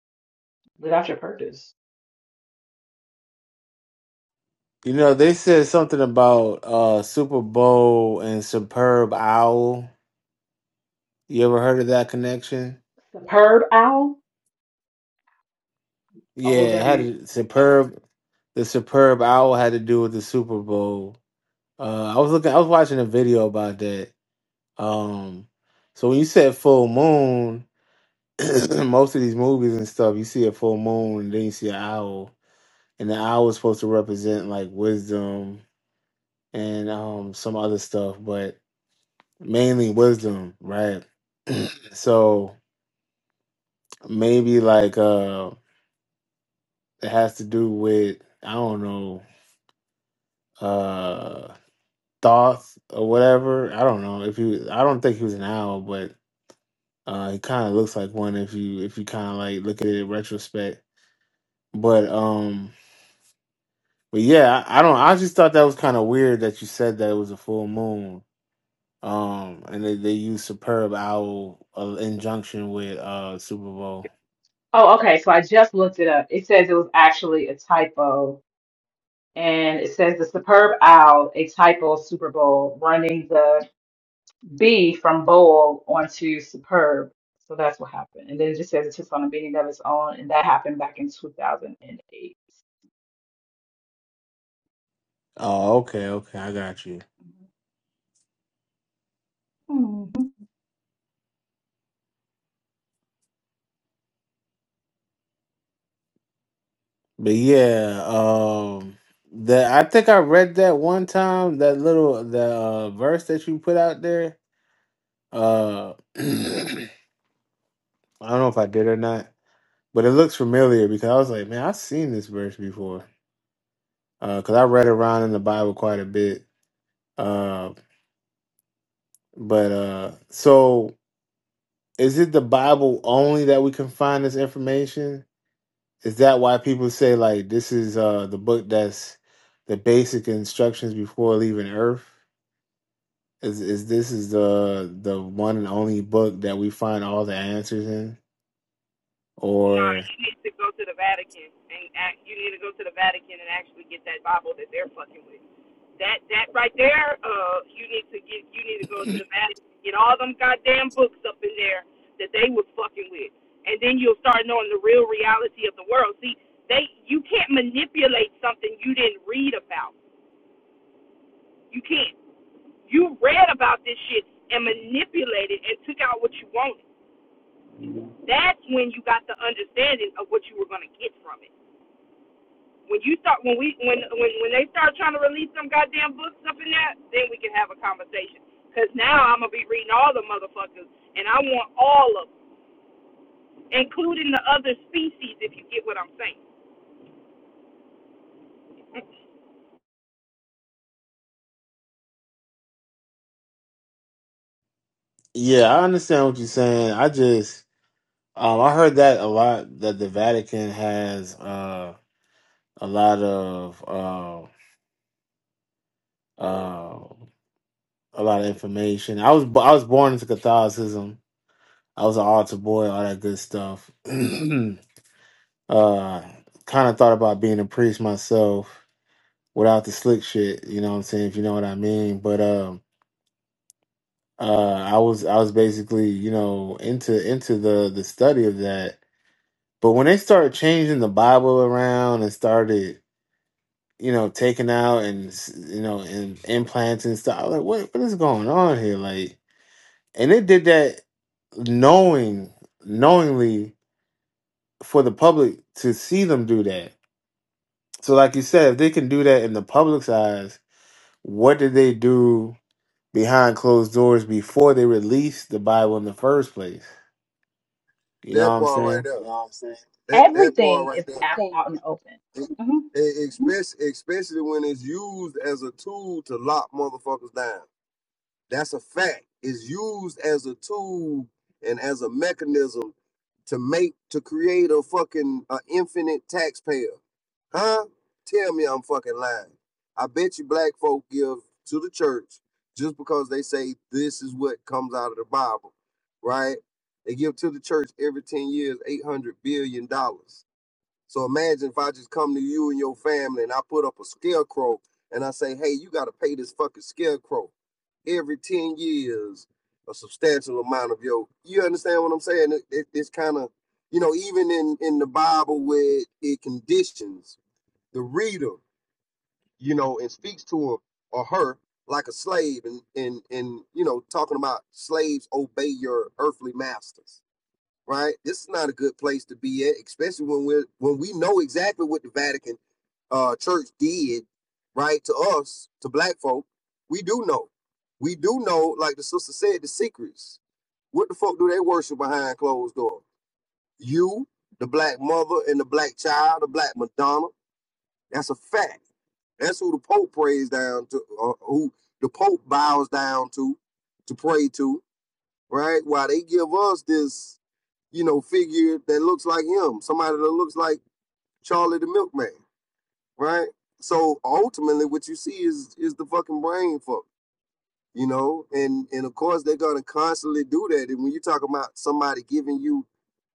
live out your purpose.
you know, they said something about uh Super Bowl and Superb Owl. You ever heard of that connection?
Superb owl,
Yeah,
O
it had
W.
a superb the superb owl had to do with the Super Bowl. Uh, I was looking, I was watching a video about that. Um, so when you said full moon, most of these movies and stuff, you see a full moon, and then you see an owl, and the owl is supposed to represent like wisdom and um some other stuff, but mainly wisdom, right? So maybe like uh it has to do with I don't know uh thoughts or whatever. I don't know if you. I don't think he was an owl, but uh he kind of looks like one if you if you kind of like look at it in retrospect. But um But yeah, I I don't. I just thought that was kind of weird that you said that it was a full moon. Um, and they, they used superb owl uh, in junction with uh Super Bowl.
Oh, okay. So I just looked it up. It says it was actually a typo, and it says the superb owl, a typo Super Bowl running the B from bold onto superb. So that's what happened. And then it just says it took on a meaning of its own, and that happened back in 2008.
Oh, okay, okay, I got you.
Mhm.
But yeah, um, that I think I read that one time that little the uh, verse that you put out there. Uh, I don't know if I did or not, but it looks familiar because I was like, man, I've seen this verse before. Uh, because I read around in the Bible quite a bit Uh, But uh so is it the Bible only that we can find this information? Is that why people say like this is uh the book that's the basic instructions before leaving earth? Is is this is the the one and only book that we find all the answers in?
No,
Or
you need to go to the Vatican and act, you need to go to the Vatican and actually get that Bible that they're fucking with. That that right there, uh, you need to get you need to go to the Vatican, get all them goddamn books up in there that they was fucking with, and then you'll start knowing the real reality of the world. See, they you can't manipulate something you didn't read about. You can't. You read about this shit and manipulated and took out what you wanted. That's when you got the understanding of what you were gonna get from it When you start, when we, when, when, when they start trying to release some goddamn books up in that, then we can have a conversation. Cause now I'm gonna be reading all the motherfuckers, and I want all of them, including the other species, if you get what I'm saying.
yeah, I understand what you're saying. I just um I heard that a lot that the Vatican has uh a lot of uh uh a lot of information. I was I was born into Catholicism. I was an altar boy, all that good stuff. uh, kind of thought about being a priest myself without the slick shit. You know what I'm saying? If you know what I mean. But um, uh, I was I was basically you know into into the the study of that. But when they started changing the Bible around and started you know taking out and you know and implanting stuff, I was like, what what is going on here? Like and it did that knowing knowingly for the public to see them do that so like you said if they can do that in the public's eyes what did they do behind closed doors before they released the bible in the first place you know
That
what i'm
part right
saying
there. Wow. That that part
Everything is
right
out,
there.
out in the open.
E-
hmm
e- Especially especially when it's used as a tool to lock motherfuckers down. That's a fact. It's used as a tool and as a mechanism to make to create a fucking a infinite taxpayer. Huh? Tell me I'm fucking lying. I bet you black folk give to the church just because they say this is what comes out of the Bible, right? They give to the church every 10 years $800 billion. dollars. So imagine if I just come to you and your family and I put up a scarecrow and I say, hey, you got to pay this fucking scarecrow every 10 years, a substantial amount of your. You understand what I'm saying? It, it- it's kind of, you know, even in, in the Bible where it, it conditions the reader, you know, and speaks to her or her like a slave and, and, and, you know, talking about slaves obey your earthly masters right? This is not a good place to be at, especially when we're when we know exactly what the Vatican uh church did, right, to us, to black folk. We do know. We do know, like the sister said, the secrets. What the fuck do they worship behind closed doors? You, the black mother and the black child, the black Madonna. That's a fact. That's who the Pope prays down to, or who the Pope bows down to, to pray to, right? While they give us this you know, figure that looks like him, somebody that looks like Charlie the Milkman, right? So ultimately, what you see is is the fucking brain fuck, you know, and and of course they're gonna constantly do that. And when you talk about somebody giving you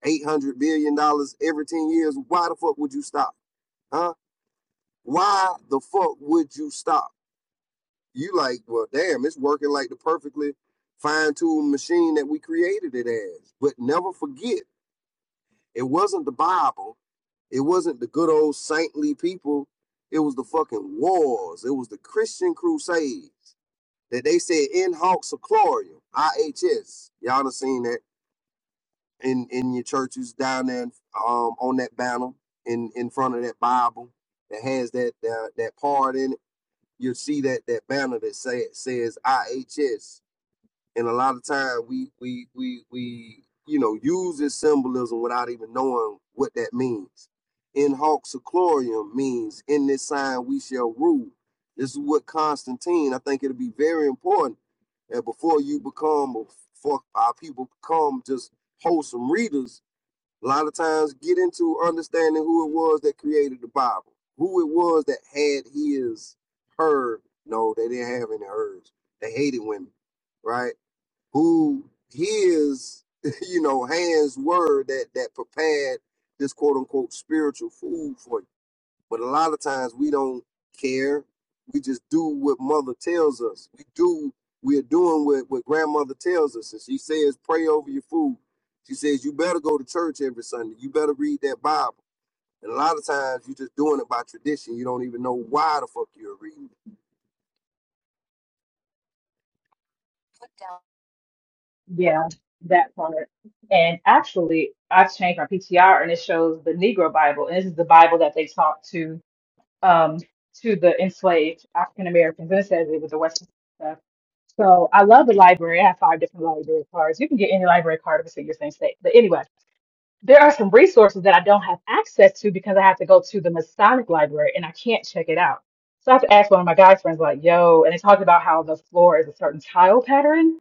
eight hundred billion dollars every ten years, why the fuck would you stop, huh? Why the fuck would you stop? You like, well, damn, it's working like the perfectly fine-tuned machine that we created it as. But never forget It wasn't the Bible. It wasn't the good old saintly people. It was the fucking wars. It was the Christian crusades that they said in Hawks of Chlorium, IHS. Y'all done seen that in, in your churches down there um, on that banner in, in front of that Bible that has that that, that part in it. You'll see that that banner that say, says IHS and a lot of times we we we we you know use this symbolism without even knowing what that means. In hoc seclorium means in this sign we shall rule. This is what Constantine. I think it'll be very important that before you become or our people become just wholesome readers. A lot of times get into understanding who it was that created the Bible, who it was that had his her. No, they didn't have any hers. They hated women, right? who hears, you know, hands word that that prepared this quote unquote spiritual food for you. But a lot of times we don't care. We just do what mother tells us. We do we're doing what, what grandmother tells us. And she says, pray over your food. She says, you better go to church every Sunday. You better read that Bible. And a lot of times you're just doing it by tradition. You don't even know why the fuck you're reading.
Yeah, that part. And actually, I've changed my PTR, and it shows the Negro Bible, and this is the Bible that they taught to um to the enslaved African Americans. And it says it was the Western stuff. So I love the library. I have five different library cards. You can get any library card if it's in your same state. But anyway. there are some resources that I don't have access to because I have to go to the Masonic library and I can't check it out. So I have to ask one of my guy friends, like, yo, and they talked about how the floor is a certain tile pattern.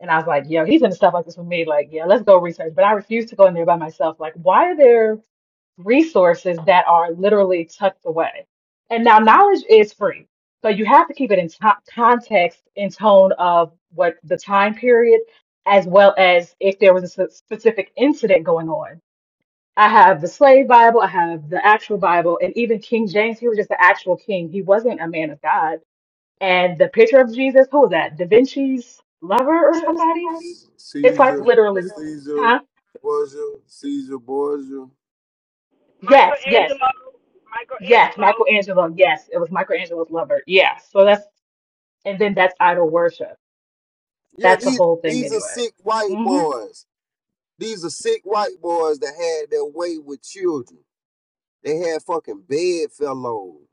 And I was like, yo, he's into stuff like this with me. Like, yeah, let's go research. But I refuse to go in there by myself. Like, why are there resources that are literally tucked away? And now knowledge is free. So you have to keep it in to- context and tone of what the time period, as well as if there was a s- specific incident going on I have the slave Bible, I have the actual Bible, and even King James, he was just the actual king. He wasn't a man of God. And the picture of Jesus, who was that? Da Vinci's lover or somebody? It's like
Caesar,
literally,
Caesar,
huh?
Borgia, Caesar Borgia.
Yes, yes,
Michelangelo,
yes,
Michelangelo.
Michelangelo, yes, it was Michelangelo's lover. Yeah. So that's and then that's idol worship.
Yeah,
That's the
these
whole thing
these are
anyway.
sick white
hmm
boys. These are sick white boys that had their way with children. They had fucking bedfellows.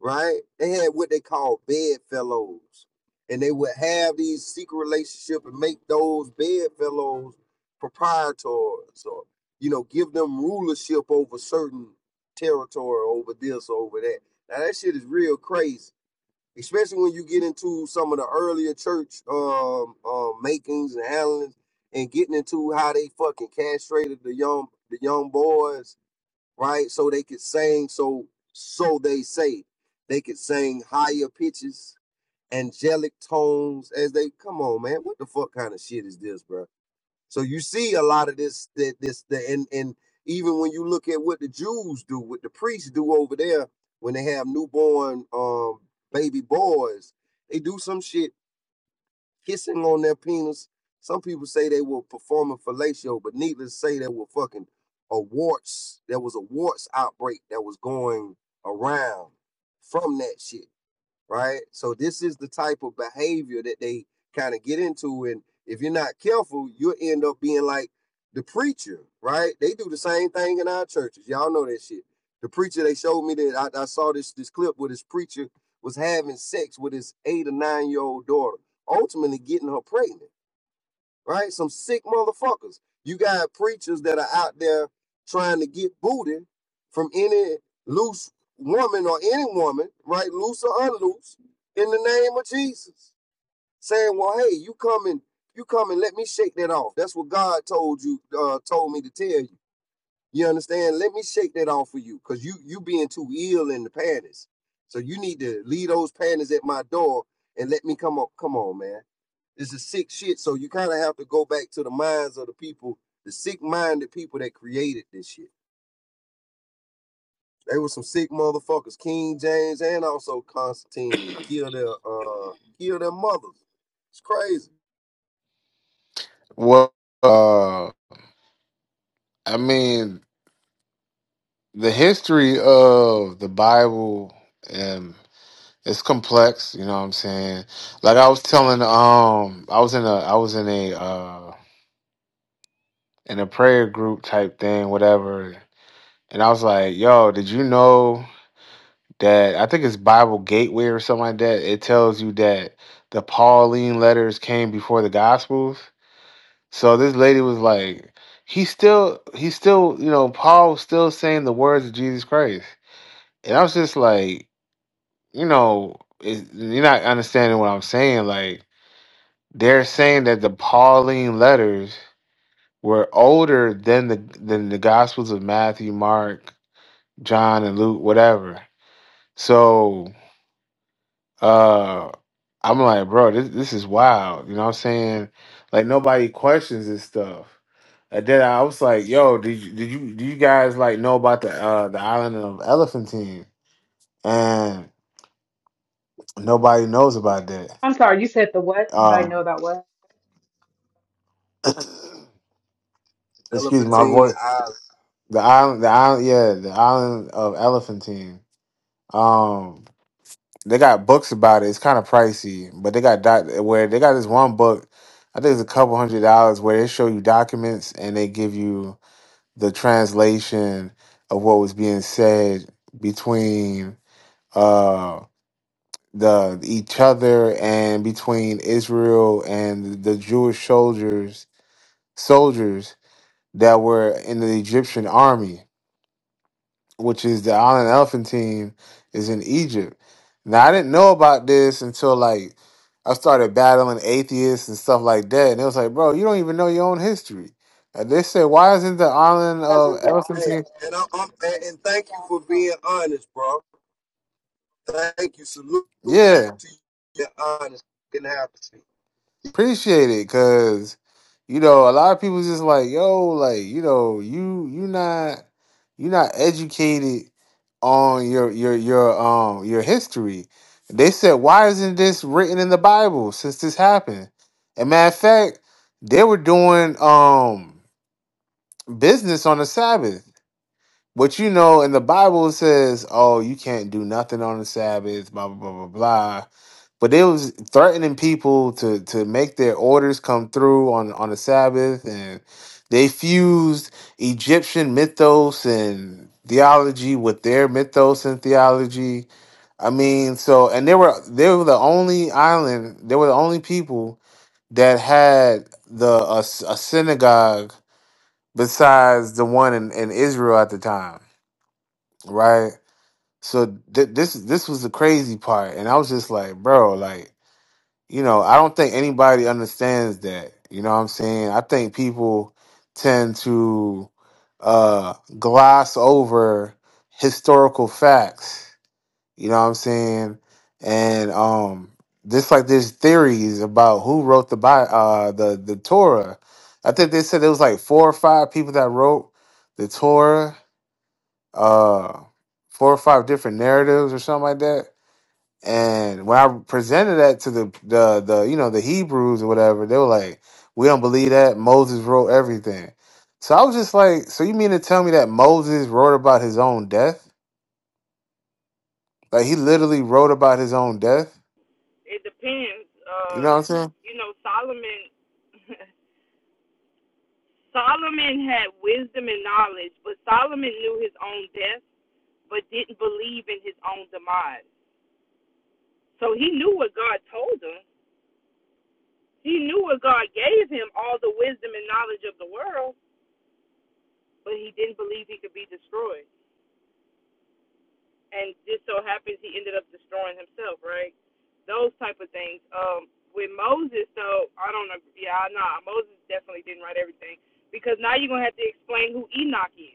right? They had what they called bedfellows, and they would have these secret relationship and make those bedfellows proprietors, or you know, give them rulership over certain territory, over this, over that. Now that shit is real crazy, especially when you get into some of the earlier church um, um makings and handlings, and getting into how they fucking castrated the young the young boys right? So they could sing, so so they say they could sing higher pitches, angelic tones as they come on, man. What the fuck kind of shit is this, bro? So you see a lot of this, that this, the and and even when you look at what the Jews do, what the priests do over there when they have newborn um baby boys, they do some shit kissing on their penis. Some people say they were performing fellatio, but needless to say, there were fucking a warts. There was a warts outbreak that was going around from that shit right? So this is the type of behavior that they kind of get into, and if you're not careful, you'll end up being like the preacher, right? They do the same thing in our churches. Y'all know that shit. The preacher they showed me that I, I saw this this clip where this preacher was having sex with his eight or nine year old daughter, ultimately getting her pregnant right? Some sick motherfuckers. You got preachers that are out there trying to get booty from any loose woman or any woman, right? Loose or unloose, in the name of Jesus. Saying, well, hey, you come and you come and let me shake that off. That's what God told you, uh, told me to tell you. You understand? Let me shake that off for you, cause you you being too ill in the panties. So you need to leave those panties at my door and let me come up. Come on, man. This is sick shit. So you kind of have to go back to the minds of the people, the sick-minded people that created this shit. They were some sick motherfuckers. King James and also Constantine killed their uh killed their mothers. It's crazy.
Well, uh, I mean, the history of the Bible um it's complex, you know what I'm saying? Like I was telling um I was in a I was in a uh. in a prayer group type thing, whatever. And I was like, yo, did you know that I think it's Bible Gateway or something like that? It tells you that the Pauline letters came before the Gospels. So this lady was like, he still, he still, you know, Paul's still saying the words of Jesus Christ. And I was just like, you know, it, you're not understanding what I'm saying. Like, they're saying that the Pauline letters were older than the than the Gospels of Matthew, Mark, John and Luke, whatever. So uh I'm like, bro, this this is wild. You know what I'm saying? Like nobody questions this stuff. And then I was like, yo, did you did you do you guys like know about the uh the island of Elephantine? And nobody knows about that.
I'm sorry, you said the what? Anybody know
Um
about what?
excuse my
Elephantine,
voice.
I
The island the island yeah, the island of Elephantine. Um. They got books about it. It's kind of pricey, but they got doc where they got this one book. I think it's a couple hundred dollars where they show you documents and they give you the translation of what was being said between uh the each other and between Israel and the Jewish soldiers soldiers that were in the Egyptian army which is the Island Elephant team, is in Egypt. Now I didn't know about this until like I started battling atheists and stuff like that, and it was like, bro, you don't even know your own history. And they said, why isn't the Island
That's
of Elephant team?
Hey, and I, I'm and, and thank you for being honest, bro. Thank you. Salute to
Yeah,
your honesty.
Appreciate it, cause you know a lot of people just like yo, like you know you you not you not educated on your your your um your history. They said, why isn't this written in the Bible since this happened? And matter of fact, they were doing um business on the Sabbath. But you know, in the Bible it says, "Oh, you can't do nothing on the Sabbath." Blah blah blah blah blah. But they was threatening people to to make their orders come through on on the Sabbath, and they fused Egyptian mythos and theology with their mythos and theology. I mean, so and they were they were the only island. They were the only people that had the a a synagogue besides the one in, in Israel at the time right? So th- this this was the crazy part, and I was just like, bro, like you know, I don't think anybody understands that. You know what I'm saying? I think people tend to uh, gloss over historical facts. You know what I'm saying? And um, just like there's theories about who wrote the Bi- uh, the the Torah. I think they said it was like four or five people that wrote the Torah uh four or five different narratives or something like that. And when I presented that to the the the you know the Hebrews or whatever, they were like, "We don't believe that Moses wrote everything." So I was just like, "So you mean to tell me that Moses wrote about his own death? Like he literally wrote about his own death?
It depends.
You
Uh,
know what I'm saying?"
you know, Solomon. Solomon had wisdom and knowledge, but Solomon knew his own death, but didn't believe in his own demise. So he knew what God told him, He knew what God gave him, all the wisdom and knowledge of the world, but he didn't believe he could be destroyed. And just so happens he ended up destroying himself, right? Those type of things. Um, with Moses, though, I don't know. Yeah, nah, Moses definitely didn't write everything because now you're gonna have to explain who Enoch is.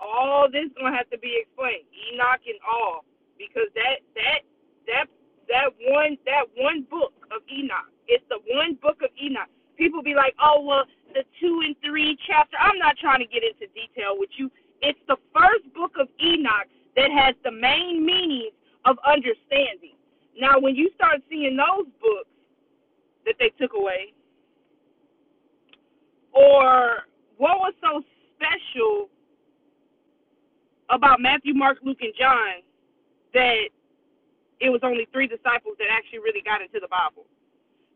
all this gonna have to be explained. Enoch and all, because that that that that one that one book of Enoch. It's the one book of Enoch. People be like, oh well, the two and three chapter. I'm not trying to get into detail with you. It's the first book of Enoch that has the main meanings of understanding. Now, when you start seeing those books that they took away, or what was so special about Matthew, Mark, Luke, and John that it was only three disciples that actually really got into the Bible.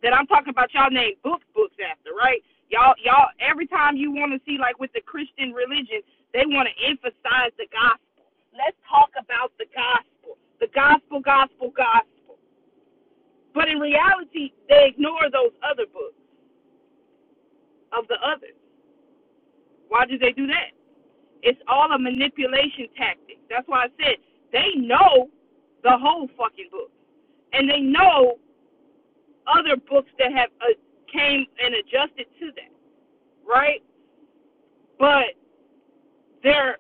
That I'm talking about y'all named books, books after, right? Y'all y'all every time you want to see like with the Christian religion, they want to emphasize the gospel. Let's talk about the gospel. The gospel, gospel, gospel. But in reality, they ignore those other books of the others. Why do they do that? It's all a manipulation tactic. That's why I said they know the whole fucking book and they know other books that have uh, came and adjusted to that, right? But they're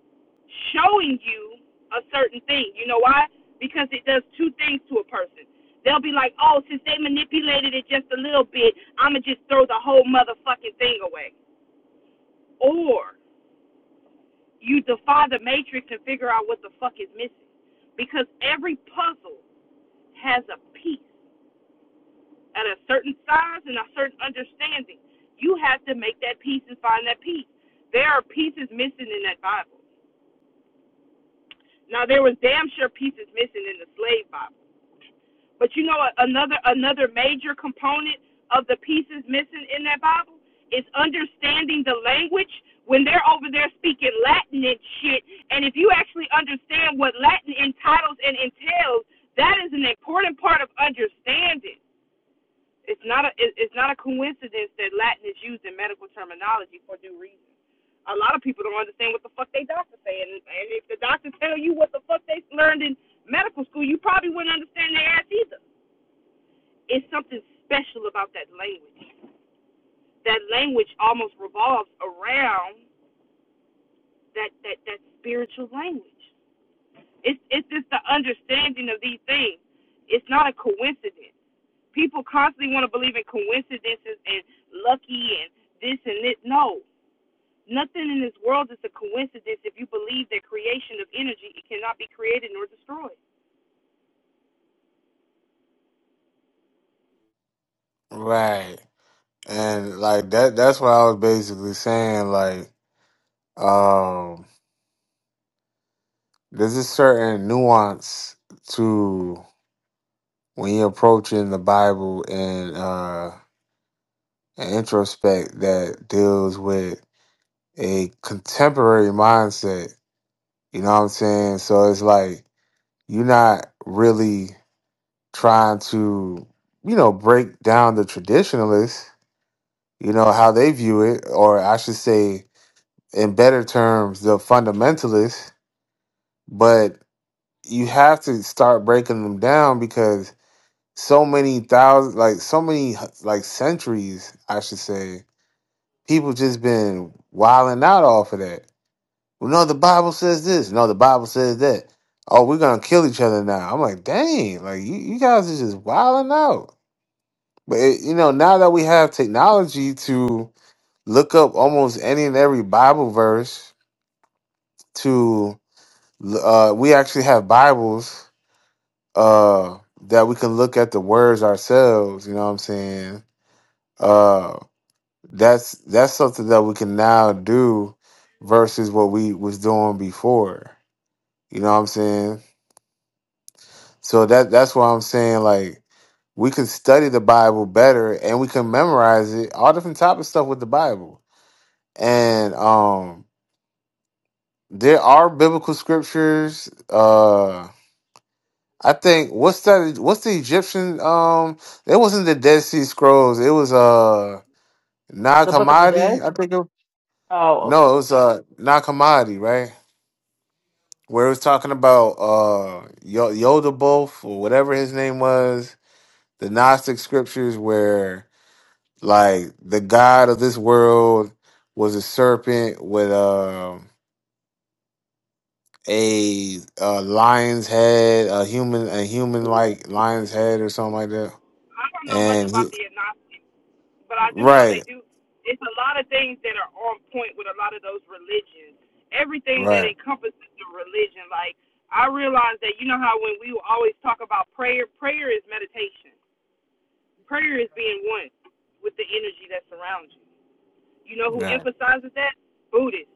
showing you a certain thing. You know why? Because it does two things to a person. They'll be like, oh, since they manipulated it just a little bit, I'ma just throw the whole motherfucking thing away. Or you defy the matrix and figure out what the fuck is missing. Because every puzzle has a piece at a certain size and a certain understanding. You have to make that peace and find that peace. There are pieces missing in that Bible. Now there was damn sure pieces missing in the slave Bible. But you know another another major component of the pieces missing in that Bible is understanding the language when they're over there speaking Latin and shit. And if you actually understand what Latin entitles and entails, that is an important part of understanding. It's not a it- it's not a coincidence that Latin is used in medical terminology for due reason. A lot of people don't understand what the fuck they doctors say, and, and if the doctors tell you what the fuck they learned in medical school, you probably wouldn't understand their ass either. It's something special about that language. That language almost revolves around that that that spiritual language. It's it's just the understanding of these things. It's not a coincidence. People constantly want to believe in coincidences and lucky and this and this. No, nothing in this world is a coincidence. If you believe that creation of energy, it cannot be created nor destroyed.
Right. And like that that's what I was basically saying like um there's a certain nuance to when you're approaching the Bible and uh, an introspect that deals with a contemporary mindset. You know what I'm saying? So it's like you're not really trying to, you know, break down the traditionalists, you know, how they view it, or I should say, in better terms, the fundamentalists, but you have to start breaking them down because so many thousands, like so many, like centuries, I should say, People just been wilding out off of that. Well, no, the Bible says this. No, the Bible says that. Oh, we're gonna kill each other now. I'm like, dang, like you, you guys are just wilding out. But it, you know, now that we have technology to look up almost any and every Bible verse, to uh, we actually have Bibles uh, that we can look at the words ourselves. You know what I'm saying? Uh, That's that's something that we can now do versus what we was doing before. You know what I'm saying? So that that's why I'm saying like we can study the Bible better and we can memorize it, all different type of stuff with the Bible. And um there are biblical scriptures. Uh I think what's that what's the Egyptian um it wasn't the Dead Sea Scrolls, it was uh Nag
The Book of the
Hammadi,
Dead?
I think it,
Oh, okay.
no, it was uh Nag Hammadi, right? where it was talking about uh Yo- Yodaboth or whatever his name was, the Gnostic scriptures where like the god of this world was a serpent with uh, a a lion's head, a human a human like lion's head or something like that.
I don't know much
And he,
about the agnostics, but I do know they
right,
do. It's a lot of things that are on point with a lot of those religions. Everything that
right,
encompasses the religion, like I realized that you know how when we always talk about prayer, prayer is meditation. Prayer is being one with the energy that surrounds you. You know who
right.
emphasizes that? Buddhists.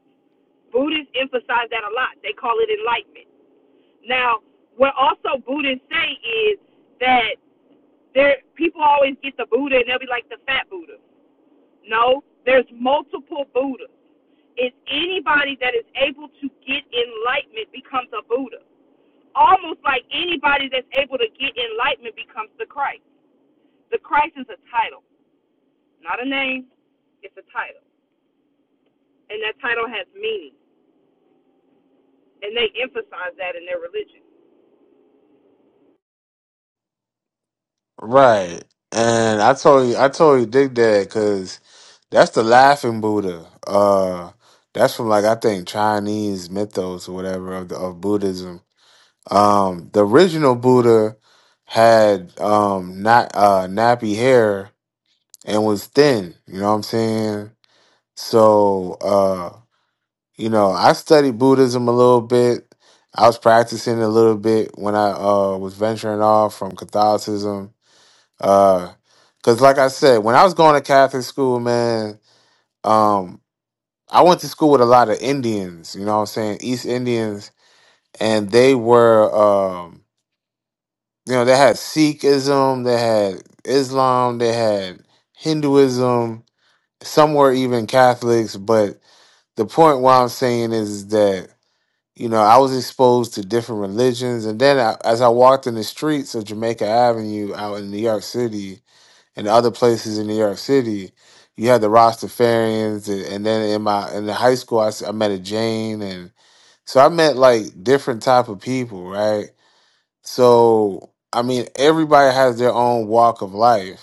Buddhists emphasize that a lot. They call it enlightenment. Now, what also Buddhists say is that there people always get the Buddha and they'll be like the fat Buddha. No, there's multiple Buddhas. It's anybody that is able to get enlightenment becomes a Buddha. Almost like anybody that's able to get enlightenment becomes the Christ. The Christ is a title, not a name. It's a title. And that title has meaning. And they emphasize that in their religion.
Right. And I totally I totally dig that because that's the laughing Buddha. Uh that's from like I think Chinese mythos or whatever of the, of Buddhism. Um the original Buddha had um not uh nappy hair and was thin, you know what I'm saying? So uh you know, I studied Buddhism a little bit. I was practicing a little bit when I uh was venturing off from Catholicism uh, cause like I said, when I was going to Catholic school, man, um, I went to school with a lot of Indians. You know what I'm saying? East Indians, and they were, um, you know, they had Sikhism, they had Islam, they had Hinduism. Some were even Catholics. But the point what I'm saying is that you know I was exposed to different religions, and then I, as I walked in the streets of Jamaica Avenue out in New York City and other places in New York City, you had the Rastafarians, and, and then in my in the high school, I, s- I met a Jane, and so I met like different type of people, right? So I mean, everybody has their own walk of life,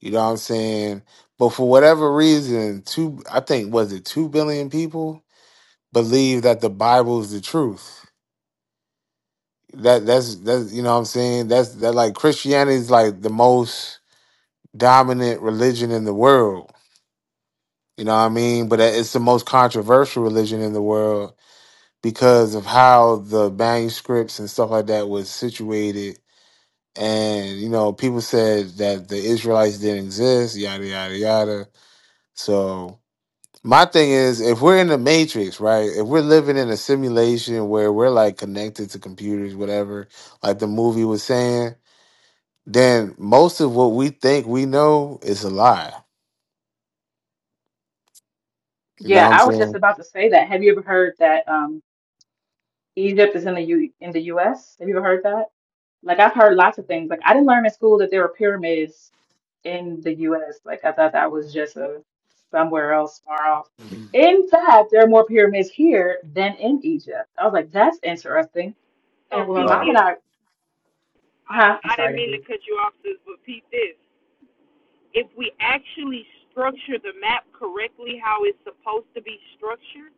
you know what I'm saying? But for whatever reason, two I think was it two billion people believe that the Bible is the truth. That that's that's you know what I'm saying? That's that like Christianity is like the most dominant religion in the world You know what I mean? But it's the most controversial religion in the world because of how the manuscripts and stuff like that was situated. And, you know, people said that the Israelites didn't exist, yada, yada, yada. So my thing is, if we're in the matrix, right? If we're living in a simulation where we're like connected to computers, whatever, like the movie was saying, then most of what we think we know is a lie. You know
Yeah,
what I'm
I was just
saying?
about to say that. Have you ever heard that? um, Egypt is in the U in the US. Have you ever heard that? Like I've heard lots of things. Like I didn't learn in school that there were pyramids in the US. Like I thought that was just a somewhere else far off. In fact, there are more pyramids here than in Egypt. I was like, that's interesting.
So
And when
peep
my
right?
mom
this.
and I,
I,
huh?
I
I'm sorry
didn't
to
mean
hear
to
you.
cut you off, sis, but peep this. If we actually structure the map correctly, how it's supposed to be structured,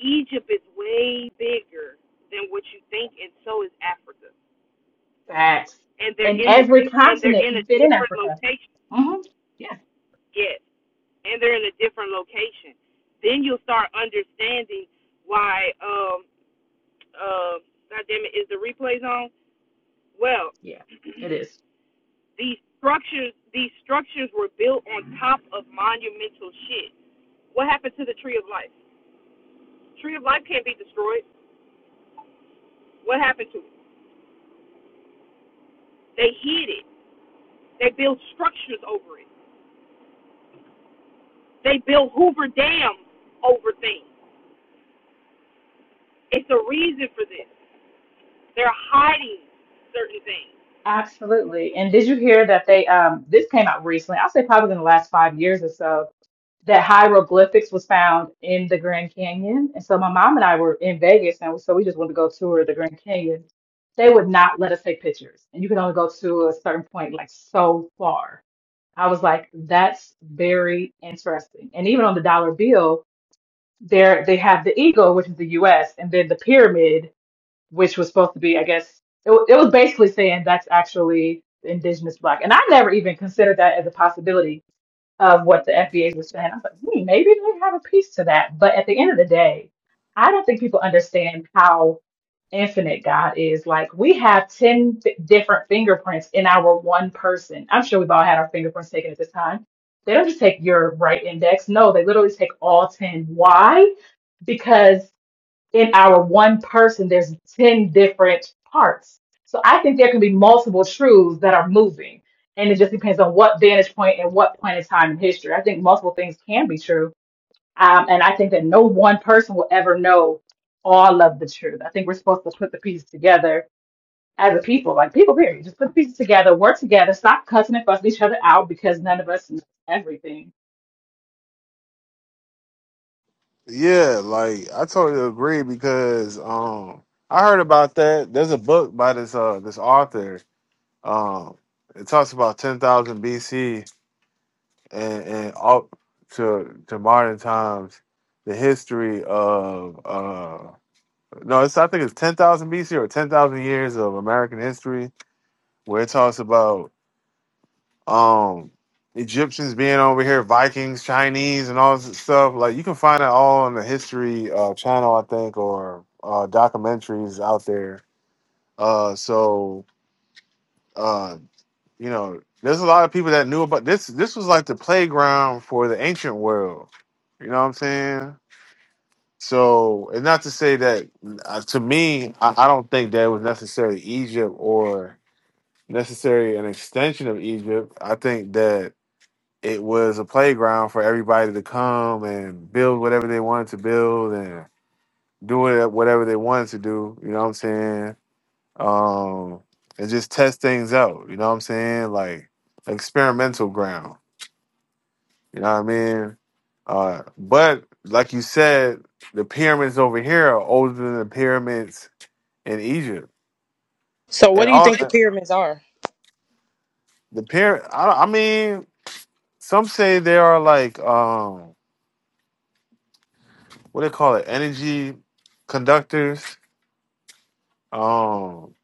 Egypt is way bigger than what you think, and so is Africa.
Facts.
And they're
And
in a
every
di- and they're
continent
in a
can fit in
different
Africa.
location.
hmm Yeah,
Yes, and they're in a different location. Then you'll start understanding why. Um, uh, God damn it, is the replays on? Well,
yeah, it is.
These structures, these structures were built on top of monumental shit. What happened to the tree of life? Tree of life can't be destroyed. What happened to it? They hid it. They built structures over it. They built Hoover dams over things. It's a reason for this. They're hiding certain things.
Absolutely. And did you hear that they um this came out recently? I'll say probably in the last five years or so that hieroglyphics was found in the Grand Canyon. And so my mom and I were in Vegas, and so we just wanted to go tour the Grand Canyon. They would not let us take pictures, and you could only go to a certain point, like so far. I was like, that's very interesting. And even on the dollar bill, there they have the eagle, which is the U.S., and then the pyramid, which was supposed to be, I guess, it, wa- it was basically saying that's actually indigenous black. And I never even considered that as a possibility of what the FDA was saying. I was like, hmm, maybe they have a piece to that. But at the end of the day, I don't think people understand how infinite God is. Like, we have 10 fi different fingerprints in our one person. I'm sure we've all had our fingerprints taken at this time. They don't just take your right index. No, they literally take all 10. Why? Because in our one person, there's 10 different parts. So I think there can be multiple truths that are moving. And it just depends on what vantage point and what point in time in history. I think multiple things can be true. Um, and I think that no one person will ever know all of the truth. I think we're supposed to put the pieces together as a people, like people, period. Just put the pieces together, work together, stop cussing and fussing each other out because none of us knows everything.
Yeah, like I totally agree because um I heard about that. There's a book by this uh this author. Um it talks about ten thousand BC and, and up to to modern times, the history of uh no, it's I think it's ten thousand BC or ten thousand years of American history where it talks about um Egyptians being over here, Vikings, Chinese, and all this stuff. Like you can find it all on the History uh, Channel, I think, or uh, documentaries out there. Uh, so uh, you know, there's a lot of people that knew about this. This was like the playground for the ancient world. You know what I'm saying? So, and not to say that uh, to me, I, I don't think that was necessarily Egypt or necessarily an extension of Egypt. I think that it was a playground for everybody to come and build whatever they wanted to build and do it whatever they wanted to do. You know what I'm saying? Um, and just test things out. You know what I'm saying? Like experimental ground. You know what I mean? Uh, but like you said, the pyramids over here are older than the pyramids in Egypt,
So, what
and
do you
all
think the pyramids are?
the pyramid. I, I mean, some say they are like um, what they call it? Energy conductors Um,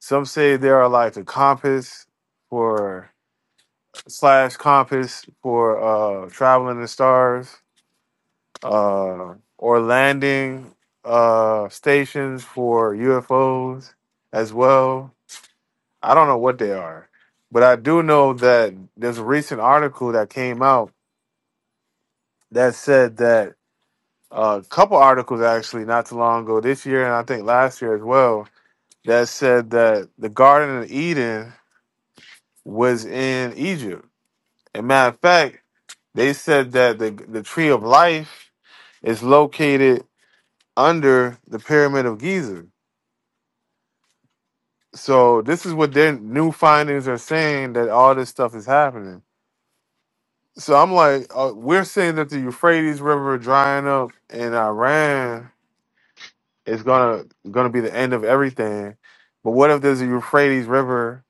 some say they are like a compass for slash compass for uh traveling the stars, uh, or landing uh stations for UFOs as well. I don't know what they are, but I do know that there's a recent article that came out that said that uh, a couple articles actually not too long ago this year and I think last year as well that said that the Garden of Eden was in Egypt. And matter of fact, they said that the the tree of life is located under the pyramid of Giza. So this is what their new findings are saying that all this stuff is happening. So I'm like, uh, we're saying that the Euphrates River drying up in Iran is gonna gonna be the end of everything. But what if there's a Euphrates River,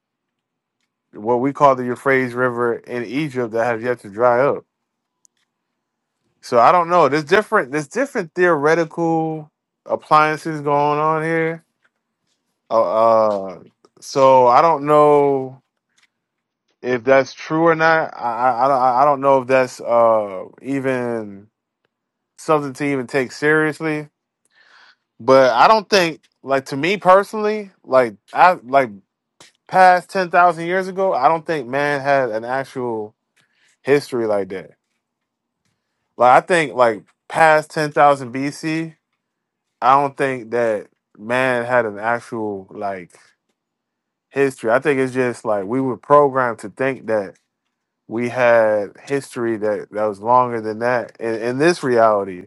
what we call the Euphrates River in Egypt, that has yet to dry up? So I don't know. There's different. There's different theoretical appliances going on here. Uh, uh, so I don't know if that's true or not. I I, I don't I don't know if that's uh even something to even take seriously. But I don't think like to me personally, like I like past ten thousand years ago, I don't think man had an actual history like that. Like I think like past ten thousand BC. I don't think that man had an actual like history. I think it's just like we were programmed to think that we had history that that was longer than that in, in this reality,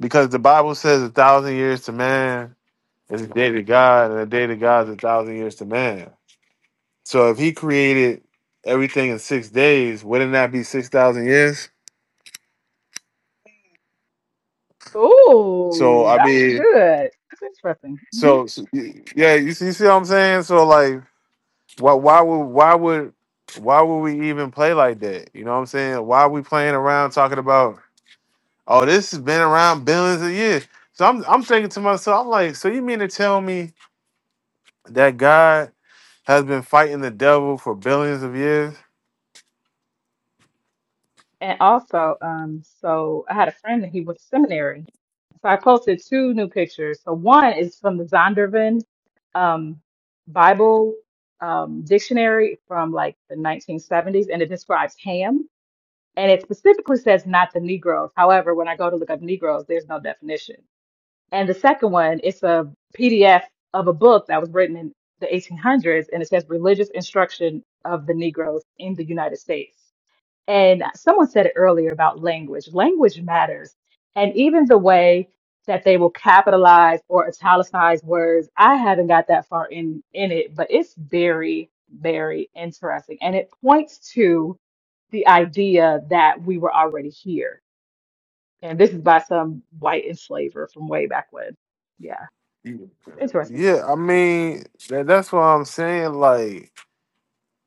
because the Bible says a thousand years to man is a day to God, and a day to God is a thousand years to man. So if He created everything in six days, wouldn't that be six thousand years? So
Ooh,
I
that was
mean,
good. That's interesting. Mm-hmm.
so, so yeah, you see, you see what I'm saying? So like. Why why would why would why would we even play like that? You know what I'm saying? Why are we playing around talking about oh this has been around billions of years? So I'm I'm thinking to myself, I'm like, so you mean to tell me that God has been fighting the devil for billions of years?
And also, um, so I had a friend that he was seminary. So I posted two new pictures. So one is from the Zondervan um, Bible um, dictionary from like the 1970s, and it describes ham. And it specifically says not the Negroes. However, when I go to look up Negroes, there's no definition. And the second one, it's a PDF of a book that was written in the 1800s, and it says Religious Instruction of the Negroes in the United States. And someone said it earlier about language. Language matters. And even the way that they will capitalize or italicize words, I haven't got that far in in it, but it's very, very interesting. And it points to the idea that we were already here. And this is by some white enslaver from way back when. Yeah, it's interesting.
Yeah, I mean that, that's what I'm saying. Like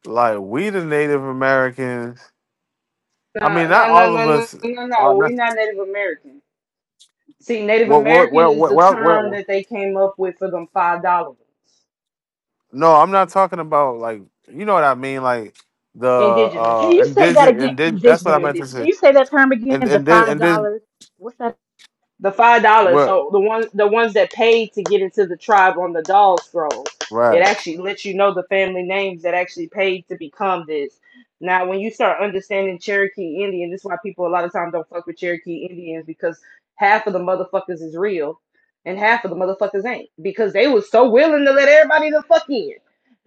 like we the Native Americans. I
No,
mean, not
no, no,
all
no,
of
no,
us.
no,
Are
no. We're
not,
not Native American. See, Native
what, what,
American
what,
is
what,
the
what,
term
what?
that they came up with for them five dollars.
No, I'm not talking about like you know what I mean, like the
Indigenous.
Can
uh
you say that
indigenous
again,
indig- that's what
indigenous
I meant to
Indians? Can
say.
you say that term
And
again? The
and then
five
and then
dollars. What's that?
The five dollars.
what
So the ones the ones that paid to get into the tribe on the doll scroll. It
right.
actually lets you know the family names that actually paid to become this. Now when you start understanding Cherokee Indian, this is why people a lot of times don't fuck with Cherokee Indians because half of the motherfuckers is real and half of the motherfuckers ain't. Because they was so willing to let everybody the fuck in.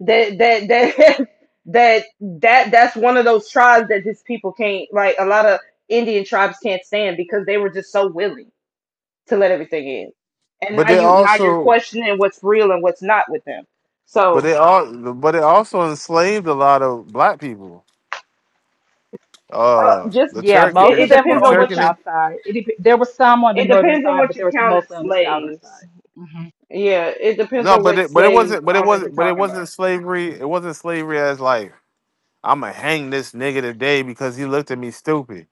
That that that that that that's one of those tribes that just people can't like a lot of Indian tribes can't stand because they were just so willing to let everything in. And
But
now
they
you now you're
also
questioning what's real and what's not with them.
but
So
they all but they also enslaved a lot of black people.
uh,
Uh
just
the
Yeah,
Cherokee
it,
most
they,
it
of them were
the
depends on
on the
what
Cherokee
you
south
they-
side. It, dep- there were some on the
it
northern
depends on
side,
what
but
you
there was
count as
mostly on the southern
slaves.
side. Mm-hmm.
Yeah, it depends
no,
on
but
what
it but it
slave
wasn't but it
owners you're
wasn't but it
talking
wasn't
about.
slavery. It wasn't slavery as like I'm gonna hang this nigga today because he looked at me stupid.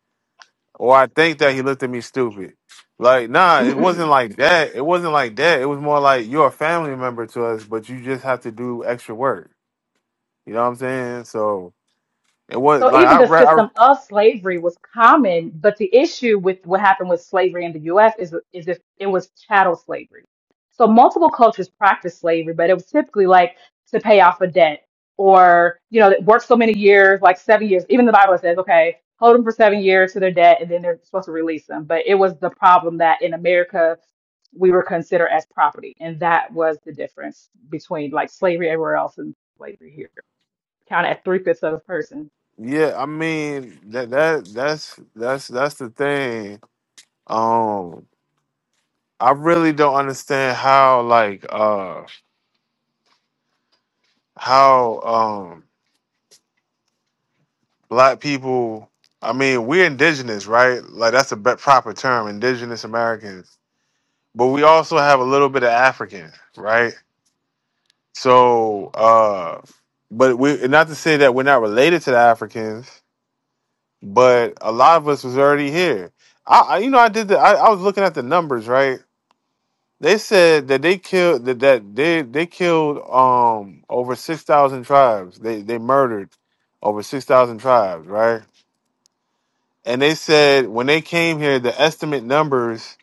or I think that he looked at me stupid. Like, nah, it wasn't like that. It wasn't like that. It was more like you're a family member to us, but you just have to do extra work. You know what I'm saying? So it was
So
like
even
I
the
read. I,
system of slavery was common, but the issue with what happened with slavery in the U.S. is is if it was chattel slavery. So multiple cultures practiced slavery, but it was typically like to pay off a debt or you know work so many years, like seven years. Even the Bible says, okay, hold them for seven years to their debt, and then they're supposed to release them. But it was the problem that in America we were considered as property, and that was the difference between like slavery everywhere else and slavery here. Count at three fifths of a person.
yeah, I mean that that that's that's that's the thing. Um, I really don't understand how like uh how um black people. I mean, we're indigenous, right? Like that's a be- proper term, indigenous Americans but we also have a little bit of African, right? So, uh, but we not to say that we're not related to the Africans, but a lot of us was already here. I, I you know, I did the, I, I was looking at the numbers, right? They said that they killed that, that they they killed um over six thousand tribes. They they murdered over six thousand tribes, right? And they said when they came here, the estimate numbers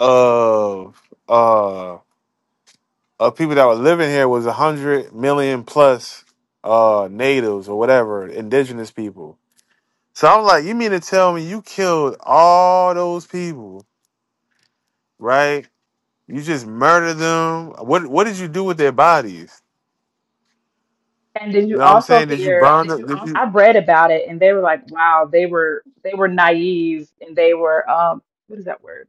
of uh, of people that were living here was a hundred million plus uh natives or whatever, indigenous people. So I'm like, you mean to tell me you killed all those people, right? You just murdered them. What what did you do with their bodies?
And did
You
you
know what I'm
also
saying? Did you
hear?
burn them? Did
I
you,
read about it, and they were like, "Wow, they were they were naive, and they were um, what is that word?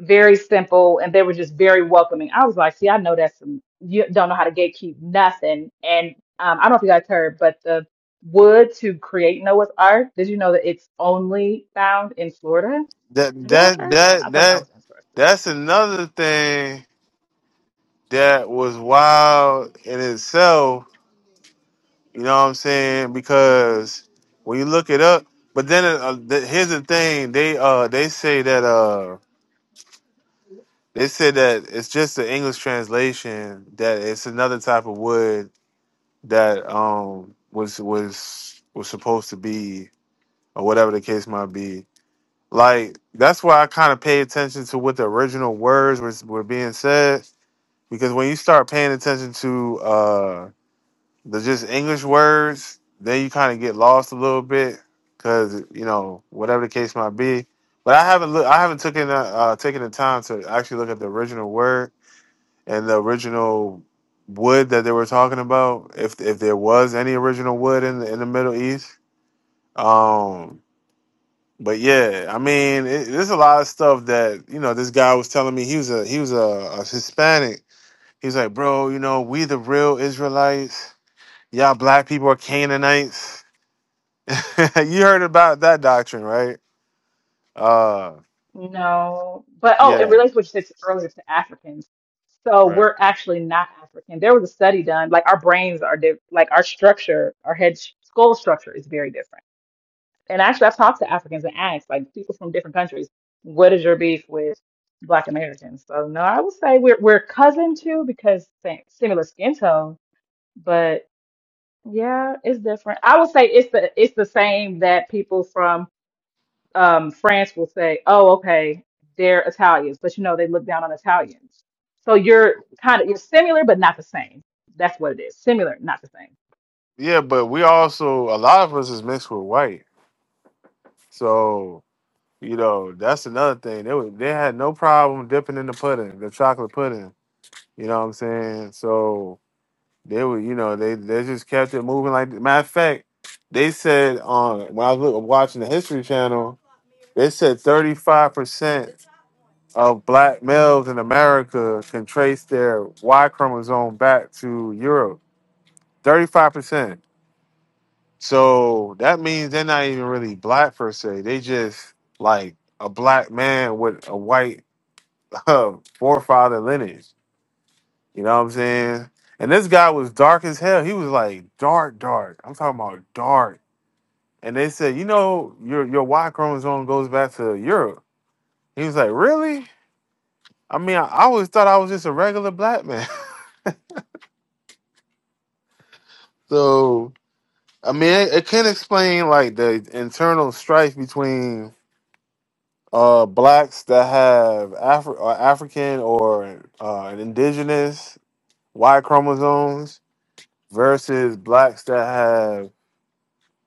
Very simple, and they were just very welcoming." I was like, "See, I know that's some you don't know how to gatekeep nothing." And um, I don't know if you guys heard, but the wood to create Noah's Ark. Did you know that it's only found in Florida?
that
Have y'all ever
that
heard that? I
that
thought that
that
was interesting.
that's another thing that was wild in itself You know what I'm saying? Because when you look it up, but then uh, the, here's the thing: they uh they say that uh they said that it's just the English translation that it's another type of wood that um was was was supposed to be or whatever the case might be. Like that's why I kind of pay attention to what the original words was were being said because when you start paying attention to uh the just English words, then you kind of get lost a little bit because you know whatever the case might be. But I haven't look, I haven't taken the, uh, taken the time to actually look at the original word and the original wood that they were talking about, if if there was any original wood in the in the Middle East. Um, but yeah, I mean, it, there's a lot of stuff that you know. This guy was telling me he was a he was a, a Hispanic. He's like, bro, you know, we the real Israelites y'all black people are Canaanites. you heard about that doctrine, right? Uh,
No, but oh, in
yeah,
relation to what you said earlier to Africans, so
right.
we're actually not African. There was a study done, like our brains are diff like our structure, our head sh- skull structure is very different. And actually, I've talked to Africans and asked, like people from different countries, what is your beef with Black Americans? So no, I would say we're we're cousin too because same, similar skin tone, but yeah, it's different. I would say it's the it's the same that people from um, France will say, "Oh, okay, they're Italians," but you know they look down on Italians. So you're kind of you're similar but not the same. That's what it is. Similar, not the same.
Yeah, but we also a lot of us is mixed with white, so you know that's another thing. They was, they had no problem dipping in the pudding, the chocolate pudding. You know what I'm saying? So they were, you know, they they just kept it moving. Like matter of fact, they said on when I was look- watching the History Channel, they said 35 percent of black males in America can trace their Y chromosome back to Europe Thirty-five percent. So that means they're not even really black per se. They just like a black man with a white uh, forefather lineage. You know what I'm saying? And this guy was dark as hell. He was like dark, dark. I'm talking about dark. And they said, you know, your your Y chromosome goes back to Europe. He was like, really? I mean, I, I always thought I was just a regular black man. so I mean, it, it can explain like the internal strife between uh blacks that have Afri- or African or uh, an indigenous Y chromosomes versus blacks that have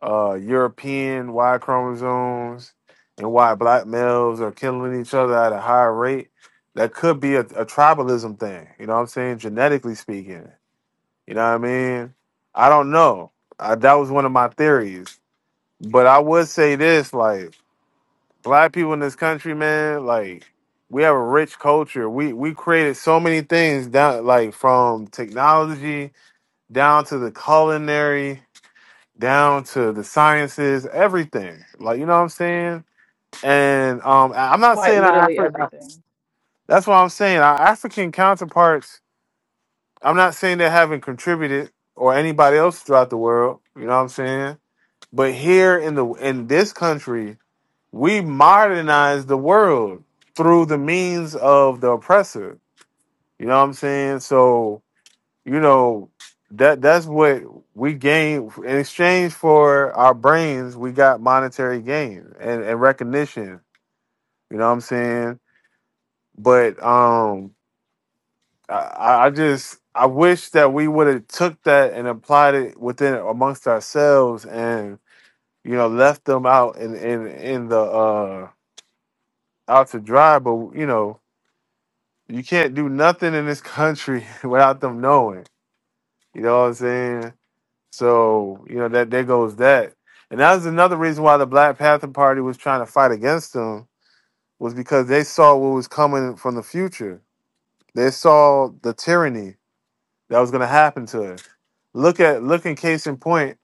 uh, European Y chromosomes and why black males are killing each other at a higher rate. That could be a, a tribalism thing, you know what I'm saying? Genetically speaking, you know what I mean? I don't know. I, that was one of my theories. But I would say this like, black people in this country, man, like we have a rich culture. We we created so many things down like from technology down to the culinary, down to the sciences, everything. Like you know what I'm saying? And um I- I'm not
Quite
saying our
literally
Afri-
everything.
that's what I'm saying. Our African counterparts, I'm not saying they haven't contributed or anybody else throughout the world, you know what I'm saying? But here in the in this country, we modernize the world through the means of the oppressor. You know what I'm saying? So, you know, that that's what we gain in exchange for our brains, we got monetary gain and, and recognition. You know what I'm saying? But um I, I just I wish that we would have took that and applied it within amongst ourselves and you know left them out in in, in the uh out to dry but you know you can't do nothing in this country without them knowing. You know what I'm saying? So, you know, that there goes that. And that was another reason why the Black Panther Party was trying to fight against them was because they saw what was coming from the future. They saw the tyranny that was gonna happen to us. Look at look in case in point,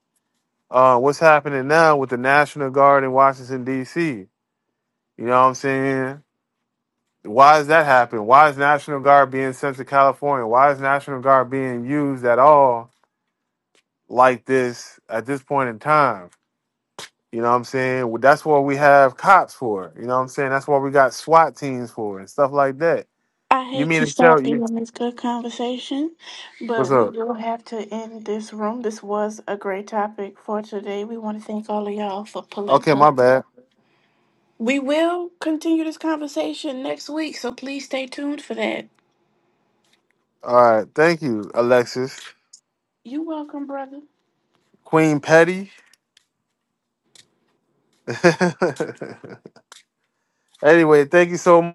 uh, what's happening now with the National Guard in Washington DC. You know what I'm saying? Why is that happening? Why is National Guard being sent to California? Why is National Guard being used at all like this at this point in time? You know what I'm saying? Well, that's what we have cops for. You know what I'm saying? That's what we got SWAT teams for and stuff like that.
I
You
hate to
mean to tell
stop you
you
on this good conversation, but
what's
we
up?
will have to end this room. This was a great topic for today. We want to thank all of y'all for pulling
Okay, my
up.
bad.
We will continue this conversation next week, so please stay tuned for that.
All right, thank you, Alexis.
You're welcome, brother.
Queen Petty. anyway, thank you so much.